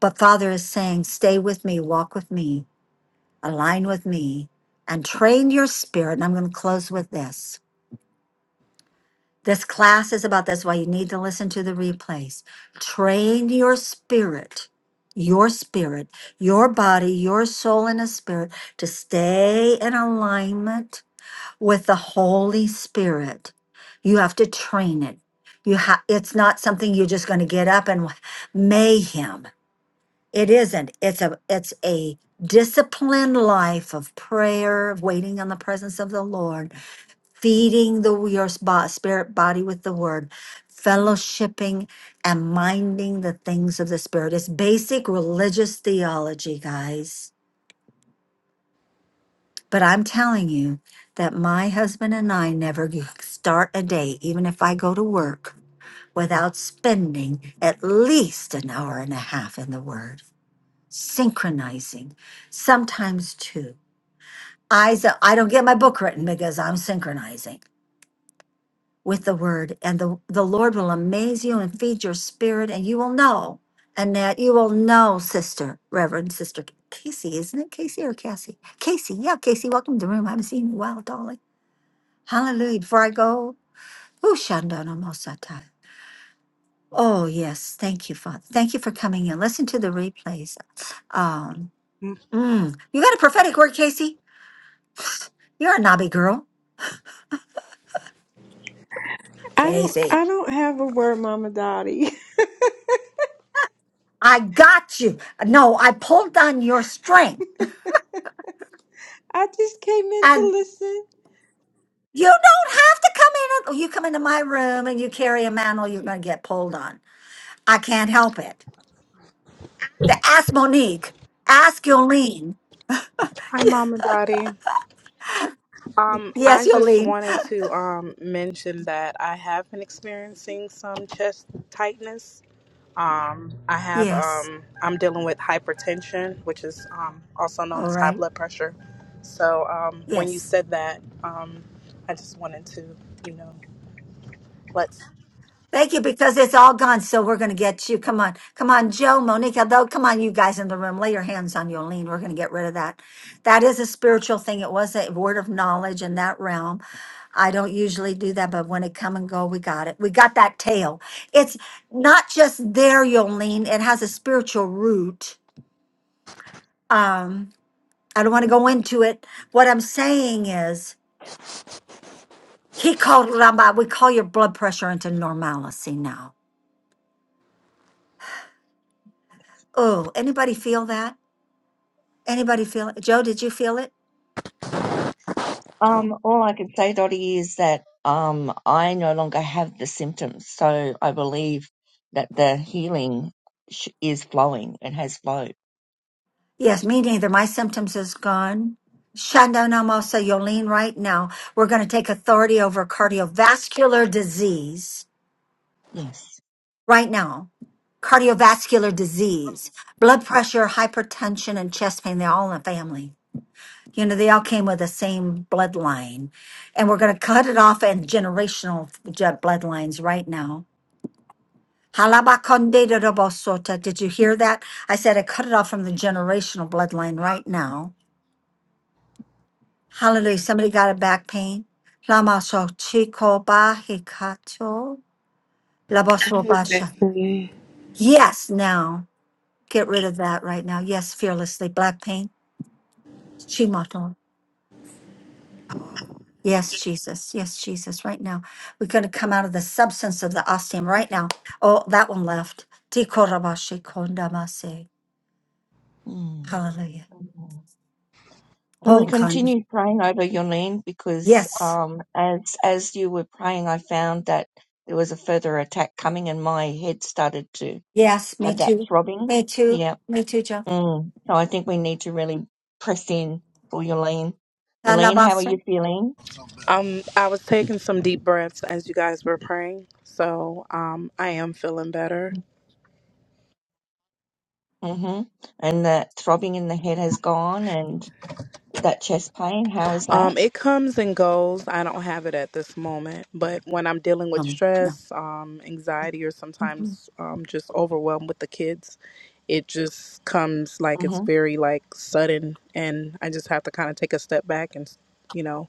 But Father is saying, stay with me, walk with me, align with me, and train your spirit. And I'm going to close with this. This class is about that's why you need to listen to the replays. Train your spirit, your spirit, your body, your soul, and a spirit to stay in alignment with the Holy Spirit. You have to train it. You have it's not something you're just going to get up and mayhem. It isn't. It's a it's a disciplined life of prayer, of waiting on the presence of the Lord feeding the your spa, spirit body with the word fellowshipping and minding the things of the spirit it's basic religious theology guys but i'm telling you that my husband and i never g- start a day even if i go to work without spending at least an hour and a half in the word synchronizing sometimes two i s- i don't get my book written because i'm synchronizing with the word, and the, the Lord will amaze you and feed your spirit, and you will know. And that you will know, sister, Reverend Sister Casey, isn't it Casey or Cassie? Casey, yeah, Casey, welcome to the room. I haven't seen you in a while, darling. Hallelujah. Before I go, who shandana mosata. Oh, yes. Thank you, Father. Thank you for coming in. Listen to the replays. Um, mm, you got a prophetic word, Casey? You're a knobby girl.
I don't
Casey,
I don't have a word, Mama Dottie. *laughs*
I got you. No, I pulled on your strength.
I just came in to listen.
You don't have to come in. and- oh, You come into my room and you carry a mantle, you're going to get pulled on. I can't help it. The, ask Monique. Ask Yolene.
Hi, Mama Dottie. Um, I
Yes,
just
Yolene.
wanted to um mention that I have been experiencing some chest tightness. Um, I have
Yes.
um, I'm dealing with hypertension, which is um also known
All
as high
right.
blood pressure. So um, when you
Yes.
said that, um, I just wanted to, you know, let's.
Thank you because it's all gone. So we're going to get you. Come on. Come on, Joe, Monique. Though, come on, you guys in the room. Lay your hands on Yolene. We're going to get rid of that. That is a spiritual thing. It was a word of knowledge in that realm. I don't usually do that, but when it come and go, we got it. We got that tail. It's not just there, Yolene. It has a spiritual root. Um, I don't want to go into it. What I'm saying is, he called Ramba. We call your blood pressure into normalcy now. Oh, anybody feel that? Anybody feel it? Joe, did you feel it?
Um, all I can say, Dottie, is that um, I no longer have the symptoms, so I believe that the healing sh- is flowing and has flowed.
Yes, me neither. My symptoms is gone. Shandanamosa Yolene, right now, we're going to take authority over cardiovascular disease
Yes.
right now cardiovascular disease, blood pressure, hypertension, and chest pain. They're all in the family. You know, they all came with the same bloodline. And we're going to cut it off in generational je- bloodlines right now. Halabakonde de Halabakondedorobosota. Did you hear that? I said I cut it off from the generational bloodline right now. Hallelujah. Somebody got a back pain? Lamasokchikobahikato.
I
Labos-
have that prayer.
Yes, now. Get rid of that right now. Yes, fearlessly. Black pain. Shimato. Yes, Jesus. Yes, Jesus. Right now, we're going to come out of the substance of the ostium right now. Oh, that one left. Tikorabashi kondamase.
Mm.
Hallelujah.
And we
Oh, con-
continue praying over Yolene because
yes.
um, as as you were praying, I found that there was a further attack coming, and my head started to
Yes, me
have that
too.
throbbing.
Me too.
Yeah.
Me too, Joe.
Mm. So I think we need to really press in for Yolene. Yolene, how are you
Talamase.
feeling?
Um, I was taking some deep breaths as you guys were praying, so um, I am feeling better.
hmm And that throbbing in the head has gone, and that chest pain. How is that?
Um, it comes and goes. I don't have it at this moment, but when I'm dealing with
Um, no.
stress, um, anxiety, or
Mhm.
sometimes um, just overwhelmed with the kids, it just comes like it's
hmm
very like sudden, and I just have to kind of take a step back and you know,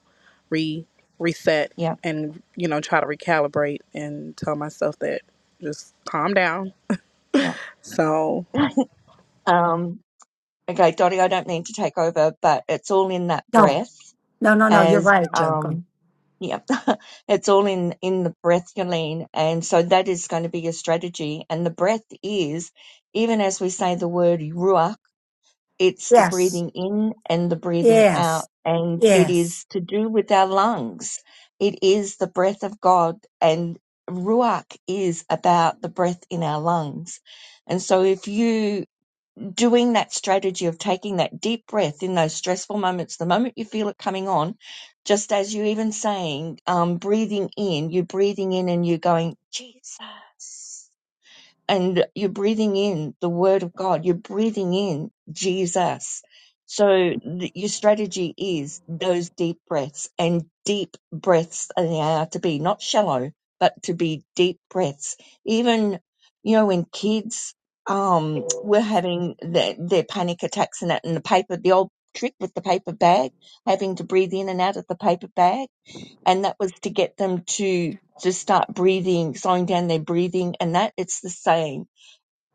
re reset
Yeah.
and you know try to recalibrate and tell myself that just calm down.
Yeah.
So
Um, okay, Dottie, I don't mean to take over, but it's all in that
No.
breath
No, no, no. You're
as.
right, Joe.
um,
Go.
Yep. *laughs* It's all in in the breath, Yolene. And so that is going to be your strategy. And the breath is, even as we say the word ruach, it's the
Yes.
breathing in and the breathing out.
Yes.
And it
Yes.
is to do with our lungs. It is the breath of God. And ruach is about the breath in our lungs. And so if you doing that strategy of taking that deep breath in those stressful moments, the moment you feel it coming on, just as you even saying, um, breathing in, you're breathing in and you're going, Jesus and you're breathing in the word of God, you're breathing in Jesus. So th- your strategy is those deep breaths and deep breaths they are to be not shallow, but to be deep breaths. Even, you know, when kids, um, were having their, their panic attacks and that and the paper, the old trick with the paper bag, having to breathe in and out of the paper bag. And that was to get them to, to start breathing, slowing down their breathing. And that it's the same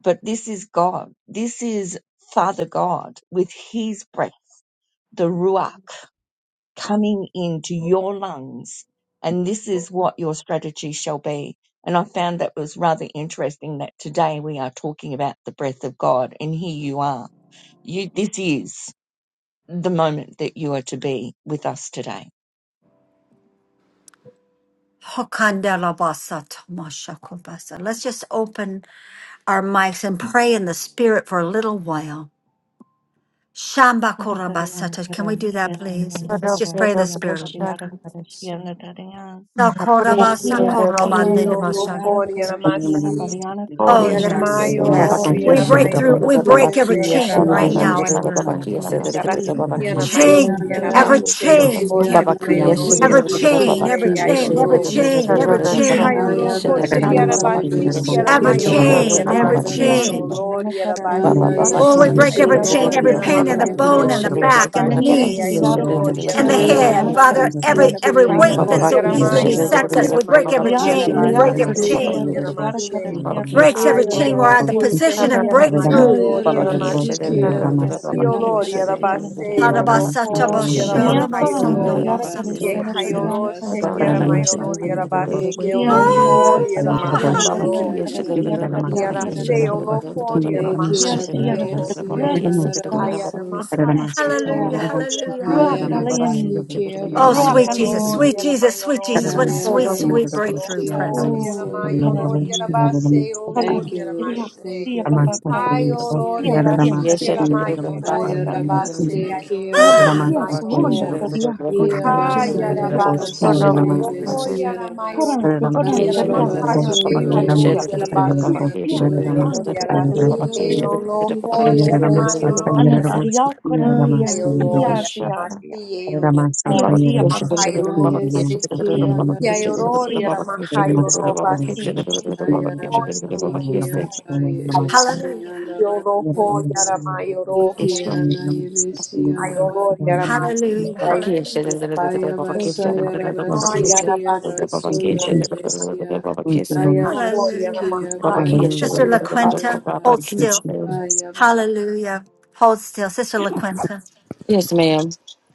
but this is God. This is Father God with his breath, the Ruach coming into your lungs. And this is what your strategy shall be. And I found that was rather interesting that today we are talking about the breath of God. And here you are. You, this is the moment that you are to be with us today.
Hokandelabasa tomashakobasa. Let's just open our mics and pray in the spirit for a little while. Shamba korabasata. Can we do that, please? Let's just pray in the spirit. Sakorabasa
Tia
koromande
siana
Yaramayo,
debashande.
tiriara
Lord,
karashiana
Yaramasi,
bariana
Oh,
karasian
yes,
Yaramayo,
tiriara
Baba
yes.
Lord,
Kia
We
said
of
break
the
karashian.
Yaramayo,
through,
Lord,
we
God.
Baba
break
Jose,
every
Kia
chain
said
Thank
right now in the
Jesus,
the
Yarabasheo,
Baba
room.
Lord,
Kia said the Baba
Yarasiti,
Jesus,
Kia said
Yaramayo, Lord,
Chain, every
Jesus,
Yarabaseo,
chain,
Lord,
Baba
Yaramayo,
Kia
Lord,
said
every
the
chain,
Baba
every
Kia
chain,
said the Baba
every
Yaramahase,
Kia said
Jesus.
chain, every
the Baba
chain,
Oh,
Kia
Ihayoro
sada
said
hoshe
bariana
Ayabaston,
hiarabasi
karashian dadam.
every
hiaramayo lord
chain,
the
Ah,
every
Baba Kia
hiaramashe
siana
said
o
chain.
lord
bariana karan
Baba
Ana
tiriara
hiarabase
Baba
Oh, we
yesi
Kia
karan
break
said the Baba Kia said
ki
ayo
every
tiriara
chain,
lord
every
the
pain
karashiara
in the
Baba
hiaramahayo
Kia
bone
bariana.
and
lord
the
said
rabasa
the
back and the
Tia
hiarabashe
Baba
knees
Kia
ayo
tiriara
lord
said
and the
karashiara
head.
bariana
hiaramahasi
Father,
Ayarabasi
every
karasiana
every
bariana
weight
ihayoro
that
Baba Kia said the Baba
so
karasiana
Kia
easily
said
hiaramayo lord
bariana.
besets
Kirabasayarabasu
us, we break
hiaramayo
every chain
Tia
lord
It
tiriara
break
hiarabase
every
Anayasi
o
chain,
the
lord
karashiana tiriara
Yarabasu
hiaramase
Baba
karashiana
Kia said
breaks every
dadam.
ayo
chain. We're
lo
at the
Ayarabasu
hoshe
position
Kura
of
imperial
hiaramayo
breakthrough.
lord
Baba
Karashian
Kia
Ayarabasi
hiaramasi
Shedder,
Derivada Karashiana
Kirabasu
Baba
you.
Badiana
Kia
Diolori
Yabesi
Shedder,
Karastiana
Yarabasu
Thank you.
Rabaseo
Munadana.
Baba Kia
Lohori
Miyakara
Harabasatabashalamasundo.
Ramahayoro
Shedder,
Imperial
Baba Kia
Ayabasi
Say,
Karashiana Badiana
Yehayoro
Baba
Kirabasundo
Shehiera
Karastiana
Kia
Ebe
Mayorori
Badiana.
Shedder, Baba
Rabaseo
Ian
Kia.
Derivada
Lohori
Oh,
Karashiana
Baba
hallelujah.
Ekirabayasayarabasa
Badiana
Ramahayoro
Kia
Karastiana
Shedder,
Yarabasu
Baba
Badiana
Kia Shedder, Baba Kia
Yarase
Shedder,
Yabesi
Karasana.
Olo Lord,
Baba Kia
Yes,
Shedder,
Yaramahasi
yes, but
Olo
the
Ekirabayasi
She,
Baba
breath
Kia
of God,
Anarabasu
the
Say,
breath of
Ayaramahase O
Hallelujah,
God.
Lord,
hallelujah.
Yaramayo
Ruach
Baba Kia
Ayarabasi
Alim,
Basi,
Shedder, Baba Kia Shedder,
Oh,
Baba
Kirabasu
Ruach
sweet Jesus,
Ayolor,
Alim,
sweet
Yabesi
Jesus,
Yaramayo
sweet
Lord,
Jesus. What a
Jesus.
sweet,
Yarase
sweet break.
Olo Lord,
Oh,
Yaramayo Lord,
hallelujah.
Ayarabasikiabassoyebestia.
Yarabase O Lord,
Thank
Karan,
you, Lord.
Teriak,
Yaramashe,
Thank
Tia
you, Lord.
Patata,
Ayolor,
Tia Tia
Yarasi
Tia
Kia Shedder, Baba Kia
Ebestiarabasso.
Tia
Shedder, Baba
Yaramayo
Tia Tia
Lord,
Patata.
Yarabase, Ayolor,
Yes,
Ah,
yes,
Ramasata
wonder
Ayarabasikialarabasoya.
Yaramayo
that Yeah,
Yiraboshi
good that
Kia Shedder,
Kiramasi
yeah, Ja, sietulunde diakotasia,
Baba
Yaraboshi
Kia
Hayarabasi,
Yaramasi
sietetätätätä.
Oroho
Shedder,
Iabasayarabassoyebestiaraba.
Yaramayoro,
Kurantu,
Ramasi
purantu,
Kiraboshi
diakorantu,
Yaramahashe,
Ayarabasundo
ja,
Oro
ja,
Ramasata
ja,
Yarabase,
Yiraboshi
ebekialabasoya.
Ayolo
siettikanta,
Ramasata Yiraboshi
Yarasi,
tätätätä.
Oloho
Ialabasikiabasso.
Ramasata
Yaramayoro
Anata
Yiraboshi
Yarasi,
diakorantu, yeah,
Kiramasi
current,
Ayolo
yeah,
Hallelujah.
Yiraboshi
yeah, ja,
Yaramasi,
Ramasata Yiraboshi Kiramasata
yeah,
Oloho
Yiraboshi Ramasata Yiraboshi
siepapa.
Yaramahayoro,
Kiramasata
Jeez,
Yiraboshi
Yayoro
jeez,
Mayasikialaebestiaraba.
Ramasata
Yaramahayoro
Yiraboshi Ramasata
jeez.
Basi, Olo Yaramayoro,
Ayarabasikia by
Yiraboshi
hallelujah,
Ayarabasi, Oloho
Isiandabasuebe,
Yaramayoro,
Ikiana
Ramasata
Ayolo Yaramasi,
Yiraboshi
hallelujah,
Ayolo
Ibisiandabasuebesia,
hallelujah,
Thank
Yarabasi.
you,
Oh,
Jesus.
Ayabasayarabasikia
Yarabasi,
Thank you,
Basundo
Jesus.
Ebesia,
Thank you, Lord.
Lord,
hallelujah.
Ayabasikia
Yaramaha,
by
Sister
Hallelujah.
Yarabasi.
LaQuenta,
Isiandaba,
hold
Thank you,
still.
Jesus.
Ayaba.
Hallelujah. Hold still. Sister LaQuenta,
Yes, ma'am.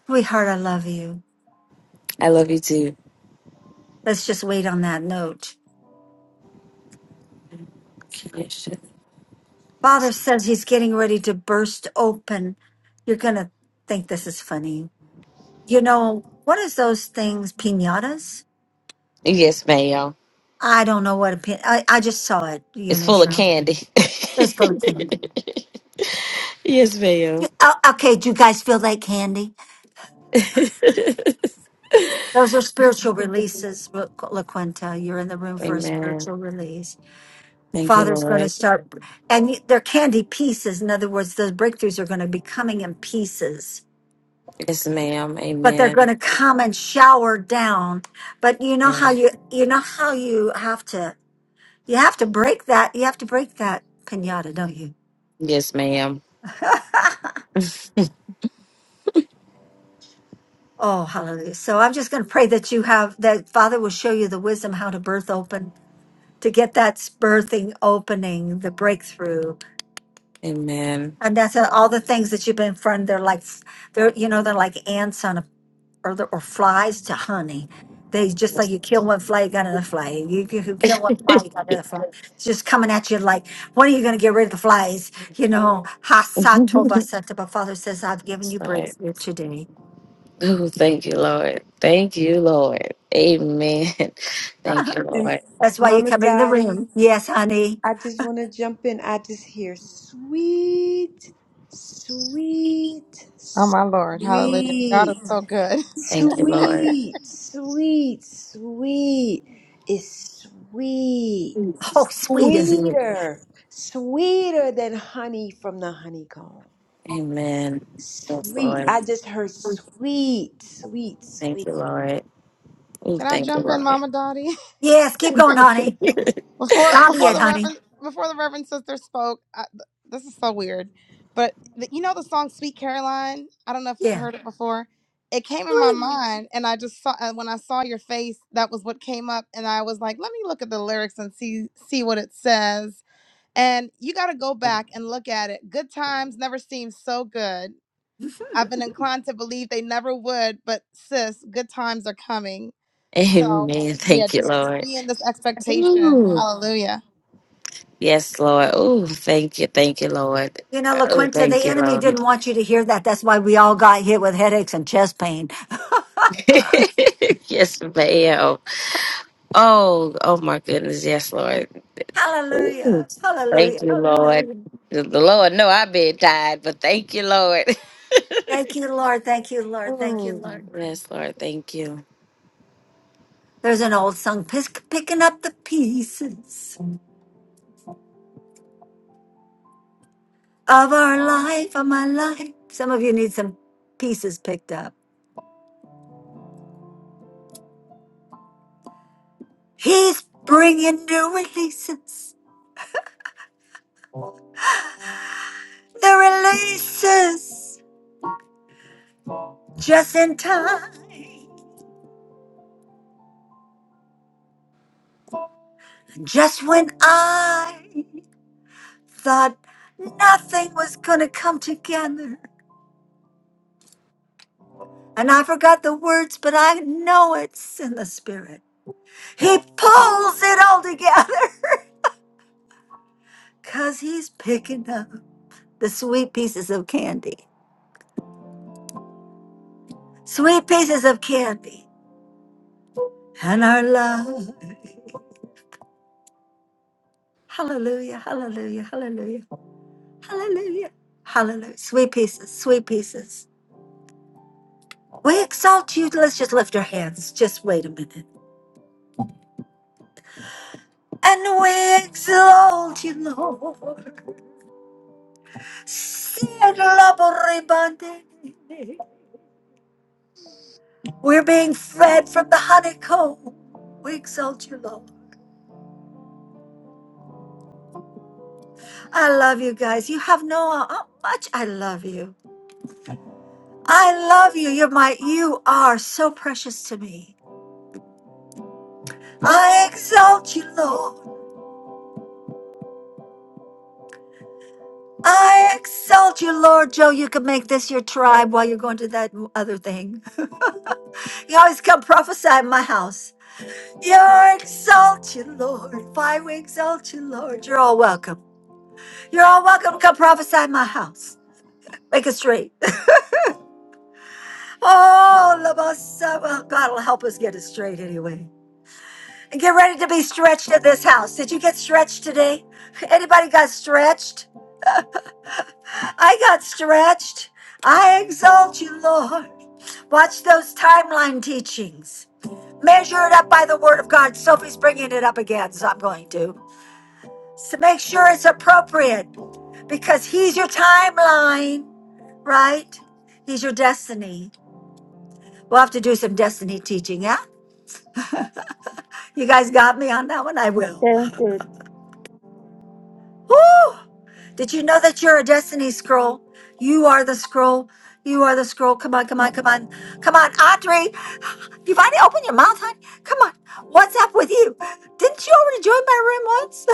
sweetheart, I love you.
I love you too.
Let's just wait on that note. Father says he's getting ready to burst open. You're going to think this is funny. You know, what is those things, pinatas?
Yes, ma'am.
I don't know what a pin. I, I just saw it, you
It's
know.
full of
So
candy.
it's little candy. You-
*laughs* yes, ma'am.
Oh, okay, do you guys feel that candy? Those are spiritual releases, La La Quinta. You're in the room for a
Amen.
spiritual release.
Thank you,
Father's going to
Lord.
start, and you- they're candy pieces. In other words, those breakthroughs are going to be coming in pieces
Yes, ma'am.
but they're going
Amen.
to come and shower down but you know how
And
you you know how you have to you have to break that you have to break that piñata don't you
yes, ma'am.
*laughs* oh hallelujah so i'm just going to pray that you have that father will show you the wisdom how to birth open to get that birthing opening the breakthrough
Amen.
and that's uh, all the things that you've been in front of. they're like they're you know they're like ants on a or the, or flies to honey. They just like you kill one fly, you got another fly. You, you you kill one fly, you got another fly. It's just coming at you like, when are you going to get rid of the flies? You know,
*laughs*
Hasatoba Santa, but Father says, I've given you
Sorry.
breakthrough today.
Oh, thank you, Lord. Thank you, Lord. Amen. *laughs* Thank you,
And
Lord.
That's why you
Mama
come in the
Dottie,
room. Yes, honey.
I just want to jump in. I just hear sweet, sweet,
Oh my Lord, Hallelujah! God is
sweet,
so good.
Thank you, Lord.
sweet, sweet, sweet. It's sweet,
Oh, sweet, isn't it?
sweeter, sweeter than honey from the honeycomb.
Amen. Yes,
Sweet.
Lord.
I just heard sweet, sweet, sweet.
Thank you, Lord.
*laughs*
Oh,
Can I
thank you,
jump in,
Lord.
Mama Dottie?
Yes, keep going, honey.
*laughs*
*laughs* Before
Not
before
it,
the
honey.
Reverend before the Reverend Sister spoke, I, th- this is so weird, but the, you know the song "Sweet Caroline." I don't know if you've
Yeah.
heard it before. It came in my
Sweet.
mind, and I just saw uh, when I saw your face, that was what came up, and I was like, "Let me look at the lyrics and see see what it says." And you got to go back and look at it. Good times never seem so good I've been inclined to believe they never would, but sis, good times are coming. So
Amen.
yeah,
Thank you,
just just
Lord.
be in this expectation.
Ooh.
Hallelujah.
Yes, Lord. Oh, thank you. Thank you, Lord.
You know,
Oh,
LaQuinta,
thank
the
you,
enemy
Lord.
didn't want you to hear that. That's why we all got hit with headaches and chest pain.
*laughs* yes, ma'am. Oh, oh my goodness. Yes, Lord.
*laughs*
Ooh,
Hallelujah.
thank
Hallelujah.
you, Lord.
Hallelujah.
The the Lord, know I've been tired, but thank you, Lord. *laughs*
Thank you, Lord. Thank you, Lord. Thank you,
Oh,
Lord.
yes, Lord. Thank you.
There's an old song, pick, picking up the pieces of our life, of my life. Some of you need some pieces picked up. He's bringing new releases, the releases just in time, just when I thought nothing was going to come together. And I forgot the words, but I know it's in the spirit. He pulls it all together. Cause he's picking up the sweet pieces of candy, sweet pieces of candy, and our love. Hallelujah, hallelujah, hallelujah, hallelujah, hallelujah. Sweet pieces, sweet pieces. We exalt you. Let's just lift our hands. Just wait a minute. And we exalt you, Lord. Sed laboribande. We're being fed from the honeycomb. We exalt you, Lord. I love you guys. You have no how much I love you. I love you. You're my you are so precious to me. I exalt you, Lord. I exalt you, Lord. Joe, you can make this your tribe while you're going to that other thing. You always come prophesy in my house. You're exalted, Lord. Why we exalt you, Lord. You're all welcome. You're all welcome. Come prophesy in my house. Make it straight. *laughs* Oh, Labasa. Well, God will help us get it straight anyway. Get ready to be stretched in this house. Did you get stretched today? Anybody got stretched? I got stretched. I exalt you, Lord. Watch those timeline teachings. Measure it up by the word of God. Sophie's bringing it up again, so I'm going to. So make sure it's appropriate because he's your timeline, right? He's your destiny. We'll have to do some destiny teaching, yeah? You guys got me on that one? I will.
Sounds good.
Woo! Did you know that you're a destiny scroll? You are the scroll. You are the scroll. Come on, come on, come on. Come on, Audrey. You've already opened your mouth, honey. Come on. What's up with you? Didn't you already join my room once?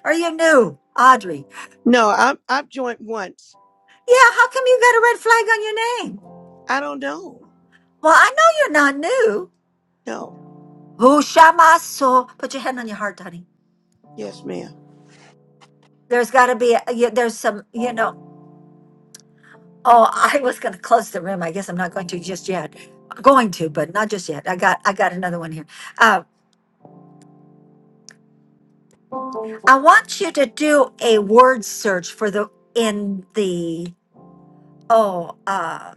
*laughs* are you new, Audrey?
No, I'm I've joined once.
Yeah, how come you got a red flag on your name?
I don't know.
Well, I know you're not new.
No.
Who shamaso? Put your hand on your heart, honey.
yes, ma'am.
There's got to be, a, yeah, there's some, you know. Oh, I was going to close the room. I guess I'm not going to just yet. Going to, but not just yet. I got I got another one here. Uh, I want you to do a word search for the in the oh uh,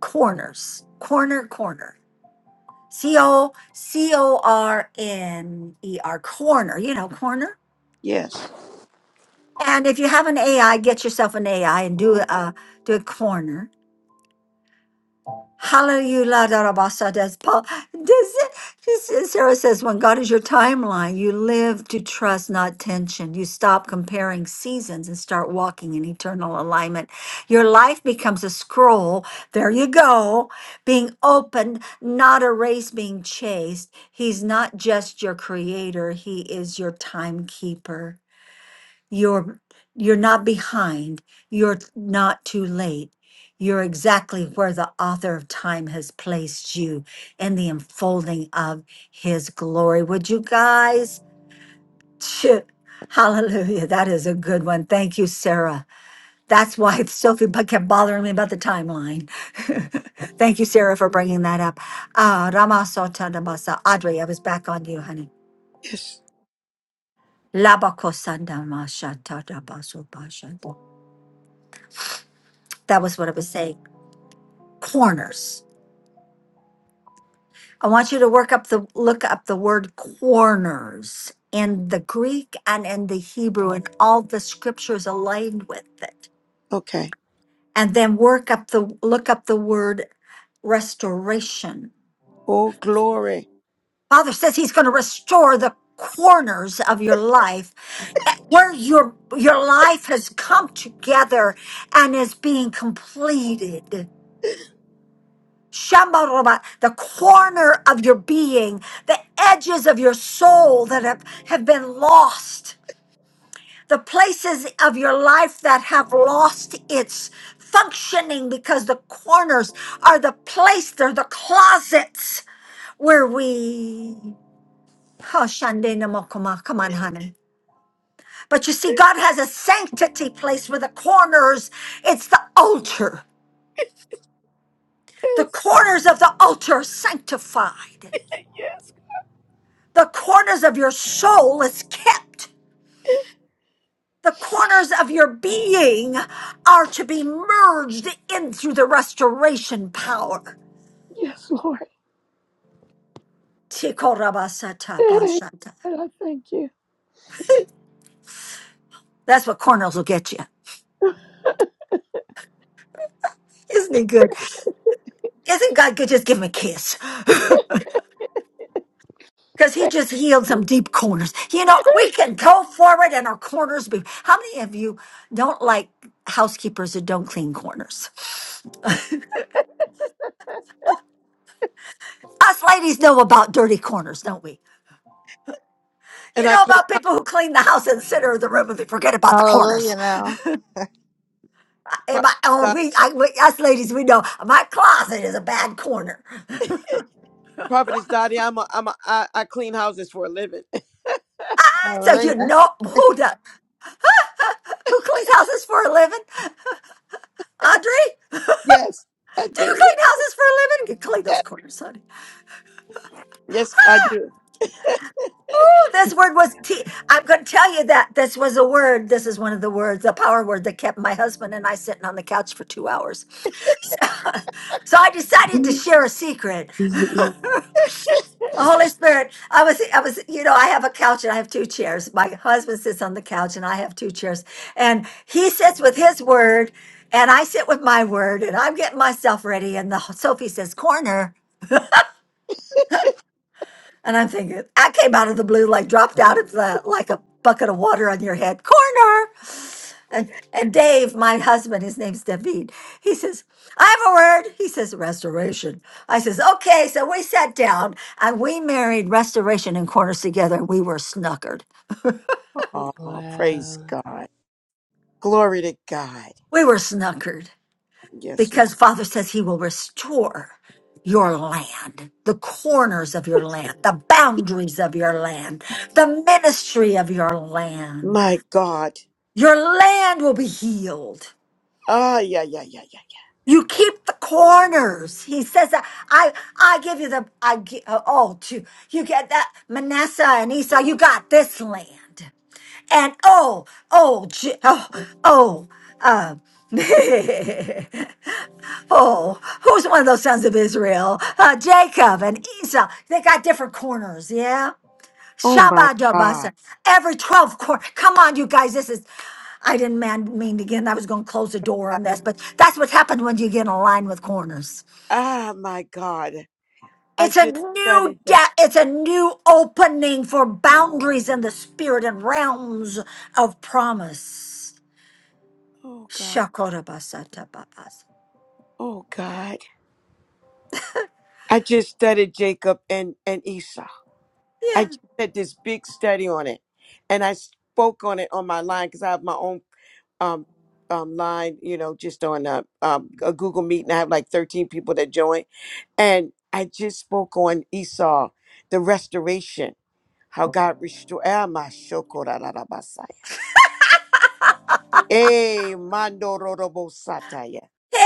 corners corner corner c o c o r n e r corner. You know corner.
Yes.
And if you have an AI, get yourself an AI and do a do a corner Hallelujah, la da da ba sa des Paul. Does it, Sarah says, when God is your timeline, you live to trust, not tension. You stop comparing seasons and start walking in eternal alignment. Your life becomes a scroll. There you go. Being open, not a race being chased. He's not just your creator. He is your timekeeper. You're you're not behind. You're not too late. You're exactly where the author of time has placed you in the enfolding of his glory. Would you guys? Phew. Hallelujah. That is a good one. Thank you, Sarah. That's why *laughs* Sophie bu- kept bothering me about the timeline. *laughs* Thank you, Sarah, for bringing that up. Ah, Ramasota Namasa. Audrey, I was back on you, honey.
Yes.
Labakosanda Masha Tadabasubashanta. That was what I was saying. corners. I want you to work up the look up the word corners in the Greek and in the Hebrew and all the scriptures aligned with it.
Okay.
And then work up the look up the word restoration.
Oh glory.
Father says he's going to restore the corners of your life eh, where your your life has come together and is being completed. Shambaroba, the corner of your being, the edges of your soul that have, have been lost, the places of your life that have lost its functioning because the corners are the place, they're the closets where we. Oh, Shande Namokoma, come on, honey. But you see, God has a sanctity place where the corners, it's the altar. The
Yes,
corners of the altar are sanctified.
yes,
The corners of your soul is kept. The corners of your being are to be merged into the restoration power.
yes, Lord. Hey,
Tikorabasata-bashata.
God, I thank you.
That's what corners will get you. Isn't he good? Isn't God good? Just give him a kiss. *laughs* Because he
Yes.
just healed some deep corners. You know, we can go forward and our corners be. How many of you don't like housekeepers that don't clean corners? Us ladies know about dirty corners, don't we? You
And I
know
clean
about
house,
people who clean the house and center of the room and they forget about the corners.
Hallelujah now.
In
Prophet
my, oh,
Dottie.
we, I, we, us ladies, we know my closet is a bad corner.
Prophetess Dottie, I'm a, I'm a, I, I clean houses for a living. *laughs*
So
Hallelujah.
you know who does, who cleans houses for a living? Audrey,
Yes, I
do you
do.
clean houses for a living? You clean those
Yes.
corners, honey.
yes, I do.
Oh, this word was ti am going to tell you that this was a word. This is one of the words, the power word that kept my husband and I sitting on the couch for two hours. *laughs* so so I decided to share a secret. Holy Spirit, I was, I was, you know, I have a couch and I have two chairs. My husband sits on the couch and I have two chairs. And he sits with his word and I sit with my word and I'm getting myself ready. And the Sophie says, corner. And I'm thinking, I came out of the blue, like dropped out of the, like a bucket of water on your head, corner. And, and Dave, my husband, his name's David, he says, I have a word. He says, restoration. I says, okay. So we sat down and we married restoration and corners together. And we were snuckered.
Oh, praise
Wow.
God. Glory to God.
We were snuckered
Yes, Lord.
because Father says he will restore your land, the corners of your land, the boundaries of your land, the ministry of your land.
My God.
Your land will be healed.
Ah, yeah, yeah, yeah, yeah. yeah.
You keep the corners. He says that I I give you the I gi- uh, oh to you get that Manasseh and Esau. You got this land and oh oh J- oh oh. Uh, *laughs* oh, who's one of those sons of Israel? Uh, Jacob and Esau. They got different corners, yeah?
Oh, my
Shabbat
God.
Every 12 quarter. Come on, you guys. This is. I didn't man, mean again. I was going to close the door on this, but that's what happens when you get in line with corners.
Ah, my God. I
It's a
just
new
studied that.
de- it's a new opening for boundaries in the spirit and realms of promise.
Oh, God.
Shakorabasatabapas.
Oh, God. I just studied Jacob and, and Esau. I
Yeah.
just did this big study on it. And I spoke on it on my line because I have my own um, um, line, you know, just on a, um, a Google Meet. And I have like 13 people that join. And I just spoke on Esau, the restoration. How God restored. Thank,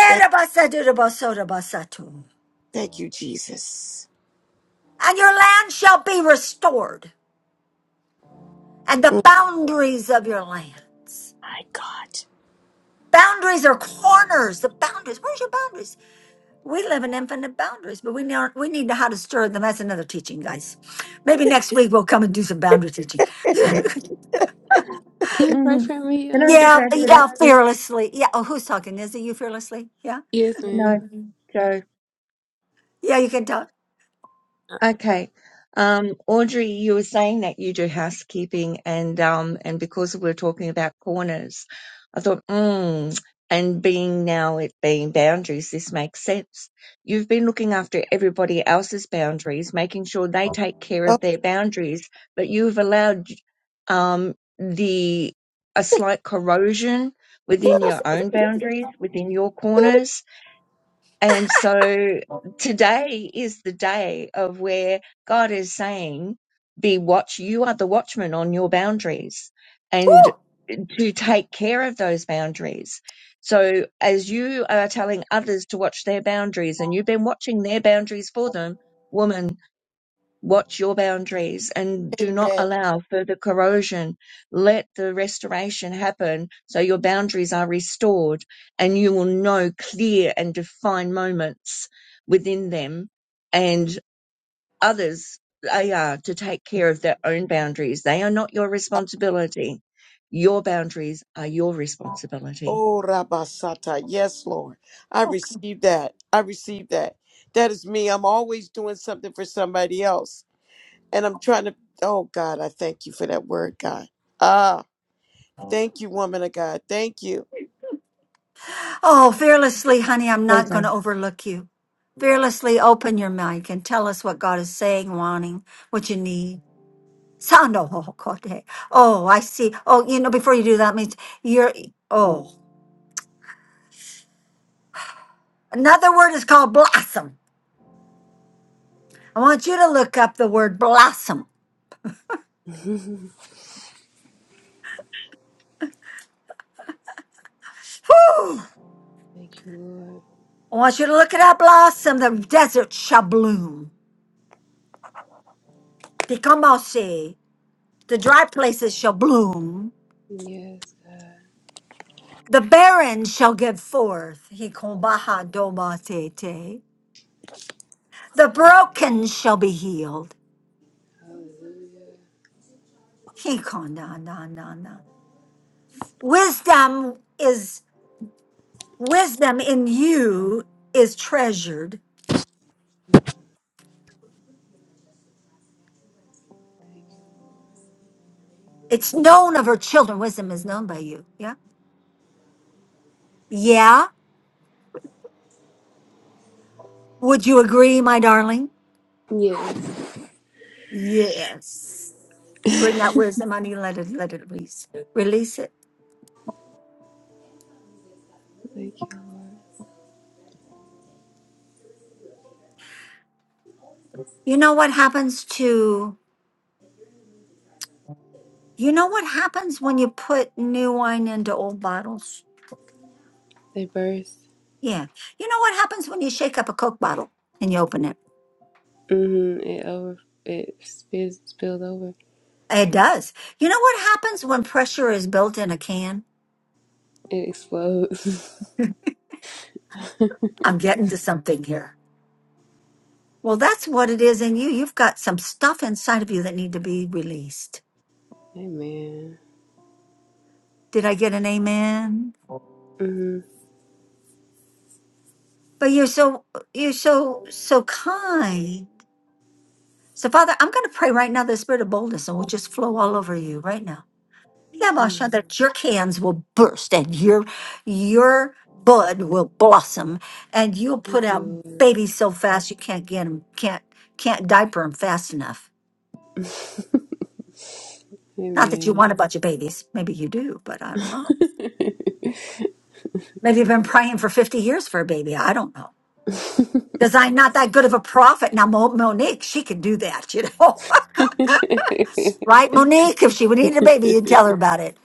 Erabasadurabasodabasatu.
thank you, Jesus.
And your land shall be restored, and the
Mm,
boundaries of your land.
My God.
Boundaries are corners. The boundaries. Where's your boundaries? We live in infinite boundaries, but we need we need to how to stir them. That's another teaching, guys. Maybe next week we'll come and do some boundary teaching. *laughs* yeah,
Can you pray
Mm-hmm.
for me,
Can I
um,
just add to
Prophet
that
yeah,
Daddy?
too?
fearlessly. Yeah. Oh, who's talking? Is it you fearlessly? Yeah.
Yes, ma'am.
No, so
Yeah, you can talk.
*laughs*
Okay. Um, Audrey, you were saying that you do housekeeping and um and because we're talking about corners, I thought, mm, and being now it being boundaries, this makes sense. You've been looking after everybody else's boundaries, making sure they take care of their boundaries, but you've allowed um the a slight corrosion
Oh,
within your own boundaries, within your corners and so today is the day of where God is saying, be watch, you are the watchman on your boundaries
*laughs*
and
Woo!
to take care of those boundaries. So as you are telling others to watch their boundaries and you've been watching their boundaries for them, woman, Watch your boundaries and do not
amen.
allow further corrosion. Let the restoration happen so your boundaries are restored and you will know clear and defined moments within them and others. They are to take care of their own boundaries. They are not your responsibility. Your boundaries are your responsibility.
Oh, Rabasata. Yes, Lord. I receive that. I receive that. That is me. I'm always doing something for somebody else. And I'm trying to, oh, God, I thank you for that word, God. Ah, thank you, woman of God. Thank you.
Oh, fearlessly, honey, I'm not
Pleasure.
going to overlook you. Fearlessly open your mic and tell us what God is saying, wanting, what you need. Sando ho- Oh, I see. Oh, you know, before you do that means you're oh. Another word is called blossom. I want you to look up the word blossom.
Thank
Whew.
you, Lord.
I want you to look it up, blossom. The desert shall bloom. Tikamose. The dry places shall bloom.
Yes, God.
The barren shall give forth. Hikombaha domatete. The broken shall be healed.
Hallelujah.
Hikonananana. Wisdom is Wisdom in you is treasured. It's known of her children. Wisdom is known by you. Yeah. Yeah. Would you agree, my darling?
Yes.
Yes. Bring that wisdom on you. Let it let it release. Release it.
Thank you, Lord.
You know what happens to you know what happens when you put new wine into old bottles?
They burst.
Yeah. You know what happens when you shake up a Coke bottle and you open it?
Mm-hmm. It over. It spills, spilled over.
It does. You know what happens when pressure is built in a can?
It explodes. *laughs*
I'm getting to something here. Well, that's what it is in you. You've got some stuff inside of you that need to be released.
Amen.
Did I get an amen?
Mm-hmm.
But you're so you're so so kind. So Father, I'm going to pray right now the spirit of boldness and will just flow all over you right now. Yamasha,
Amen.
That your cans will burst and your your bud will blossom and you'll put
Thank
out
you, Lord.
babies so fast you can't get them can't can't diaper them fast enough
*laughs*
that you
Amen.
want a bunch of babies. Maybe you do, but I don't know.
*laughs*
Maybe I've been praying for 50 years for a baby. I don't know. Because I'm not that good of a prophet. Now, Mo- Monique, she could do that, you know. *laughs* right, Monique? If she would need a baby, you'd tell her about it.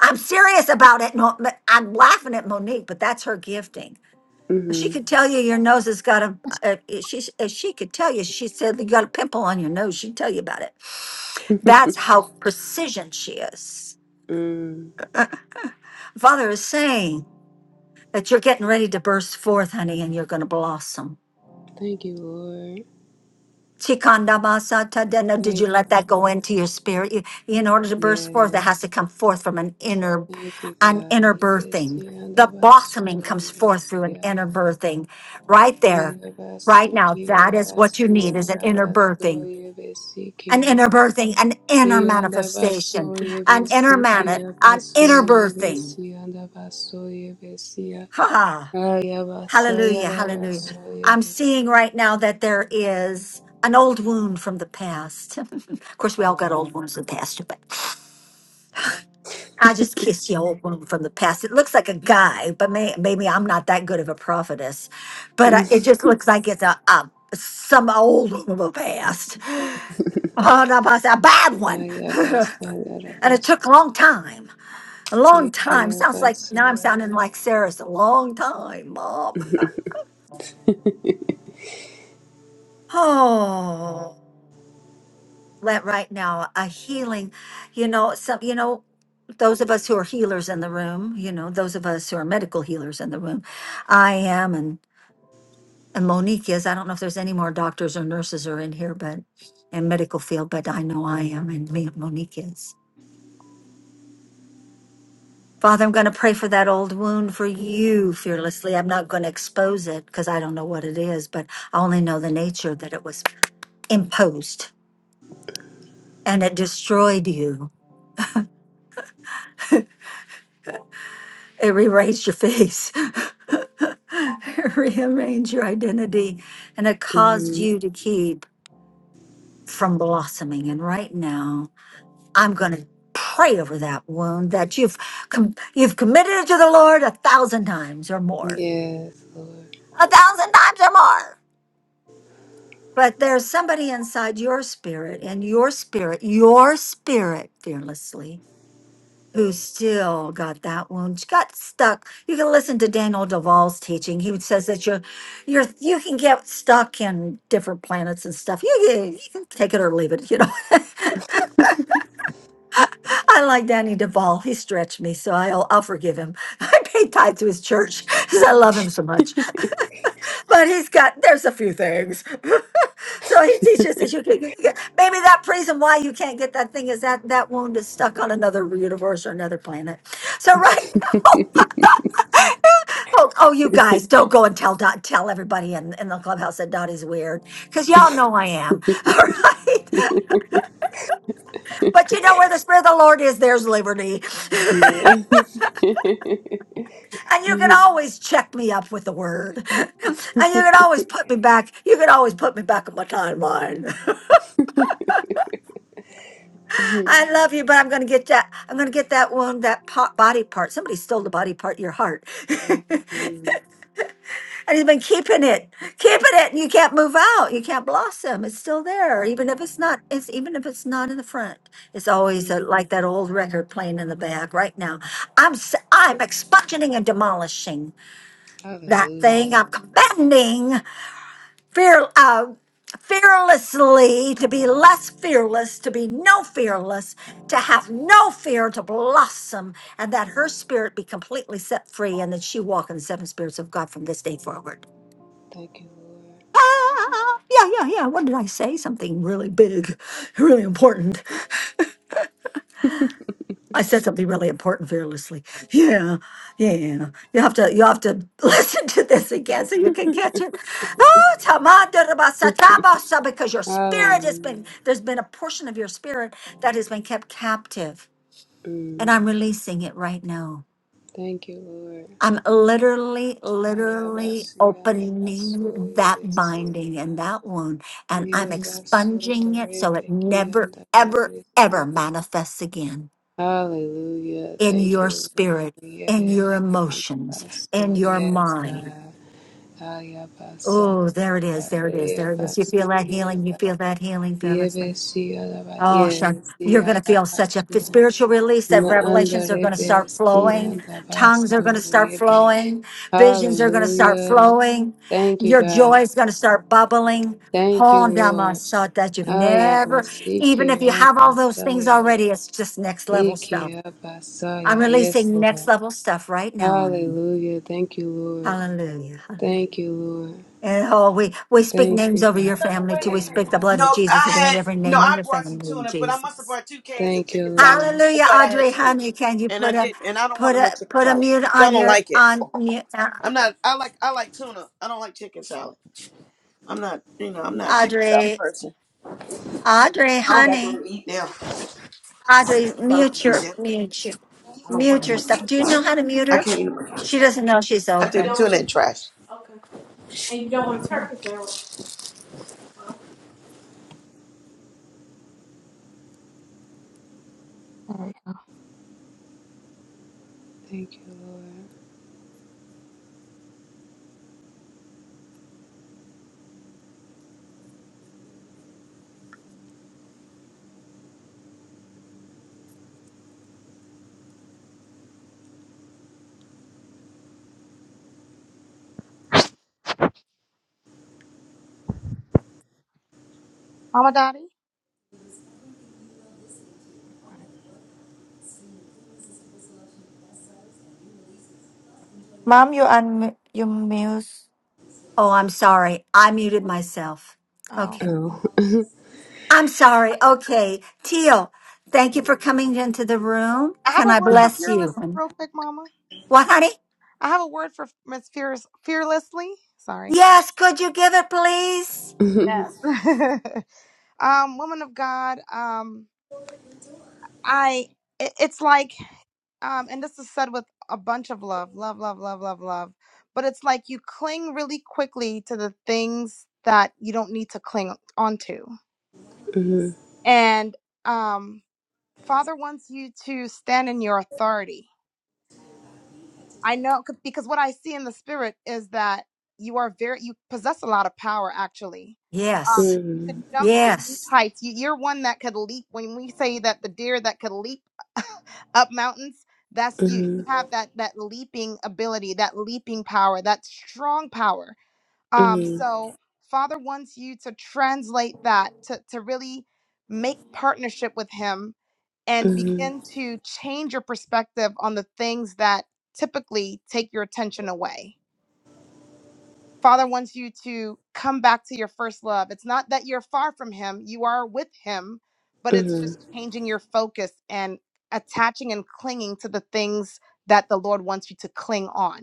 I'm serious about it. No, but I'm laughing at Monique, but that's her gifting. She
Mm-hmm.
could tell you your nose has got a, a she, if she could tell you, she said you got a pimple on your nose. She'd tell you about it.
*laughs*
That's how precision she is.
mm.
Father is saying that you're getting ready to burst forth, honey, and you're going to blossom.
Thank you, Lord.
Chikanda masata deno. Did you
Thank you.
let that go into your spirit? You- In order to burst
Yes.
forth, it has to come forth from an inner,
Thank you,
an
God. *laughs*
inner birthing. The
Ibesiandabaso,
blossoming comes forth through an inner
ibesiandaba-
birthing. Right
basa
there,
ibesikiaba-
right now, that is what you need is an inner birthing, an inner birthing, an inner manifestation,
Iandabaso,
an inner man, an
ibesikiabaso,
inner birthing.
ibesiandabaso, basa
Ha ha. Hallelujah. Hallelujah.
Ayabasayarabaso,
I'm
ibe-
seeing right now that there is an old wound from the past. *laughs* of course, we all got old wounds in the past, but I just see an old wound from the past. It looks like a guy, but may, maybe I'm not that good of a prophetess, but uh, it just looks like it's a, a some old wound of the past. *laughs* Oh, no, but a bad one. *laughs* and it
Ayabasayarabaso,
took a long time. A long time. Sounds like now I'm
ikiabasaya-
sounding like Sarah's a long time, Mom. *laughs* Oh. let right now a healing you know some you know those of us who are healers in the room you know those of us who are medical healers in the room i am and and monique is i don't know if there's any more doctors or nurses are in here but in medical field but i know i am and me monique is father i'm going to pray for that old wound for you fearlessly i'm not going to expose it because i don't know what it is but i only know the nature that it was imposed and it destroyed you It rewrites your face. *laughs* it rearrange your identity. And
ya
it caused
*laughs*
you to keep from blossoming. And right now, I'm going to pray over that wound that you've com- you've committed to the Lord a thousand times or more.
Yes, Lord.
A thousand times or more. But there's somebody inside your spirit, and your spirit, your spirit fearlessly who still got that wound? got stuck. You can listen to Daniel Duvall's teaching. He says that you're, you're, you can get stuck in different planets and stuff. You, can- you can take it or leave it. You know, *laughs* I like Danny Duvall. He stretched me, so I'll, I'll forgive him. *laughs* I pay tithe to his church because I love him so much. But he's got there's a few things. *laughs* So he teaches
*laughs*
that you can, you can get, maybe that reason why you can't get that thing is that that wound is stuck on another universe or another planet.
*laughs*
So *laughs*
yes.
right Oh, oh, you guys, don't go and tell Dot, tell everybody in, in the clubhouse that Dottie's weird, because y'all know I am. *laughs* Right? But you know where the Spirit of the Lord is, there's liberty. And you can
Mm,
always check me up with the word. *laughs* And you can always put me back. You can always put me back on my timeline. *laughs* I love you, but I'm gonna get that I'm gonna get that one, that pot body part. Somebody stole the body part, your heart. *laughs* And he's been keeping it, keeping it, and you can't move out. You can't blossom. It's still there, even if it's not. It's even if it's not in the front. It's always uh like
Mhm.
that old record playing in the back. Right now, I'm s- I'm expunging and demolishing that
Hallelujah.
thing. I'm commanding fear, uh, fearlessly to be less fearless, to be no fearless, to have no fear, to blossom, and that her spirit be completely set free, and that she walk in the seven spirits of God from this day forward.
Thank you, Lord.
Ah, yeah, yeah, yeah. What did I say? Something really big, really important. I said something really important fearlessly. Yeah, yeah. yeah. You have to, you have to *laughs* listen to this again, so you can. Oh,
*laughs*
tamandarabasatabosa, because your spirit has
Hallelujah.
been there's been a portion of your spirit that has been kept captive, and
Mm.
I'm releasing it right now.
Thank you, Lord.
I'm literally, literally opening that binding and that wound, and I'm expunging it so it never, ever, ever
Ayabasoyabasiyabasoyabasiyabasodorebekiyandayabasiyaba.
manifests again
Hallelujah.
in
Thank
your
you, Lord.
spirit,
We give
in
it
your
to you and
emotions,
us,
in
Lord.
your
Yes,
mind.
God. Ayabasa,
Oh, there it is. There it is. There it is. You feel
ayabasi,
that healing. You
kiyaba.
feel that healing. Feel,
Yebesi, alaba.
oh, sure.
Yes,
You're going to feel such a f-
yalabasu.
spiritual release that. are going to start
Maandarebesi,
flowing. Tongues are going to
alabasu,
start
yebe.
flowing. Visions are going to start
Hallelujah.
flowing.
Thank you,
Your joy
God.
is going to start bubbling.
Thank you,
Hold on,
Lord.
that you've never,
Ayabasi,
even if you have all those
kiyabasa,
things
yalaba.
already, it's just next level. I'm
Ikiyabasa, Yes,
releasing next
Lord.
level stuff right now.
Hallelujah. Thank you, Lord.
Hallelujah. Hallelujah.
Thank you, Lord.
And oh, we, we speak
Thank
names
you,
over
God.
your family too. We
Yeah,
speak the
God.
blood of
No,
Jesus
I
over
had
every
no.
name in
I
your
brought some
family,
tuna, but I must have
Jesus.
brought two cans of
Thank you,
chicken salad.
Lord.
I
Hallelujah,
thought I had
Audrey,
tuna,
honey, can you
and I
put a
did. And I don't want
put
no more
a
chicken
put a
salad
mute
because I
on
don't
your
like it.
on mute? uh,
I'm not. I like. I like tuna. I don't like chicken salad. I'm not. You know, I'm not a chicken salad
Audrey,
person.
Audrey, honey,
Eat now.
Audrey,
'cause I don't
mute your, mute your, mute your
wanna eat that.
stuff. Do you know how to mute
I
her?
can't eat no more chicken
She
salad.
doesn't know she's
I threw the
open.
tuna in trash.
Okay.
There we go.
Thank you,
Mama Dottie? Alright.
Ma'am, you un you muse.
Oh, I'm sorry. I muted myself.
Oh.
Lord.
Okay.
Oh.
I'm sorry. Okay. Teal, thank you for coming into the room.
I have
Can
a
I
word
*laughs*
for
bless you?
fearless real quick, Mama.
What, honey?
I have a word for Miss Fearless fearlessly. Sorry.
Yes. Could you give it, please?
Yes. *laughs* um, woman of God, um, I it- it's like um, and this is said with a bunch of love, love, love, love, love, love. But it's like you cling really quickly to the things that you don't need to cling onto.
Mhm,
And um, Father wants you to stand in your authority. I know 'cause- because what I see in the spirit is that you are very you possess a lot of power actually.
Yes.
mhm,
Um, you could
mhm,
jump and leap
Yes.
heights. You, you're one that could leap. When we say that the deer that could leap *laughs* up mountains, that's you. You
mhm,
have that that leaping ability, that leaping power, that strong power. Um, Mhm.
mhm,
so Father wants you to translate that to to really make partnership with Him and begin to change your perspective on the things that typically take your attention away. Father wants you to come back to your first love. It's not that you're far from Him, you are with Him, but it's just changing your focus and attaching and clinging to the things that the Lord wants you to cling on.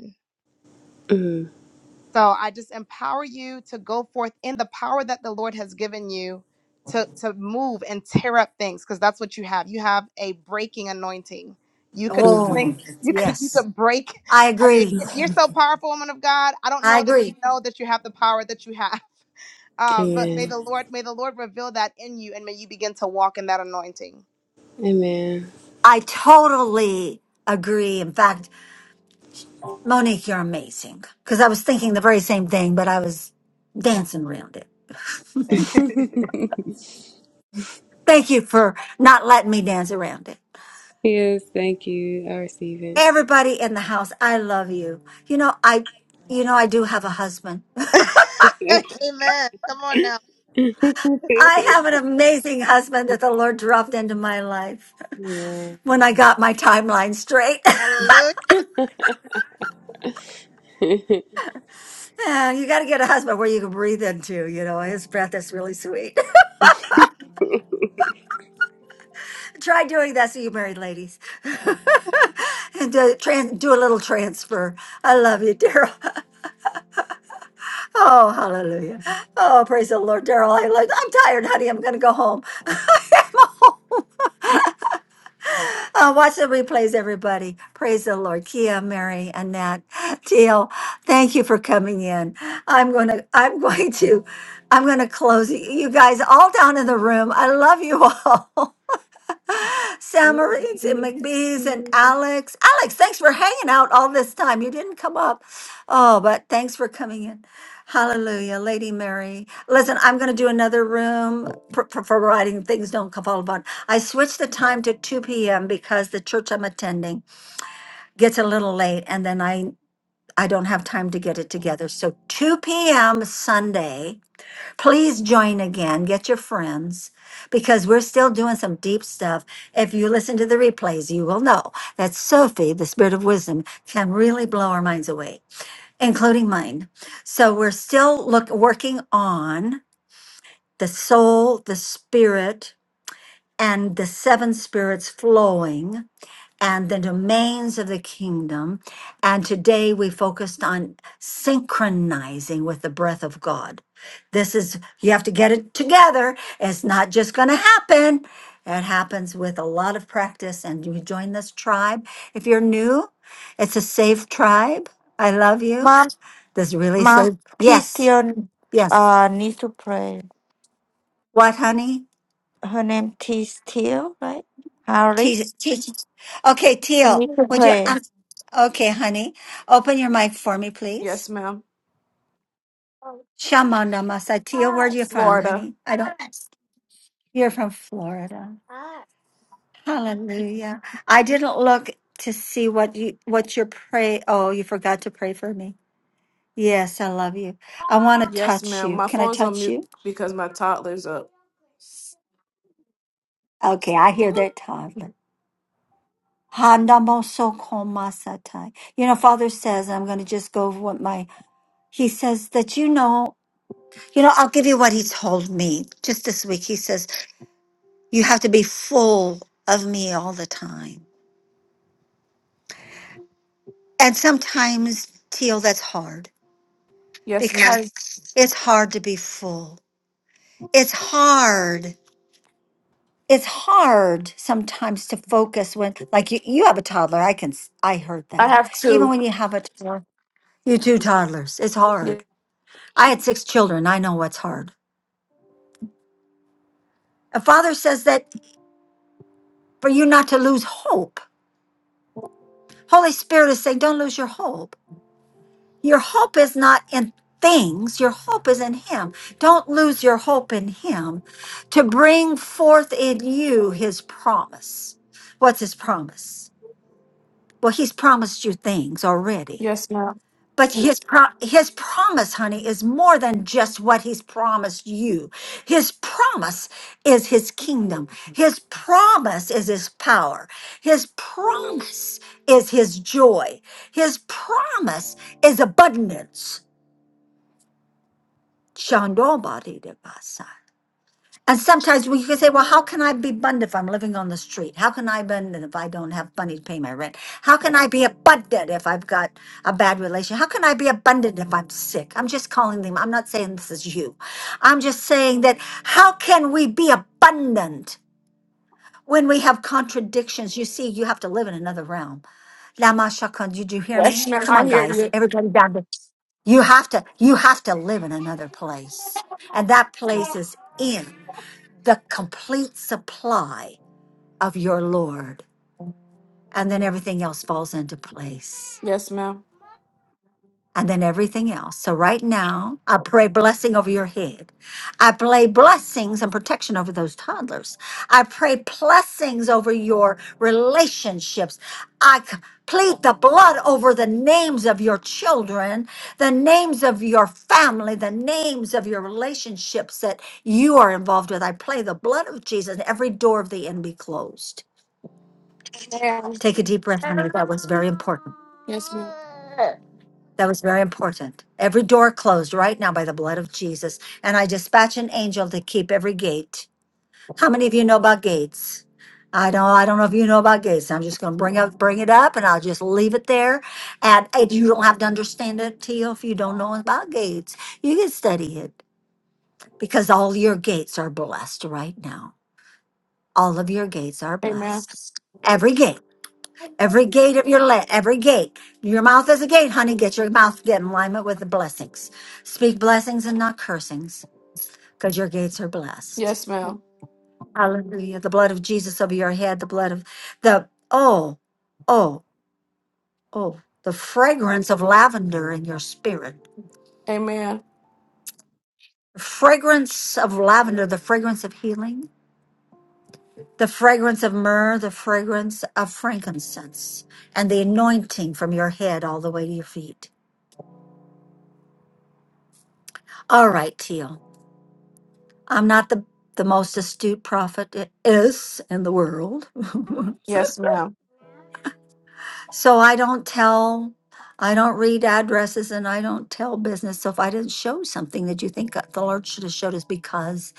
mhm, mhm,
So I just empower you to go forth in the power that the Lord has given you to, to move and tear up things because that's what you have. You have a breaking anointing. You could
Oh,
mhm,
cling, *laughs* you could you
yes.
could break.
I
I mean,
agree.
*laughs* you're so powerful, woman of God. I don't
I
know that
agree.
you know that you have the power that you have. *laughs* Um, but
mhm.
may the Lord, may the Lord reveal that in you and may you begin to walk in that anointing.
Amen.
I totally agree. In fact,
*laughs*
Monique, you're amazing. Because I was thinking the very same thing, but I was dancing around it.
Amen.
Amen.
*laughs*
Thank you for not letting me dance around it.
yes, thank you. I receive
Everybody in the house, I love you. You know, I, you know, I do have a husband. *laughs*
it.
Come on now.
I have
*laughs*
an amazing husband that the Lord dropped into my life
Amen.
when I got my timeline straight. *laughs*
Hallelujah.
*laughs*
Uh, you got to get a husband where you can breathe into, you know, his breath is really sweet. *laughs* Try doing that so you married ladies *laughs* and do, trans, do a little transfer. I love you, Daryl. Oh, hallelujah. Oh, praise the Lord. Daryl, I like, I'm tired, honey. I'm going to go home. *laughs* Uh, watch the replays, everybody. Praise the Lord. Kia, Mary, Annette, *laughs* Teal, thank you for coming in. I'm going to, I'm *laughs* going to, I'm going to close. You guys all down in the room. I love you all. *laughs*
Love
Samarines and
you. Thank
McBee's and
you.
Alex. Alex, thanks for hanging out all this time. You didn't come up. Oh, but thanks for coming in. Hallelujah, Lady Mary. Listen, I'm going to do another room for, for, for writing. Things don't come fall apart. I switched the time to 2 p.m. because the church I'm attending gets a little late and then I, I don't have time to get it together. So 2 p.m. Sunday. Please join again. Get your friends because we're still doing some deep stuff. If you listen to the replays, you will know that Sophie, the spirit of wisdom, can really blow our minds away, including mine. So we're still look working on the soul, the spirit, and the seven spirits flowing and the domains of the kingdom. And today we focused on synchronizing with the breath of God. This is, you have to get it together. It's not just going to happen. It happens with a lot of practice. And you join this tribe. If you're new, it's a safe tribe. I love you.
Ma'am,
This really
ma'am,
safe.
T
Yes.
still
Yes.
uh needs to pray.
What, honey?
Her name T still, right? Harris.
Te- te- okay,
You
Teal,
need to
would you?
pray.
um, okay, honey, open your mic for me, please.
Yes, ma'am.
Shamanda Masatia, where are
Hi.
you from,
Florida.
honey? I don't. You're from Florida. Hallelujah. I didn't look to see what you what your pray. Oh, you forgot to pray for me. Yes, I love you. I want to
Yes,
touch
ma'am.
you.
My
Can I
phone's on
touch
mute
you?
because my toddler's up.
Okay, I hear that toddler. Handamosokomasatai. You know, Father says, I'm going to just go over what my, he says that, you know, you know, I'll give you what he told me just this week. He says, you have to be full of me all the time. And sometimes, Teal, that's hard
Yes, ma'am.
because it's hard to be full. It's hard. It's hard sometimes to focus when, like, you, you have a toddler. I can, s- I heard
I
that.
have
Even
two.
when you have a toddler, you two toddlers, it's
Ye-
hard. I had six children. I know what's hard. A father says that for you not to lose hope. Holy Spirit is saying, don't lose your hope. Your hope is not in things, your hope is in Him. Don't lose your hope in Him to bring forth in you His promise. What's His promise? Well, He's promised you things already.
Yes, ma'am.
But his, pro- his promise, honey, is more than just what he's promised you. His promise is his kingdom. His promise is his power. His promise is his joy. His promise is abundance. Shandobadi de basa. And sometimes we can say, well, how can I be abundant if I'm living on the street? How can I be abundant if I don't have money to pay my rent? How can I be abundant if I've got a bad relation? How can I be abundant if I'm sick? I'm just calling them. I'm not saying this is you. I'm just saying that how can we be abundant when we have contradictions? You see, you have to live in another realm. Lama Shakan, did you hear
Yes,
me?
ma'am.
Come
I
on,
hear
guys.
you.
Everybody down. there. You have to you have to live in another place. And that place is in the complete supply of your Lord. And then everything else falls into place.
Yes, ma'am.
and then everything else. So right now, I pray blessing over your head. I pray blessings and protection over those toddlers. I pray blessings over your relationships. I c- plead the blood over the names of your children, the names of your family, the names of your relationships that you are involved with. I play the blood of Jesus and every door of the enemy closed. Take a deep breath, honey. That was very important.
Yes, ma'am.
That was very important. Every door closed right now by the blood of Jesus. And I dispatch an angel to keep every gate. How many of you know about gates? I don't I don't know if you know about gates. I'm just gonna bring up bring it up and I'll just leave it there. And if you don't have to understand it to if you don't know about gates. You can study it because all your gates are blessed right now. All of your gates are
Amen.
blessed. Every gate. Every gate of your let, every gate. Your mouth is a gate, honey. Get your mouth get in alignment with the blessings. Speak blessings and not cursings, because your gates are blessed.
Yes, ma'am.
Hallelujah. The blood of Jesus over your head, the blood of the oh, oh, oh, the fragrance of lavender in your spirit.
Amen.
The fragrance of lavender, the fragrance of healing, the fragrance of myrrh, the fragrance of frankincense, and the anointing from your head all the way to your feet. All right, Teal. I'm not the, the most astute prophet is in the world. *laughs*
Yes, ma'am.
so I don't tell, I don't read addresses and I don't tell business. So if I didn't show something that you think that the Lord should have showed us because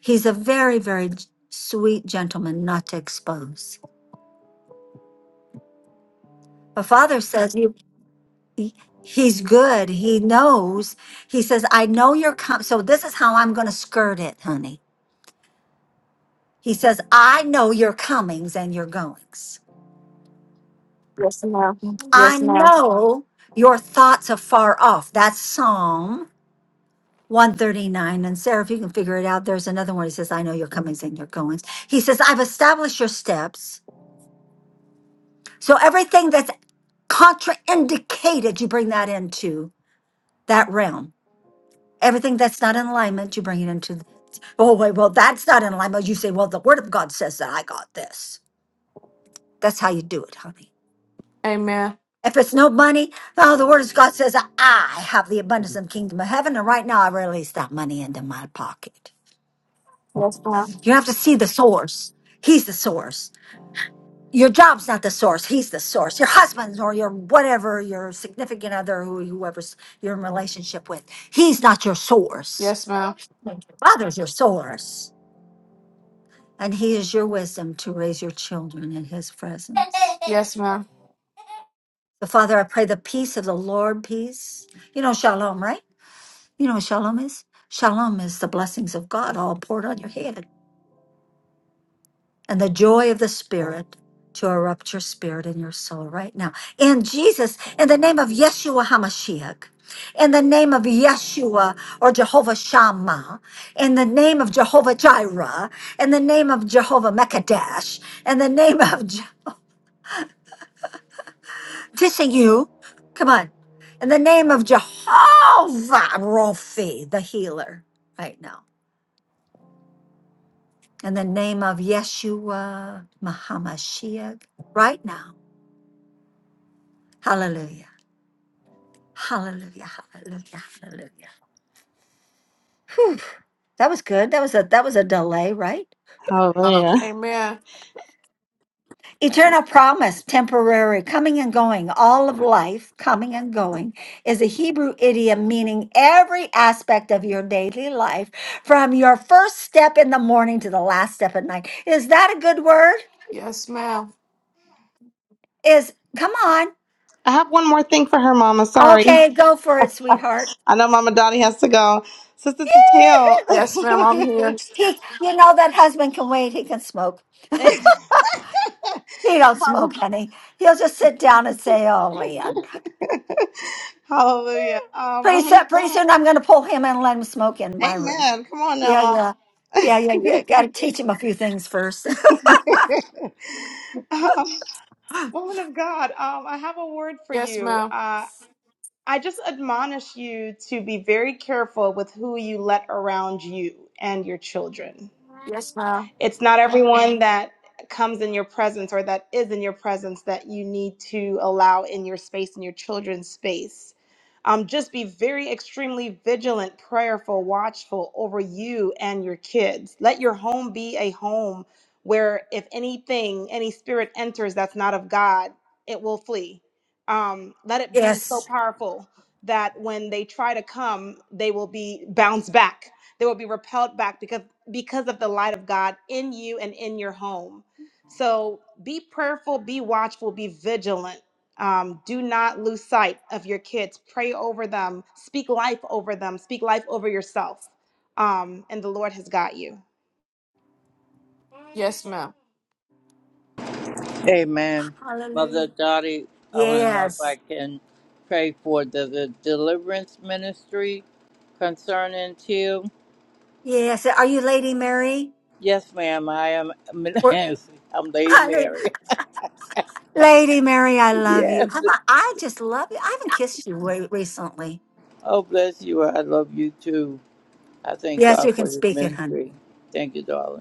he's a very, very g- sweet gentleman not to expose. My father says you he- he's good. He knows. He says, I know you're coming. So this is how I'm gonna skirt it, honey. He says, I know your comings and your goings.
Yes, ma'am.
I
Yes, ma'am.
know your thoughts are far off. That's Psalm 139. And Sarah, if you can figure it out, there's another one. He says, I know your comings and your goings. He says, I've established your steps. So everything that's contraindicated, you bring that into that realm. Everything that's not in alignment, you bring it into. th- Oh, wait, well, that's not in alignment. You say, well, the word of God says that I got this. That's how you do it, honey.
Amen.
If it's no money, oh, the word of God says, I have the abundance of the kingdom of heaven. And right now, I release that money into my pocket.
Yes, ma'am.
You have to see the source. He's the source. Your job's not the source. He's the source. Your husband's or your whatever, your significant other, who- whoever's you're in relationship with. He's not your source.
Yes, ma'am.
Father's your source. And he is your wisdom to raise your children in his presence.
Yes, ma'am.
So, Father, I pray the peace of the Lord, peace. You know, shalom, right? You know what shalom is? Shalom is the blessings of God all poured on your head and the joy of the Spirit to erupt your spirit and your soul right now. In Jesus, in the name of Yeshua HaMashiach, in the name of Yeshua or Jehovah Shammah, in the name of Jehovah Jireh, in the name of Jehovah Mekadesh, in the name of Je- dissing you, come on, in the name of Jehovah Rophi, the healer, right now. in the name of Yeshua Mahamashiach right now. Hallelujah. Hallelujah. Hallelujah. Hallelujah. Whew. That was good. That was a that was a delay, right?
Amen.
Eternal promise, temporary, coming and going, all of life coming and going is a Hebrew idiom meaning every aspect of your daily life from your first step in the morning to the last step at night. Is that a good word?
Yes, ma'am.
Is come on.
I have one more thing for her, Mama. Sorry.
Okay, go for it, sweetheart.
I know Mama Donnie has to go. Sister Tatil.
*laughs*
Yes, ma'am. I'm here.
He, you know, that husband can wait. He can smoke.
*laughs*
He don't smoke, honey. He'll just sit down and say, "Oh man,
Hallelujah. Um,
pretty
woman
soon,
of
pretty
God.
soon, I'm going to pull him and let him smoke in my room."
Amen. Come on now,
Yeah,
Mama.
yeah, yeah, yeah. yeah. Got to
*laughs*
teach him a few things first.
um, woman of God, um, I have a word for
Yes,
you.
ma'am.
Uh, I just admonish you to be very careful with who you let around you and your children.
Yes, ma'am.
It's not everyone that comes in your presence or that is in your presence that you need to allow in your space, in your children's space. Um, just be very extremely vigilant, prayerful, watchful over you and your kids. Let your home be a home where if anything, any spirit enters that's not of God, it will flee. Um, let
*laughs*
it be so
yes,
powerful that when they try to come, they will be bounced back. They will be repelled back because because of the light of God in you and in your home. So be prayerful, be watchful, be vigilant. Um, do not lose sight of your kids. Pray over them, speak life over them, speak life over yourself. Um, and the Lord has got you.
Yes, ma'am.
Amen. Mother
hallelujah.
Dottie, I want to know if I
Yes,
can pray for the, the deliverance ministry concerning you.
yes. Are you Lady Mary?
Yes, ma'am. I am. *laughs*
We're,
I'm
*laughs*
Lady
honey,
Mary. *laughs*
Lady Mary, I love you. How
Yes.
about I just love you? I haven't kissed you re- recently.
Oh, bless you. I love you too. I thank
Yes,
God
you can
for this
speak it, honey.
ministry. Thank you, darling.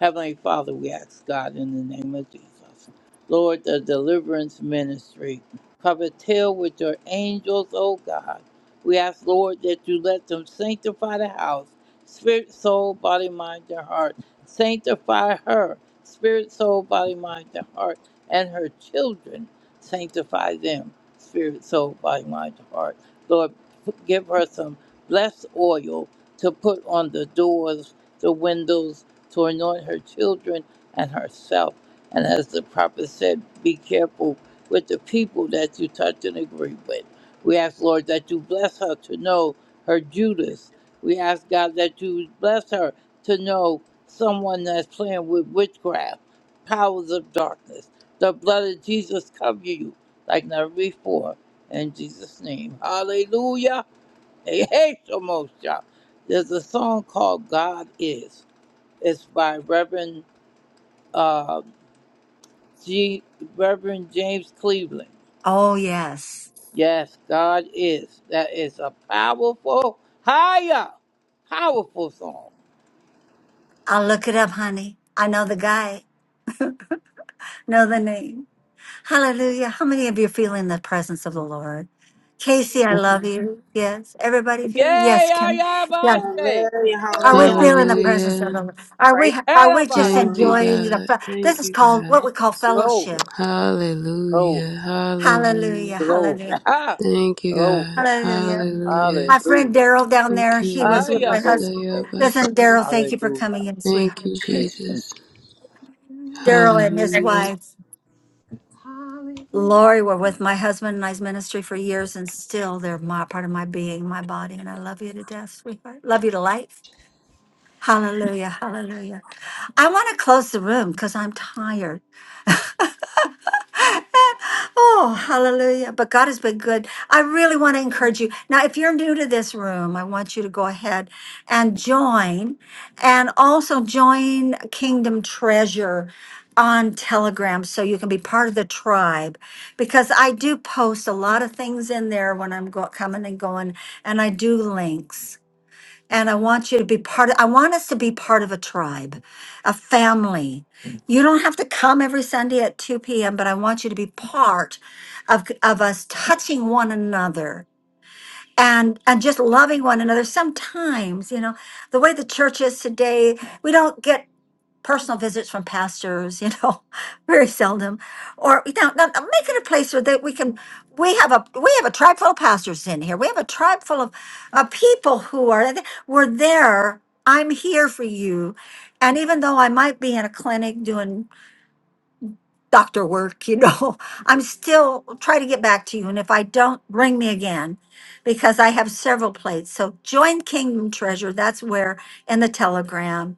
Heavenly Father, we ask God in the name of Jesus. Lord, the deliverance ministry, cover till with your angels, oh God. We ask, Lord, that you let them sanctify the house, spirit, soul, body, mind, and heart. Sanctify her, spirit, soul, body, mind, and heart, and her children. Sanctify them, spirit, soul, body, mind, and heart. Lord, p- give her some blessed oil to put on the doors, the windows, to anoint her children and herself. And as the prophet said, be careful with the people that you touch and agree with. We ask, Lord, that you bless her to know her Judas. We ask, God, that you bless her to know someone that's playing with witchcraft, powers of darkness. The blood of Jesus cover you like never before. In Jesus' name. Hallelujah. Hey, hey, Shemosha. There's a song called God Is. It's by Reverend uh, G. Reverend James Cleveland.
Oh yes,
Yes, God is. That is a powerful, higher, powerful song.
I'll look it up, honey. I know the guy. Know the name. Hallelujah. How many of you feel in the presence of the Lord? Casey, I love you. Yes. Everybody feel? Yes,
Yay,
Kim. Yes.
Ayabashe.
Hallelujah,
Are we
hallelujah,
Hallelujah.
feeling the presence
hallelujah.
of the
Hallelujah.
Lord? Are we
Praise
are we just
Thank
Arabasi.
hallelujah.
you,
enjoying the
God.
fe- this
Thank
is
you,
called
God.
what we call fellowship.
Glory, glory,
Hallelujah.
Hallelujah.
Hallelujah.
glory.
Hallelujah.
*laughs* Ha.
Thank you,
Glory.
God.
Hallelujah. My
Hallelujah.
friend
Hallelujah.
Daryl down there,
Thank
he
you,
was with my
Ayaboshe.
husband.
Abasa,
Listen,
Abasa.
Daryl, thank you for coming
Hallelujah.
in. sweet-
Thank you, Jesus.
Daryl and his
Hallelujah.
wife.
Hallelujah.
Lori were with my husband and I's ministry for years, and still they're my part of my being, my body, and I love you to death, sweetheart. Love you to life. Hallelujah, hallelujah. I want to close the room because I'm tired. *laughs* Oh, hallelujah. But God has been good. I really want to encourage you. Now, if you're new to this room, I want you to go ahead and join and also join Kingdom Treasure on Telegram so you can be part of the tribe because I do post a lot of things in there when I'm go- coming and going and I do links. And I want you to be part of, I want us to be part of a tribe, a family. You don't have to come every Sunday at 2 p.m., but I want you to be part of, of us touching one another and, and just loving one another. Sometimes, you know, the way the church is today, we don't get personal visits from pastors, you know, *laughs* very seldom. Or now, now now make it a place where that we can we have a we have a tribe full of pastors in here. We have a tribe full of, of people who are we're there. I'm here for you. And even though I might be in a clinic doing doctor work, you know, *laughs* I'm still trying to get back to you. And if I don't, ring me again because I have several plates. So join Kingdom Treasure. That's where in the telegram.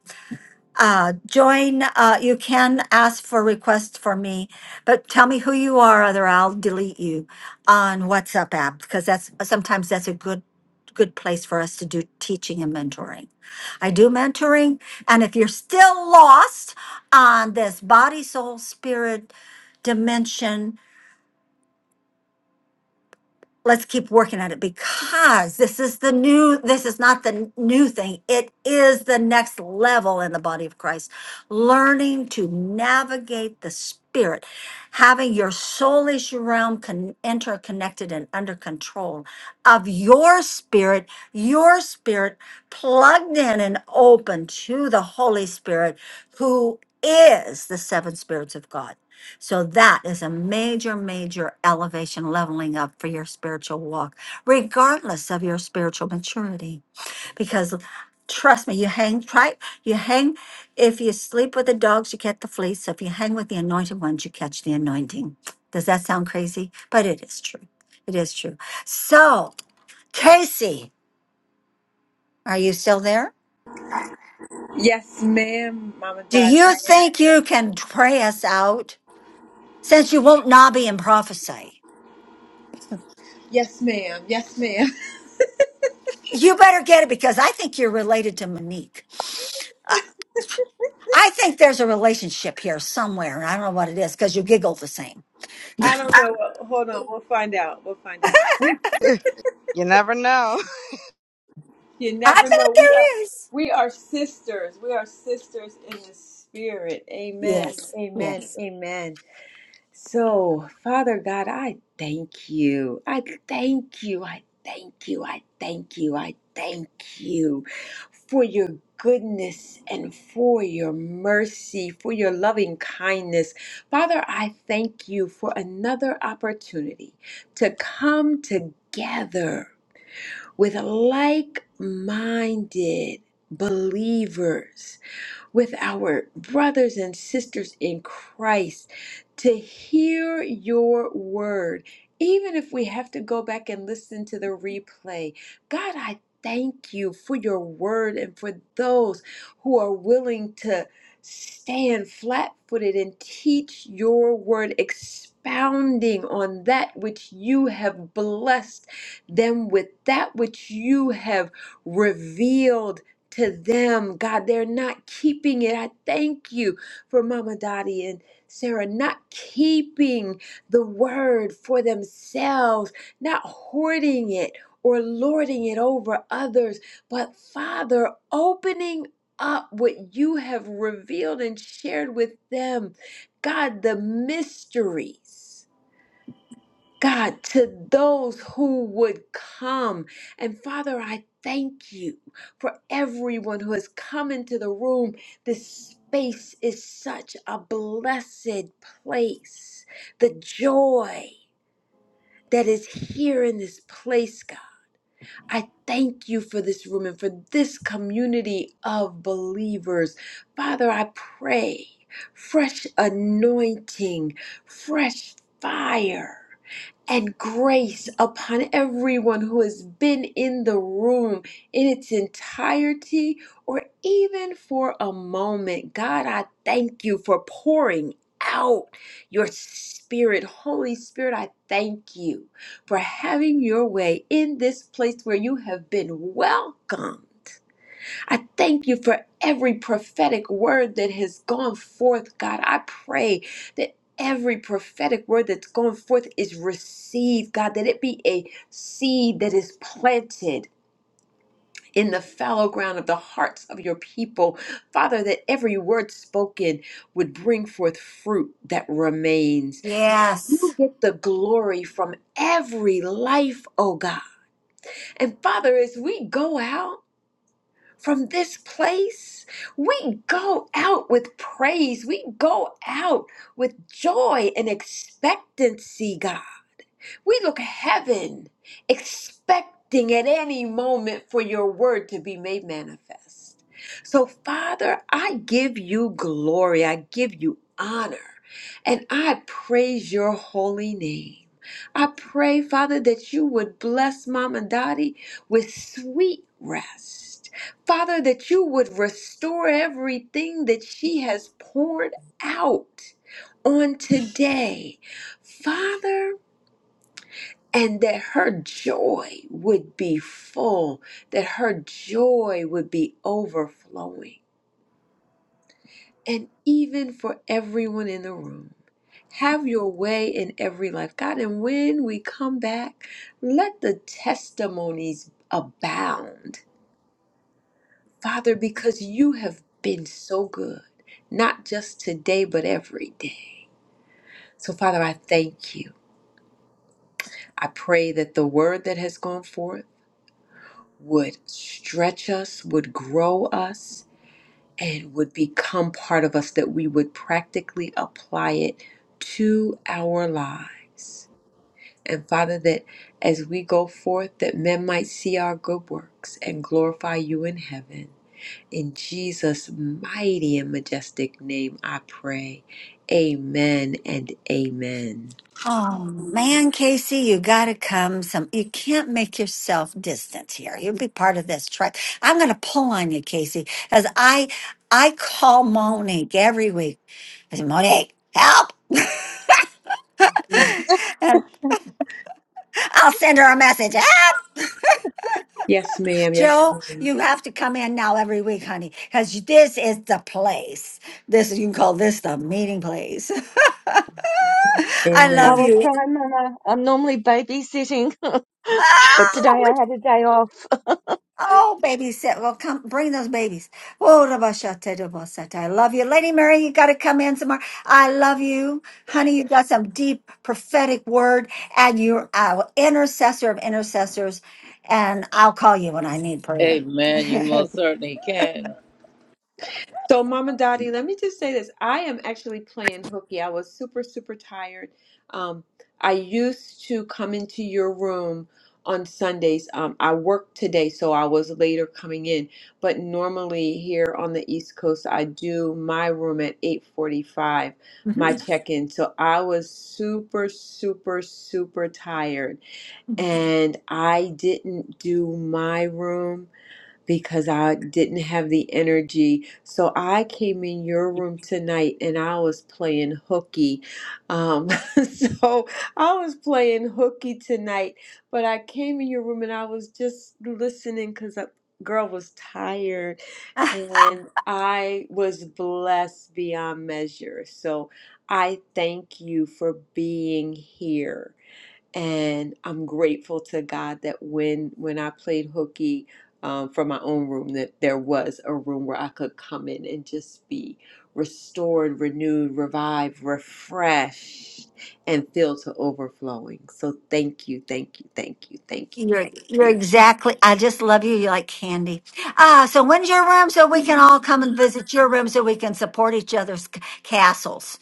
Uh, join, uh, you can ask for requests for me, but tell me who you are, other I'll delete you on WhatsApp app, because that's, sometimes that's a good, good place for us to do teaching and mentoring. I do mentoring, and if you're still lost on this body, soul, spirit dimension, let's keep working at it because this is the new this is not the n- new thing it is the next level in the body of christ learning to navigate the spirit having your soulish realm con- interconnected and under control of your spirit your spirit plugged in and open to the holy spirit who is the seven spirits of god so that is a major, major elevation leveling up for your spiritual walk, regardless of your spiritual maturity. Because trust me, you hang right, you hang if you sleep with the dogs, you get the fleas. So if you hang with the anointed ones, you catch the anointing. Does that sound crazy? But it is true. It is true. So, Casey, are you still there?
Yes, ma'am, Mama
Do
Dottie.
you
I am.
think you can pray us out since you won't nobby and prophesy?
Yes, ma'am. Yes, ma'am.
You better get it because I think you're related to Monique. I think there's a relationship here somewhere. and I don't know what it is because you giggle the same.
*laughs*
*laughs*
I don't know. Hold on. We'll find out. We'll find out.
You never know.
You
I
never
bet
know. We are.
there is.
We are sisters. We are sisters in the spirit. Amen.
Yes,
Amen.
yes,
Amen. So, Father God, I thank you. I thank you. I thank you. I thank you. I thank you for your goodness and for your mercy, for your loving kindness. Father, I thank you for another opportunity to come together with like minded believers with our brothers and sisters in Christ to hear your word, even if we have to go back and listen to the replay. God, I thank you for your word and for those who are willing to stand flat footed and teach your word, expounding on that which you have blessed them with, that which you have revealed to them, God. They're not keeping it. I thank you for Mama Dottie and Sarah not keeping the word for themselves, not hoarding it or lording it over others, but Father, opening up what you have revealed and shared with them. God, the mysteries. God, to those who would come. And Father, I thank you for everyone who has come into the room. This space is such a blessed place. The joy that is here in this place, God. I thank you for this room and for this community of believers. Father, I pray fresh anointing, fresh fire and grace upon everyone who has been in the room in its entirety or even for a moment. God, I thank you for pouring out your spirit. Holy Spirit, I thank you for having your way in this place where you have been welcomed. I thank you for every prophetic word that has gone forth, God. I pray that every prophetic word that's gone forth is received, God, that it be a seed that is planted. In the fallow ground of the hearts of your people. Father, that every word spoken would bring forth fruit that remains. You
yes.
get the glory from every life, oh God. And Father, as we go out, from this place. We go out with praise. We go out with joy and expectancy, God. We look heaven, expecting at any moment for your word to be made manifest. So, Father, I give you glory, I give you honor, and I praise your holy name. I pray, Father, that you would bless Mom and Dottie with sweet rest. Father, that you would restore everything that she has poured out on today. Father, and that her joy would be full, that her joy would be overflowing. And even for everyone in the room, have your way in every life, God. And when we come back, let the testimonies abound, Father, because you have been so good, not just today, but every day. So, Father, I thank you. I pray that the word that has gone forth, would stretch us, would grow us, and would become part of us, that we would practically apply it to our lives. And Father, that as we go forth, that men might see our good works and glorify you in heaven. In Jesus' mighty and majestic name, I pray. Amen and amen.
Oh man, Casey, you gotta come some. You can't make yourself distant here. You'll be part of this tribe. I'm gonna pull on you, Casey, because I I call Monique every week. I say, Monique, help! *laughs* And I'll send her a message.
Yes, ma'am. Yes,
Joe,
ma'am.
you have to come in now every week, honey, because this is the place. This you can call this the meeting place. *laughs* I
I
love
Amen.
will
you.
try, Mama. I'm normally babysitting, *laughs* but today
Oh,
I
we-
had a day off.
oh, baby, sit. Well, come bring those babies. Oh, rabashate, rabasate. I love you, Lady Mary. You got to come in tomorrow. I love you, honey. You got some deep prophetic word, and you're our intercessor of intercessors. And I'll call you when I need prayer.
Amen. You most certainly can.
So, Mama Dottie, let me just say this. I am actually playing hooky. I was super, super tired. Um, I used to come into your room on Sundays. Um, I worked today, so I was later coming in. But normally here on the East Coast, I do my room at 8:45,
*laughs*
my check-in. So I was super, super, super tired, and I didn't do my room because I didn't have the energy. So I came in your room tonight and I was playing hooky. Um, *laughs* so I was playing hooky tonight, but I came in your room and I was just listening because I girl was tired and I was blessed beyond measure. So I thank you for being here and I'm grateful to God that when when I played hooky um, from my own room, that there was a room where I could come in and just be restored, renewed, revived, refreshed, and filled to overflowing. So thank you, thank you, thank you, thank you,
You're
thank
you're
you.
exactly. I just love you. You like candy. Ah, so when's your room? So we can all come and visit your room, so we can support each other's c- castles.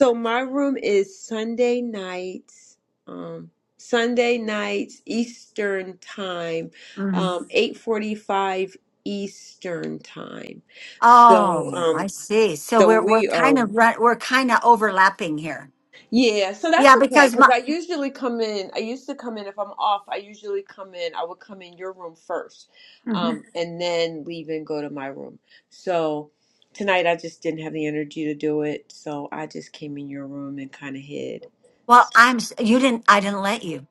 So my room is Sunday nights, um, Sunday nights Eastern time,
hmm
um, eight forty-five Eastern time. So,
Oh, I
um,
see. So
so
we're we're
we
kind
are,
of run, we're kind of overlapping here.
yeah. So that's
Yeah,
okay
because
because
my.
I usually come in. I used to come in if I'm off. I usually come in. I would come in your room first, um,
mhm.
and then leave and go to my room. So. Tonight I just didn't have the energy to do it, so I just came in your room and kind of hid.
Well,
so.
I'm. s- You didn't. I didn't let you,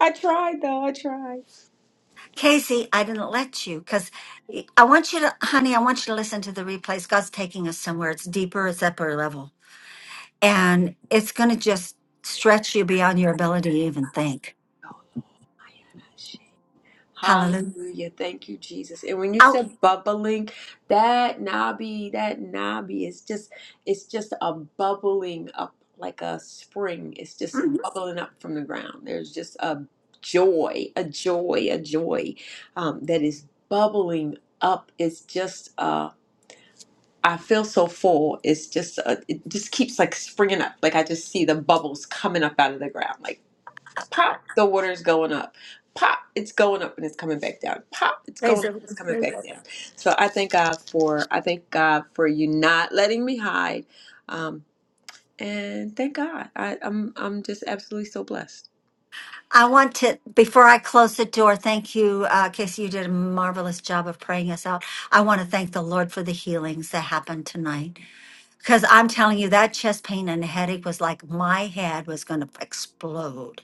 I tried though. I tried.
Casey. I didn't let you because I want you to, honey. I want you to listen to the replays. God's taking us somewhere. It's deeper. It's upper level. and it's going to just stretch you beyond your ability to even think. Hallelujah.
Hallelujah. Thank you, Jesus. And when you
Oh,
said bubbling, that nabi, that nabi is just it's just a bubbling up like a spring. It's just
mhm.
bubbling up from the ground. There's just a joy, a joy, a joy um, that is bubbling up. It's just uh I feel so full. It's just, uh, it just keeps like springing up. Like I just see the bubbles coming up out of the ground. like. Pop, the water is going up. Pop, it's going up and it's coming back down. Pop, it's
Praise
going up
the
and it's
Lord.
coming
Praise the
back
Lord.
down. So I thank God for I thank God for you not letting me hide. Um, and thank God. I, I'm I'm just absolutely so blessed.
I want to, before I close the door, thank you, uh, Casey. You did a marvelous job of praying us out. I want to thank the Lord for the healings that happened tonight. Because I'm telling you, that chest pain and headache was like my head was going to explode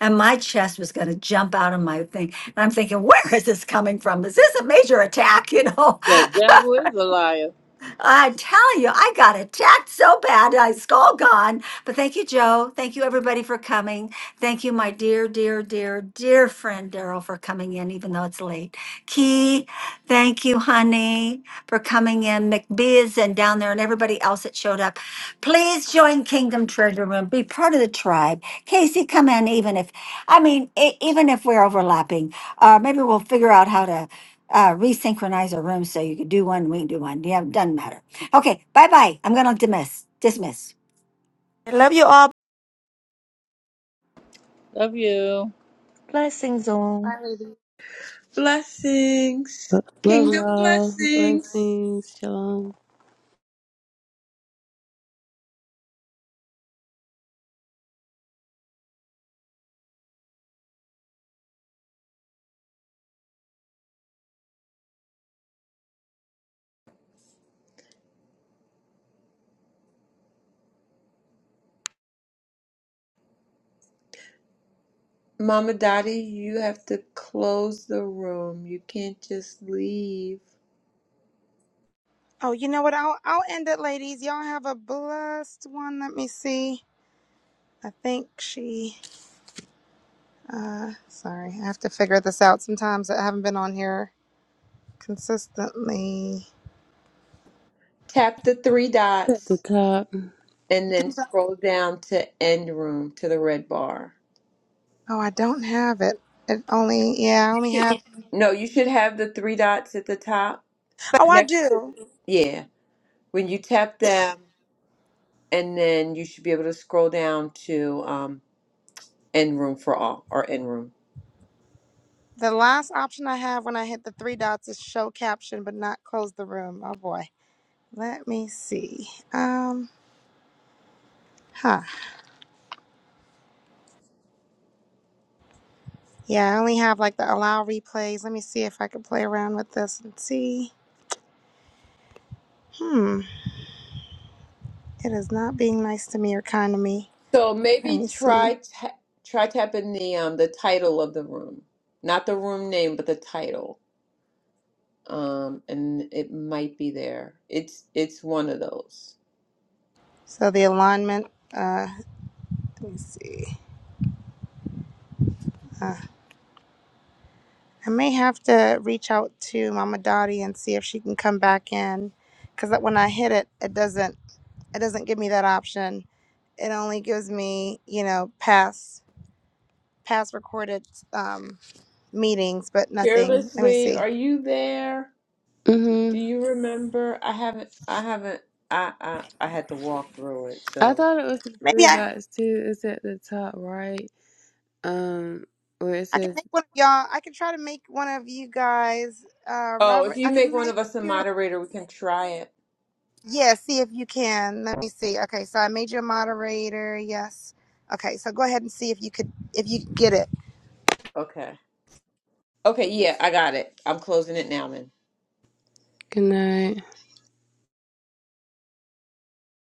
and my chest was going to jump out of my thing. And I'm thinking, where is this coming from? Is this a major attack? *laughs* You know?
The devil is a liar.
I tell you, I got attacked so bad, I was all gone. But thank you, Joe. Thank you, everybody, for coming. Thank you, my dear, dear, dear, dear friend Daryl, for coming in, even though it's late. Key, thank you, honey, for coming in. McBee is in down there, and everybody else that showed up. Please join Kingdom Treasure Room. Be part of the tribe. Casey, come in, even if, I mean, e- even if we're overlapping, uh, maybe we'll figure out how to uh, resynchronize our rooms so you can do one, we can do one. Yeah, doesn't matter. Okay, bye bye. I'm going to dismiss. Dismiss.
I love you all.
Love you.
Blessings
*laughs* All
all.
right, ladies.
Blessings.
Lo- Love
Kingdom
y'all.
blessings.
Blessings. Shalom.
Mama Dottie, you have to close the room. You can't just leave.
Oh, you know what? I'll I'll end it, ladies. Y'all have a blessed one. Let me see. I think she Uh, sorry, I have to figure this out. Sometimes I haven't been on here consistently.
Tap the three
It's at the
dots
top.
and then scroll down to end room to the red bar.
Oh, I don't have it. It only, yeah, I only have.
No, you should have the three dots at the top
Oh, I
next to
do.
the, yeah. When you tap them, and then you should be able to scroll down to um, end room for all or end room.
The last option I have when I hit the three dots is show caption, but not close the room. Oh boy. Let me see. Um, huh. Yeah, I only have like the allow replays. Let me see if I can play around with this and see. Hmm. It is not being nice to me or kind to me.
So
Let
maybe
me see.
try ta- try tapping the um the title of the room, not the room name, but the title. Um, and it might be there. It's it's one of those.
So the alignment. Uh, let me see. Uh, I may have to reach out to Mama Dottie and see if she can come back in, because when I hit it, it doesn't it doesn't give me that option. It only gives me you know past past recorded um, meetings, but nothing. Let me
Fearlessly,
see.
are you there? Do
Mm-hmm.
you remember? I haven't. I haven't. I I, I had to walk through it,
I
so.
thought it was the
Maybe
three
I
dots too. It's at the top right. Um, where it
I can
says
make one of y'all. I can try to make one of you guys, uh,
Oh, if
Robert. I
you make
can
one
make
of us a
you.
moderator, we can try it.
Yeah, see if you can. Let me see. Okay, so I made you a moderator. Yes. Okay, so go ahead and see if you could if you could get it.
Okay. Okay, yeah, I got it. I'm closing it now then.
good night.